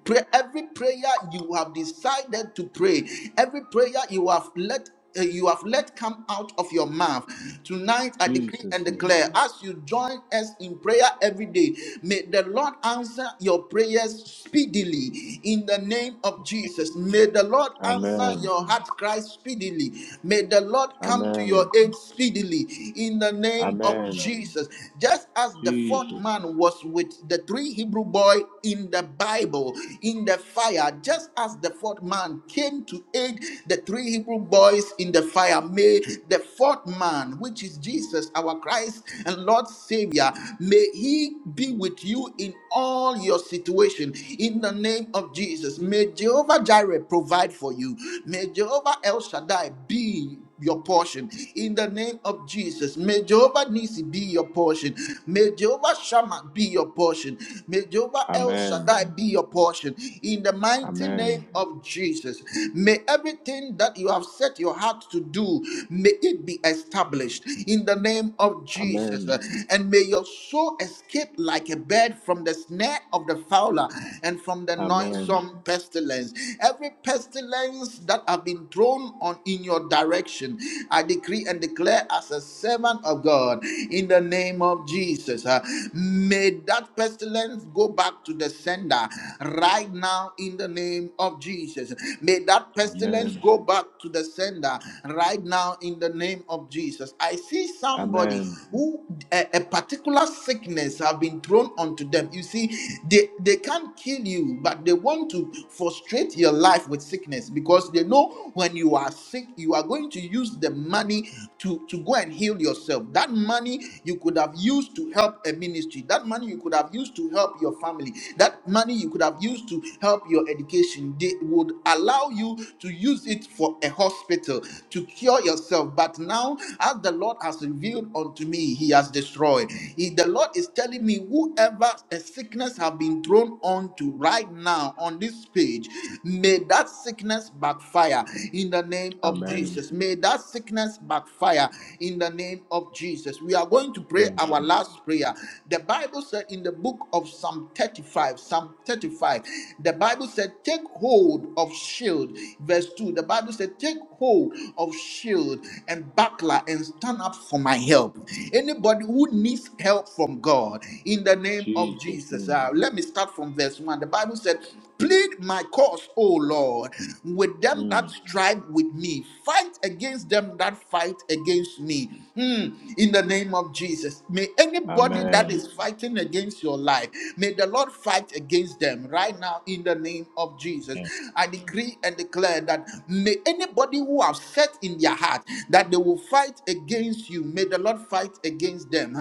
S1: Pray every prayer you have decided to pray, every prayer you have let uh, you have let come out of your mouth. Tonight, I decree
S2: Jesus'
S1: and
S2: name.
S1: declare as you join us in prayer every day, may the Lord answer your prayers speedily in the name of Jesus. May the Lord answer
S2: Amen.
S1: your heart cry speedily. May the Lord come to your
S2: Amen.
S1: aid speedily in the name
S7: Amen.
S1: of
S2: Amen.
S1: Jesus. Just as the fourth
S2: Jesus.
S1: man was was with the three Hebrew boy in the Bible in the fire, just as the fourth man came to aid the three Hebrew boys in the fire. May the fourth man, which is Jesus, our Christ and Lord Savior, may he be with you in all your situation. In the name of Jesus, may Jehovah Jireh provide for you. May Jehovah El Shaddai be your portion in the name of Jesus. May Jehovah Nisi be your portion. May. Jehovah Shammah be your portion. May Jehovah El
S2: Amen.
S1: Shaddai be your portion. In the mighty name
S2: Amen.
S1: of Jesus, may everything that you have set your heart to do, may it be established in the name of Jesus.
S2: Amen.
S1: And may your soul escape like a bird from the snare of the fowler and from the
S2: Amen.
S1: noisome pestilence. Every pestilence that have been thrown on in your direction, I decree and declare as a servant of God in the name name of Jesus. Uh, May that pestilence go back to the sender right now in the name of Jesus. May that pestilence
S2: Amen.
S1: go back to the sender right now in the name of Jesus. I see somebody
S2: Amen.
S1: who a, a particular sickness have been thrown onto them. You see, they, they can't kill you, but they want to frustrate your life with sickness because they know when you are sick, you are going to use the money to, to go and heal yourself. That money you could have used to help a ministry. That money you could have used to help your family. That money you could have used to help your education. They would allow you to use it for a hospital to cure yourself. But now, as the Lord has revealed unto me, He has destroyed. He- the Lord is telling me, whoever a sickness have been thrown onto right now on this page, may that sickness backfire in the name of
S2: Amen.
S1: Jesus. May that sickness backfire in the name of Jesus. We are going to pray
S7: Amen.
S1: our last prayer. The Bible said in the book of Psalm 35, Psalm 35, the Bible said, Take hold of shield. Verse 2, the Bible said, Take hold of shield and buckler and stand up for my help. Anybody who needs help from God, in the name of
S2: Jesus
S1: Jesus.
S2: name.
S1: Uh, let me start from verse 1. The Bible said, Plead my cause, O Lord, with them that
S2: Mm.
S1: strive with me. Fight against them that fight against me. Hmm. In the name of Jesus, may anybody that
S2: Amen.
S1: is fighting against your life, may the Lord fight against them right now in the name of Jesus. I decree and declare that may anybody who have set in their heart that they will fight against you, may the Lord fight against them.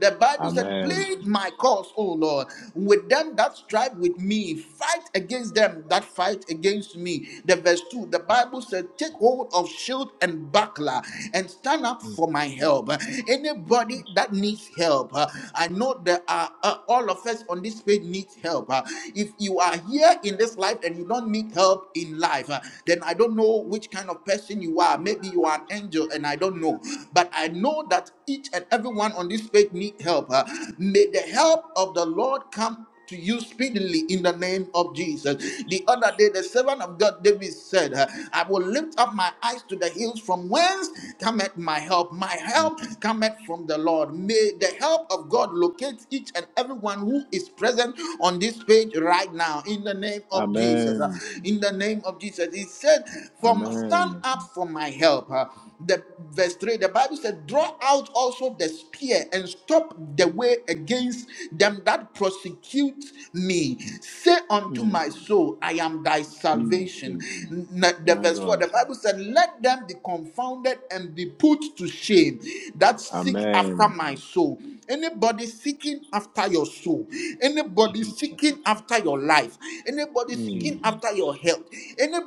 S1: The Bible said,
S2: Amen.
S1: Plead my cause, O Lord, with them that strive with me, fight against them that fight against me. The verse 2, the Bible said, Take hold of shield and buckler and stand up for my help. Anybody that needs help, uh, I know there are uh, all of us on this page needs help. Uh, If you are here in this life and you don't need help in life, uh, then I don't know which kind of person you are. Maybe you are an angel and I don't know. But I know that each and everyone on this page need help. Uh, May the help of the Lord come to you speedily in the name of Jesus. The other day, the servant of God David said, uh, I will lift up my eyes to the hills from whence cometh my help. My help cometh from the Lord. May the help of God locate each and everyone who is present on this page right now in the name of Jesus. Uh,
S2: Amen.
S1: In the name of Jesus. He said, From stand
S2: Amen.
S1: up for my help the verse 3 the bible said draw out also the spear and stop the way against them that prosecute me say unto
S2: Mm.
S1: my soul i am thy salvation
S2: Jesus.
S1: N- the
S2: My
S1: verse 4
S2: God.
S1: the bible said let them be confounded and be put to shame that seek after
S2: Amen.
S1: my soul anybody seeking after your soul anybody
S7: Jesus.
S1: seeking after your life anybody
S7: Jesus.
S2: Mm.
S7: Jesus.
S1: seeking after your health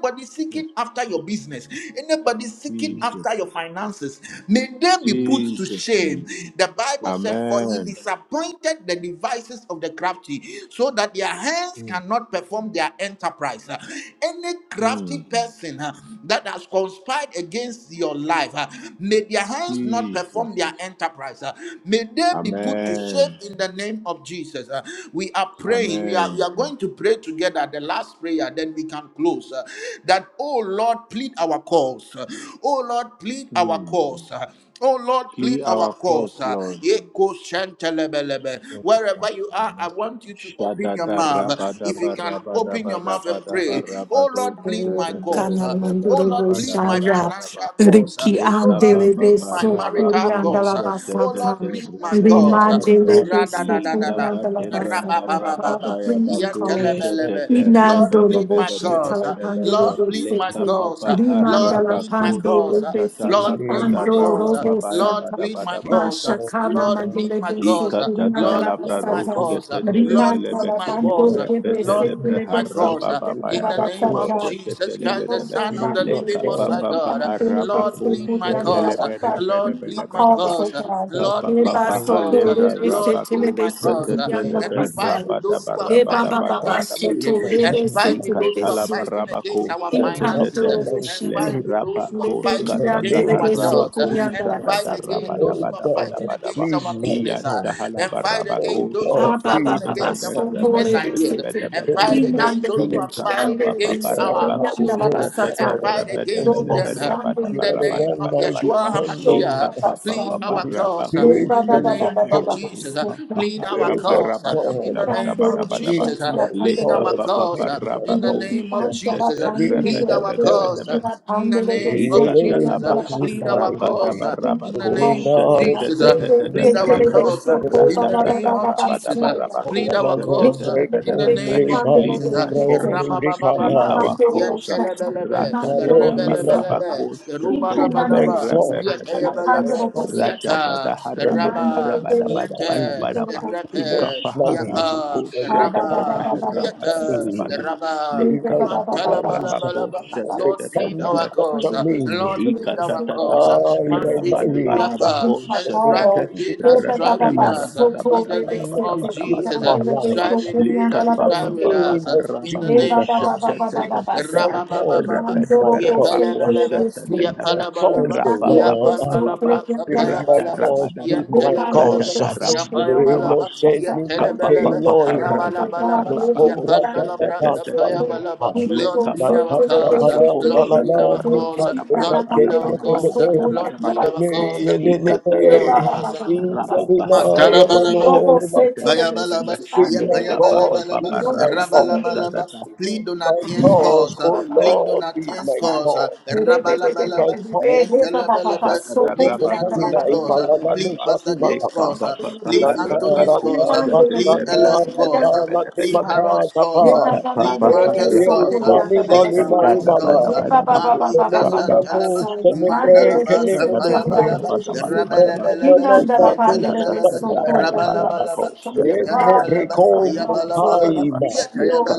S1: anybody
S7: Yes.
S1: seeking after your business, anybody seeking
S7: Jesus.
S1: after
S2: Jesus.
S1: your finances, may they be
S7: Jesus.
S1: put to
S2: Jesus
S1: shame.
S2: name.
S1: The Bible
S7: Yes.
S1: said, For he
S2: Amen.
S1: disappointed the devices of the crafty, so that their hands
S7: Amen.
S1: cannot perform their enterprise. Uh, Any crafty
S2: Mm.
S1: person uh, that has conspired against your life, uh, may their hands not perform
S2: Jesus.
S1: their enterprise. uh, May they be put to shame
S2: Amen.
S1: in the name of Jesus. Uh, We are praying. We are, we
S2: Amen.
S1: are going going to pray together the last prayer, then we can close. uh, that, oh Lord, plead our cause. Uh, oh Lord, plead our
S2: Mm.
S1: cause. Uh, Oh Lord,
S2: Clear
S1: plead our
S2: our course,
S1: cause. Uh,
S2: Lord.
S1: Yeko shentelebelebe. Wherever you are, I want you to open your
S2: Shadada
S1: mouth.
S2: rabada
S1: If you can
S2: barabada
S1: open your mouth and
S2: barabada
S1: pray. Oh
S2: barabado
S1: Lord, plead my cause. Uh,
S2: shadadadadada
S1: Oh Lord,
S2: barabada
S1: plead my
S3: Kanamandorobosaya,
S2: barabada ba
S1: financial cause. uh.
S3: Riki
S1: Oh
S2: leka
S1: Lord,
S3: andele de
S2: baba
S1: plead my
S3: sokuri
S1: marital
S2: barabako
S1: cause.
S3: andala
S1: uh. Oh
S3: basata,
S1: Lord,
S2: shadadada
S1: plead my
S2: rabada
S1: cause. uh.
S2: belebe
S3: Rimandele de sokuri
S2: leka
S1: Ra-da-da-da-da-da.
S3: andala
S2: bade branda
S3: basata. Father,
S2: rababa
S1: Ra-ba-ba-ba-ba-ba.
S2: ya
S3: please
S2: bako
S3: call us.
S1: Yan-tele-be-le-be.
S2: shadadada
S1: Lord,
S2: rabada
S1: plead my
S2: bada bada
S1: cause.
S3: Inandorobosata,
S1: uh.
S2: bada ba
S3: Andele
S1: Lord,
S3: de
S1: plead my
S2: leka
S3: sete,
S1: cause. uh.
S2: baba
S1: Lord,
S3: Rimandala
S1: plead my
S2: harabako
S7: Amen.
S1: cause.
S3: pandoro
S1: uh.
S3: de
S2: shadadada
S1: Lord,
S3: siki
S1: plead
S2: labrada
S1: my cause. uh.
S2: rababa ya
S1: Lord,
S3: andorobosata,
S2: bada
S1: plead my
S2: bada
S1: cause. uh.
S3: Mashakana
S1: Lord, plead
S3: mandele
S1: my
S3: de
S1: cause.
S3: sokuri
S2: Ikatata
S1: Lord,
S3: andala
S2: labra
S1: plead my
S3: basata.
S2: roske
S1: cause. Lord,
S3: Riman
S2: tetelebelebe
S1: plead my
S7: spirit
S1: cause.
S3: Talamando,
S7: of
S3: Weber,
S1: Lord,
S7: uh,
S3: Siki,
S2: repetelebre
S1: plead
S3: Lever,
S1: my cause.
S2: haraba
S3: Siki,
S2: baba
S7: spirit
S1: In the
S7: of
S1: name
S2: yabako
S1: of
S3: Yangalabasata,
S7: God,
S1: Jesus Christ, the
S3: Indo,
S2: shetetelebelebe
S1: Son of
S7: spirit
S1: the
S7: of
S3: Mandela,
S1: Living Most
S2: lekapa
S7: God,
S1: High
S3: Siki,
S2: papa
S1: God.
S3: Andela,
S2: haraba
S1: Lord,
S7: and
S2: ko
S7: the
S1: plead
S3: Siki,
S1: my
S7: fire of
S1: cause.
S2: shetelebe
S7: this,
S3: Yangalabasata,
S1: Lord,
S3: in my
S1: plead my
S2: rebedebedebedeba
S3: calls, oh
S1: cause.
S7: the
S3: God.
S7: God
S1: Lord,
S2: kapa
S1: plead
S3: Eba,
S1: my
S2: papa
S7: against
S3: Soko,
S1: cause.
S7: the
S2: halebra
S3: Lever,
S1: Lord,
S3: Siki,
S1: plead
S2: rabako
S3: Lever,
S1: my cause.
S3: Siki,
S7: name of
S1: And
S2: shetetelebe
S1: Fight
S3: Yangalabasata,
S7: Jesus,
S1: with those
S2: rabadaba
S1: who are
S3: Eba,
S7: the
S1: fighting
S3: Baba,
S7: God
S2: rabadaba
S1: against me,
S3: Basoto,
S7: for
S1: and
S3: Lever,
S7: man,
S1: fight
S7: my
S3: Siki,
S1: with those
S3: Lever,
S1: who are
S7: soul,
S3: Siki,
S1: fighting against
S7: the
S2: Ikatalabarabako
S1: our finances,
S7: after
S1: uh,
S3: Itandoro,
S2: shatataha
S7: my
S1: and
S2: le
S1: fight
S3: Shata,
S7: spirit,
S1: with those who are
S2: rabako
S3: Lever,
S7: in
S1: fighting
S7: the
S1: against
S2: skatataha
S1: our
S3: Kiandela,
S7: name of
S1: jobs, uh,
S3: Siki,
S2: rabako
S1: and
S7: Jesus.
S1: fight against
S3: Yangalabasata,
S1: those
S7: Oh
S1: who are
S7: God,
S1: fighting
S2: shatatabarabadabadabadabadaba
S1: against
S7: plead
S1: our
S7: my
S1: business,
S2: iya
S1: uh,
S7: cause.
S1: and fight
S7: Oh
S1: against
S2: tahalabarabako
S1: those who
S7: God,
S1: are
S7: plead
S1: fighting
S7: my
S1: against our
S7: cause.
S1: business ideas,
S3: Ababababasukorebesete.
S7: In
S1: and
S7: the
S1: fight
S7: name
S2: shatatatabarabadabadabadabadaba
S7: of
S1: against those who
S3: Inandelebe,
S2: le
S1: are
S7: Jesus,
S1: fighting
S3: kiandelebe,
S1: against our
S7: I
S2: kapapapaparabako
S7: have
S1: children, uh,
S7: no
S3: sukuriyandalabasata.
S1: and
S7: power of
S1: fight
S7: my own
S1: against
S3: Dobo
S1: them uh,
S7: You
S1: in the
S7: are the
S3: sandalebese.
S1: name
S7: one
S1: of
S7: I
S2: shatatarabarabadabadabadabadabadaba
S1: Yeshua
S7: depend on.
S1: HaMashiach.
S3: Mandora
S1: Please plead
S3: Basaya.
S1: our
S7: Holy
S1: cause uh,
S2: ikapapapaparabako
S7: Spirit,
S3: Reba
S1: in the
S3: Baba
S7: Holy
S1: name
S3: Baba
S2: shataha
S1: of
S3: Baba
S7: Spirit,
S1: Jesus. uh,
S3: Basaya.
S1: Plead our
S7: Spirit of
S1: cause uh, in the
S7: God,
S1: name
S3: Itandoro
S1: of
S7: lead
S1: Jesus. uh,
S7: my
S3: Vishatala
S1: Plead
S3: Pandele
S2: Leka
S1: our
S7: God,
S2: papa
S1: cause
S7: lead
S3: Vesuku.
S1: uh,
S7: my
S2: paraba
S1: in the
S7: thoughts,
S3: Riki
S1: name
S2: kusha
S1: of
S3: Pantala
S1: Jesus.
S2: tete
S1: uh,
S7: lead
S3: Pandele
S2: rebe
S1: Plead
S7: my
S2: debe
S1: our
S3: Vesuku.
S2: debe
S1: cause
S7: thoughts.
S1: uh,
S2: debe.
S7: Lead
S3: Rima
S1: in the
S3: Pandele
S1: name of
S3: Vesuku
S1: Jesus. uh,
S2: Ikatalaba
S3: Yandala
S7: me
S1: Plead
S7: my
S3: Basaya.
S1: our
S7: life.
S1: cause
S2: Rapadaba
S1: uh, in the
S2: Rabako
S7: Only
S1: name
S3: Calls
S1: of
S3: of
S7: miles
S1: Jesus. uh,
S7: and
S3: Nandele
S1: Plead our
S2: Shatatatatatatabelebe
S7: between
S1: cause uh,
S3: Vesuku
S1: in the
S7: us,
S3: Baba
S2: Ratadaka
S1: name
S3: Baba
S1: of Jesus.
S2: Rabadaba
S1: uh,
S3: Basaya.
S2: Rabako
S1: Plead our
S7: Obala no
S1: cause uh,
S7: break
S1: in the
S7: home,
S2: Shatatalebelebe
S1: name of
S7: Levan,
S2: Plead
S1: Jesus. uh,
S2: my
S7: Nimrain,
S2: cause, plead
S1: Rababababa,
S7: Nimrikadai,
S2: our cause,
S1: Yentelebelebe,
S7: Malon,
S2: Ratatataba
S7: Nimakada.
S2: Rabako
S1: Rebelebelebe,
S7: Feed
S2: Shatalebe
S7: my
S1: Rubadabadaba,
S7: God,
S1: Yata
S7: feed
S2: Rabebebebeba
S7: my
S1: Yabalaba,
S7: cause.
S2: Ratadada
S1: Yata,
S7: when the
S2: Harabadaba
S1: Rabba,
S7: me
S1: Yata, the
S2: Rabadabadabadabadaba
S3: Mandela
S1: Rapa,
S7: emotionally.
S2: Ikapaharabako
S1: Yapa,
S3: Thank
S7: When
S1: the
S7: they come
S1: Rabba,
S2: Shatatata
S7: to touch
S1: Yata,
S7: me,
S1: the
S2: Rabadabadabadaba
S3: you.
S1: Rabba,
S7: in my
S2: Likapapa
S7: finances,
S2: Rabako
S1: Mantalabalabalaba.
S7: when they
S1: Lord, plead
S7: come to
S2: Shatatatatabe
S1: our
S7: touch
S1: cause.
S7: me,
S1: Lord, plead our cause.
S2: Ikatatataha,
S7: ah, in
S1: Man,
S7: my
S1: delivery
S7: marriage,
S1: up
S2: rabadabarabako,
S1: and
S7: when they
S1: strive
S2: satata,
S1: with
S7: come to
S1: they that
S7: touch
S1: strive with
S7: me,
S1: us. In the name
S7: in my
S1: of
S7: spiritual
S1: Jesus,
S2: rabadabarabadabadabadabadabadabadabadabadabadaba,
S1: strive
S7: life,
S1: with they that
S7: in
S1: strive
S7: the
S1: with
S7: name
S1: us.
S2: likapapapapaha,
S7: of
S1: In the
S2: rabako,
S1: name
S3: Eba
S7: Jesus,
S3: ba
S1: of
S3: ba ba ba ba
S1: Jesus.
S3: ba
S7: give
S3: ba
S7: my
S2: satatatatata,
S3: saya.
S7: cause,
S1: Rabababa.
S7: give my
S3: Mandoro bo se
S7: cause,
S2: rabadabarabako,
S3: kule
S1: Yepalabalaba.
S3: de se.
S7: give my
S2: satatatata,
S1: Yepalabalaba.
S7: cause, O
S3: Nandele
S7: Lord.
S3: de so kule
S1: Yapandalabra.
S2: rapapapapapapa,
S3: de la
S7: my
S3: kasa.
S1: Kapayabalaba.
S7: cause, plead
S2: ratarabadabako,
S7: my
S3: Eba ndele
S1: Yentelabalaba.
S7: cause.
S3: de so kule de
S2: satataramadabadaba,
S3: la
S1: Napayabalaba.
S7: Innocent
S3: kasa.
S7: me, my
S3: Father,
S2: Kapa
S1: Yentelabalaba.
S3: please,
S2: papa
S3: I
S7: Eloi,
S3: call
S7: my
S3: for
S2: haraba da
S1: Rabalabalaba.
S3: God.
S7: no
S3: Let
S2: baraba
S3: us be
S7: obra
S2: kosha
S7: da
S2: da
S3: nandele
S1: Yapandalabra.
S2: da
S3: de
S7: da
S2: da
S3: so
S2: da da.
S3: kule.
S7: santa
S1: Kapayabalaba.
S3: You
S7: mai.
S3: don't
S2: Le
S1: Lord,
S7: Na
S1: lead
S2: kapa
S3: so
S7: ta
S1: our
S2: papa
S3: kule
S7: da
S3: de
S7: pa
S1: cause.
S2: raba
S7: la
S3: so kule
S7: pa
S1: Lord,
S7: la
S2: kosha
S3: de
S7: la
S2: da
S1: lead
S3: so
S2: da
S1: our
S7: ni
S3: kule.
S2: raba
S7: ma
S1: cause.
S2: da
S7: ni ma
S1: Lord,
S3: Nana
S2: baraba
S7: ke
S2: da
S1: lead
S2: ba
S1: our
S7: ni
S2: da
S3: de
S2: ba
S7: ni
S2: da
S1: cause.
S3: so
S2: ba da
S3: kule
S2: ba
S1: Lord,
S2: da
S3: de
S2: ba.
S1: lead
S3: la
S1: our cause.
S3: kasa.
S7: ni ni ni ni ni
S1: Lord,
S2: Ika da
S1: lead
S2: da
S1: our
S2: da ha
S1: cause.
S7: ni ni ni ni ya
S2: raba
S7: ni
S2: ba
S7: ma
S2: ha ya ba
S7: ya ma no
S1: Mantala
S2: kosha
S3: Robo
S2: da
S7: ni ma
S2: da da
S7: ka
S2: da
S3: setele
S2: ha
S3: de
S2: da
S1: Payabalaba,
S2: ba.
S3: siti
S7: ni
S3: ande
S2: Le
S7: ma
S3: de
S7: ka
S2: kapa
S3: besto.
S1: yapayabalabalaba,
S7: ni
S2: papa
S7: ma
S3: Robo
S2: raba
S7: ka
S3: sande
S2: kosha
S1: rabalabalaba.
S3: de
S2: da
S7: ni
S3: siti.
S1: Plead
S7: ma ka
S1: Donatien's
S3: Inta ba
S1: cause,
S3: ba
S1: uh,
S3: ba
S7: oh
S3: ba ba
S1: plead
S7: Lord be
S3: ba ba
S1: Donatien's
S7: my
S1: cause,
S3: saya.
S1: uh,
S7: cause
S3: Rebe be
S7: be
S3: be be
S7: my
S1: rabalabalaba,
S3: be be be.
S7: cause.
S3: Heza ba ba ba.
S1: yentalabalaba.
S7: Then
S3: Soko
S1: Plead
S7: people
S3: na
S7: call
S3: ba
S7: me
S1: Donatien's
S3: ba
S7: my ma
S1: cause, uh,
S7: la
S3: ba.
S7: la
S2: Shadadabadabadabadabadabadaba.
S7: no
S1: plead
S7: sa
S1: Pastor
S7: ni
S1: Jake's
S7: ma
S1: cause, uh, plead
S7: Nata
S1: Anthony's
S2: Lekababaharabako
S7: rata
S1: cause, uh, plead
S7: basana
S1: Ella's
S7: nata
S1: cause, uh,
S7: nati
S1: plead
S7: mata
S2: Shadadabadabadabadabadaba.
S1: Harold's
S7: tapa.
S1: cause, uh, plead
S7: Eh,
S1: Martha's
S7: ye
S1: cause, uh,
S7: uba
S2: Lekabababaharabako shadadadabadabadabadabadaba. Ikababaharabako
S7: ni ma
S1: plead
S7: ni
S1: my
S7: ma ni
S1: wife's
S7: na.
S1: cause, uh,
S2: shadadadabadabadaba.
S1: Mami
S7: Ibe ni ni ma nu
S1: Kasantalaba.
S7: se ni pe ke
S1: Mandalaba,
S7: ni ni ni pe.
S1: Kapayabalaba,
S7: Ibe
S2: Shataharabadabadabadaba.
S7: na na
S1: Rabalabalaba,
S7: na na nu sa ta
S1: Yetalabalaba,
S7: ta.
S1: Rabalabalaba,
S7: Remo
S1: Yetalabalaba,
S7: brekom
S1: Yabalabalaba,
S7: bukaima.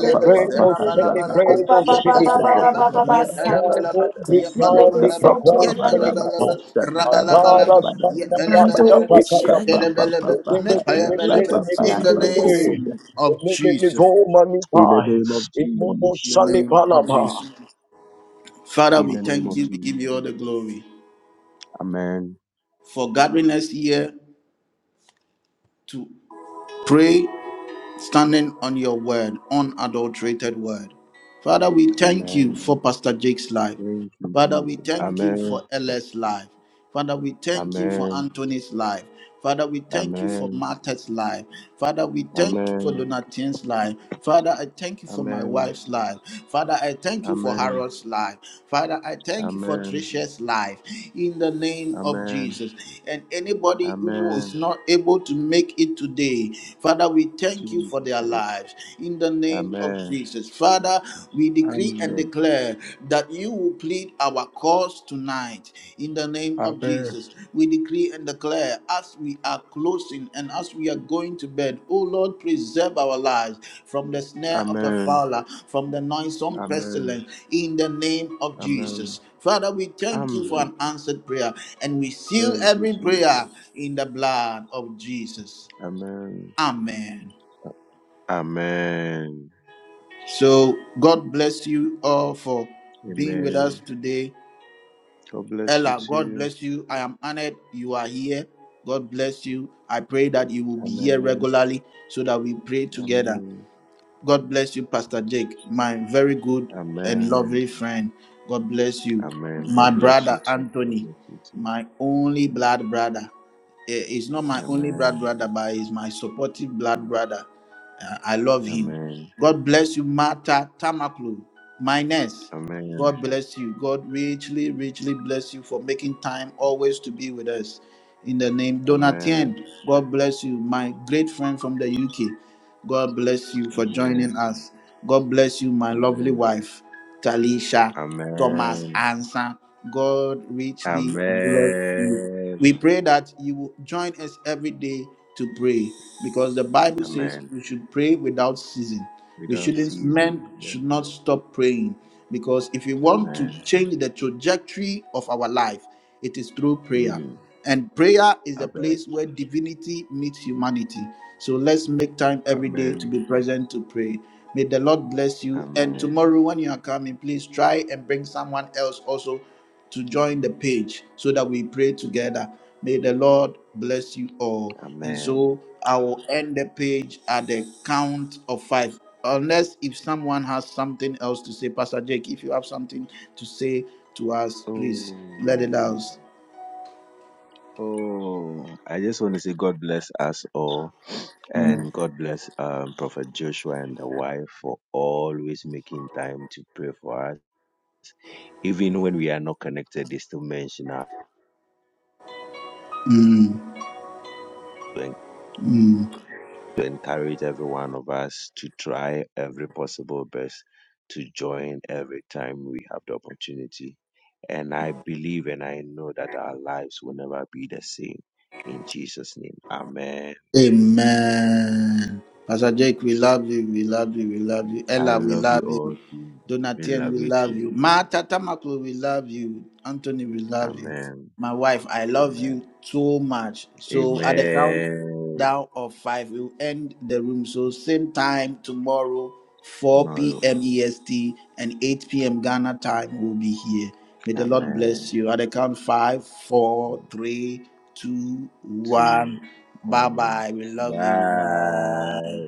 S7: De premo se de
S1: Rabalabalaba,
S7: premo se di pa.
S1: Yapalabalaba,
S7: Bravo
S1: Yetalabalaba,
S7: brikani
S1: Yapalabalaba,
S7: prakos se di pa.
S1: Yetalabalaba,
S7: It
S1: Rabalabalaba,
S3: Mandoro
S1: Yetalabalaba,
S3: Boshani,
S1: Yetalabalaba,
S3: Yere de
S1: Metayabalaba, in
S3: kiyan de
S1: the name of Jesus.
S2: In the name of
S7: no more
S1: In the
S2: Jesus.
S7: Sally
S1: name of
S7: Palama.
S1: Jesus. Father,
S2: In
S1: we
S2: the name
S1: thank
S2: of
S1: you, we give you
S2: Jesus.
S1: all the glory
S2: Amen.
S1: for gathering us here to pray standing on your word, unadulterated word. Father, we thank you
S2: Amen.
S1: for Pastor Jake's life.
S2: Thank you,
S1: Father, we
S2: Jesus.
S1: thank you
S2: Amen.
S1: for Ella's life. Father, we thank you for
S2: Amen.
S1: Anthony's life. Father, we thank you for
S2: Amen.
S1: Martha's life. Father, we thank you for
S2: Amen.
S1: Donatien's life. Father, I thank you for my
S2: Amen.
S1: wife's life. Father, I thank you for
S2: Amen.
S1: Harold's life. Father, I thank you for
S2: Amen.
S1: Tricia's life in the name of
S2: Amen.
S1: Jesus. And anybody who is
S2: Amen.
S1: not able to make it today, Father, we thank you for
S2: Jesus
S1: their
S2: name.
S1: lives in the name of
S2: Amen.
S1: Jesus. Father, we decree and
S2: Amen.
S1: declare that you will plead our cause tonight in the name of
S2: Amen.
S1: Jesus. We decree and declare as we are closing and as we are going to bed, oh Lord, preserve our lives from the snare of the
S2: Amen.
S1: fowler, from the noisome
S2: Amen.
S1: pestilence in the name of
S2: Amen.
S1: Jesus. Father, we thank you for
S2: Amen.
S1: an answered prayer and we seal
S2: Thank you,
S1: every
S2: Jesus.
S1: prayer in the blood of Jesus.
S2: Amen.
S1: Amen.
S2: Amen.
S1: So, God bless you all for being with
S2: Amen.
S1: us today.
S2: God bless you
S1: Ella, God
S2: too.
S1: bless you. I am honored you are here. God bless you. I pray that you will be here
S2: Amen.
S1: regularly so that we pray together.
S2: Amen.
S1: God bless you, Pastor Jake, my very good and
S2: Amen.
S1: lovely friend. God bless you.
S2: Amen.
S1: My
S2: God bless you
S1: brother,
S2: too. God
S1: Anthony,
S2: bless you too.
S1: my only blood brother. Eh, He's not my only blood
S2: Amen.
S1: brother, but he's my supportive blood brother. Uh, I love him.
S2: Amen.
S1: God bless you, Martha Tamaklu, Mines.
S2: Amen.
S1: God bless you. God richly, richly bless you for making time always to be with us. In the name
S2: Amen.
S1: Donatien, God bless you, my great friend from the UK. God bless you for
S2: Amen.
S1: joining us. God bless you, my lovely
S2: Amen.
S1: wife. Talisha, Thomas,
S2: Amen.
S1: and Sam. God richly bless
S2: Amen.
S1: you. We pray that you will join us every day to pray because the Bible says
S2: Amen.
S1: we should pray without ceasing. We
S2: Without
S1: shouldn't,
S2: season.
S1: men
S2: Yeah.
S1: should not stop praying because if we want to
S2: Amen.
S1: change the trajectory of our life, it is through prayer.
S2: Mm.
S1: And prayer is the
S2: Amen.
S1: place where divinity meets humanity. So let's make time every day to
S2: Amen.
S1: be present to pray. May the Lord bless you. And
S2: Amen.
S1: tomorrow, when you are coming, please try and bring someone else also to join the page so that we pray together. May the Lord bless you all. And
S2: Amen.
S1: so I will end the page at the count of five. Unless if someone has something else to say, Pastor Jake, if you have something to say to us, please let
S2: Oh.
S1: it out.
S2: Oh. I just want to say God bless us all.
S1: Amen.
S2: And God bless um, Prophet Joshua and the wife for always making time to pray for us. Even when we are not connected, they still mention us to encourage every one of us to try every possible best to join every time we have the opportunity. And I believe and I know that our lives will never be the same. In Jesus' name, Amen.
S1: Amen. Pastor
S2: Amen.
S1: Jake, we
S2: Amen.
S1: love you. We love you. We love you.
S2: I
S1: Ella, we
S2: love you
S1: love you.
S2: all. Too. We
S1: Donatien,
S2: love
S1: we
S2: you
S1: love
S2: too.
S1: you. Martha Tata Maklo, we love you. Anthony, we love you.
S2: Amen.
S1: My wife, I love
S2: Amen.
S1: you so much. So at the count
S2: Amen.
S1: down of five, we'll end the room. So same time tomorrow, 4
S2: No.
S1: p.m. EST and 8 p.m. Ghana time, we'll be here. May the Lord
S2: Amen.
S1: bless you. At the count five, four, three, two,
S2: Two.
S1: one. Bye
S2: Um,
S1: bye. We love you.
S2: bye.
S1: Bye.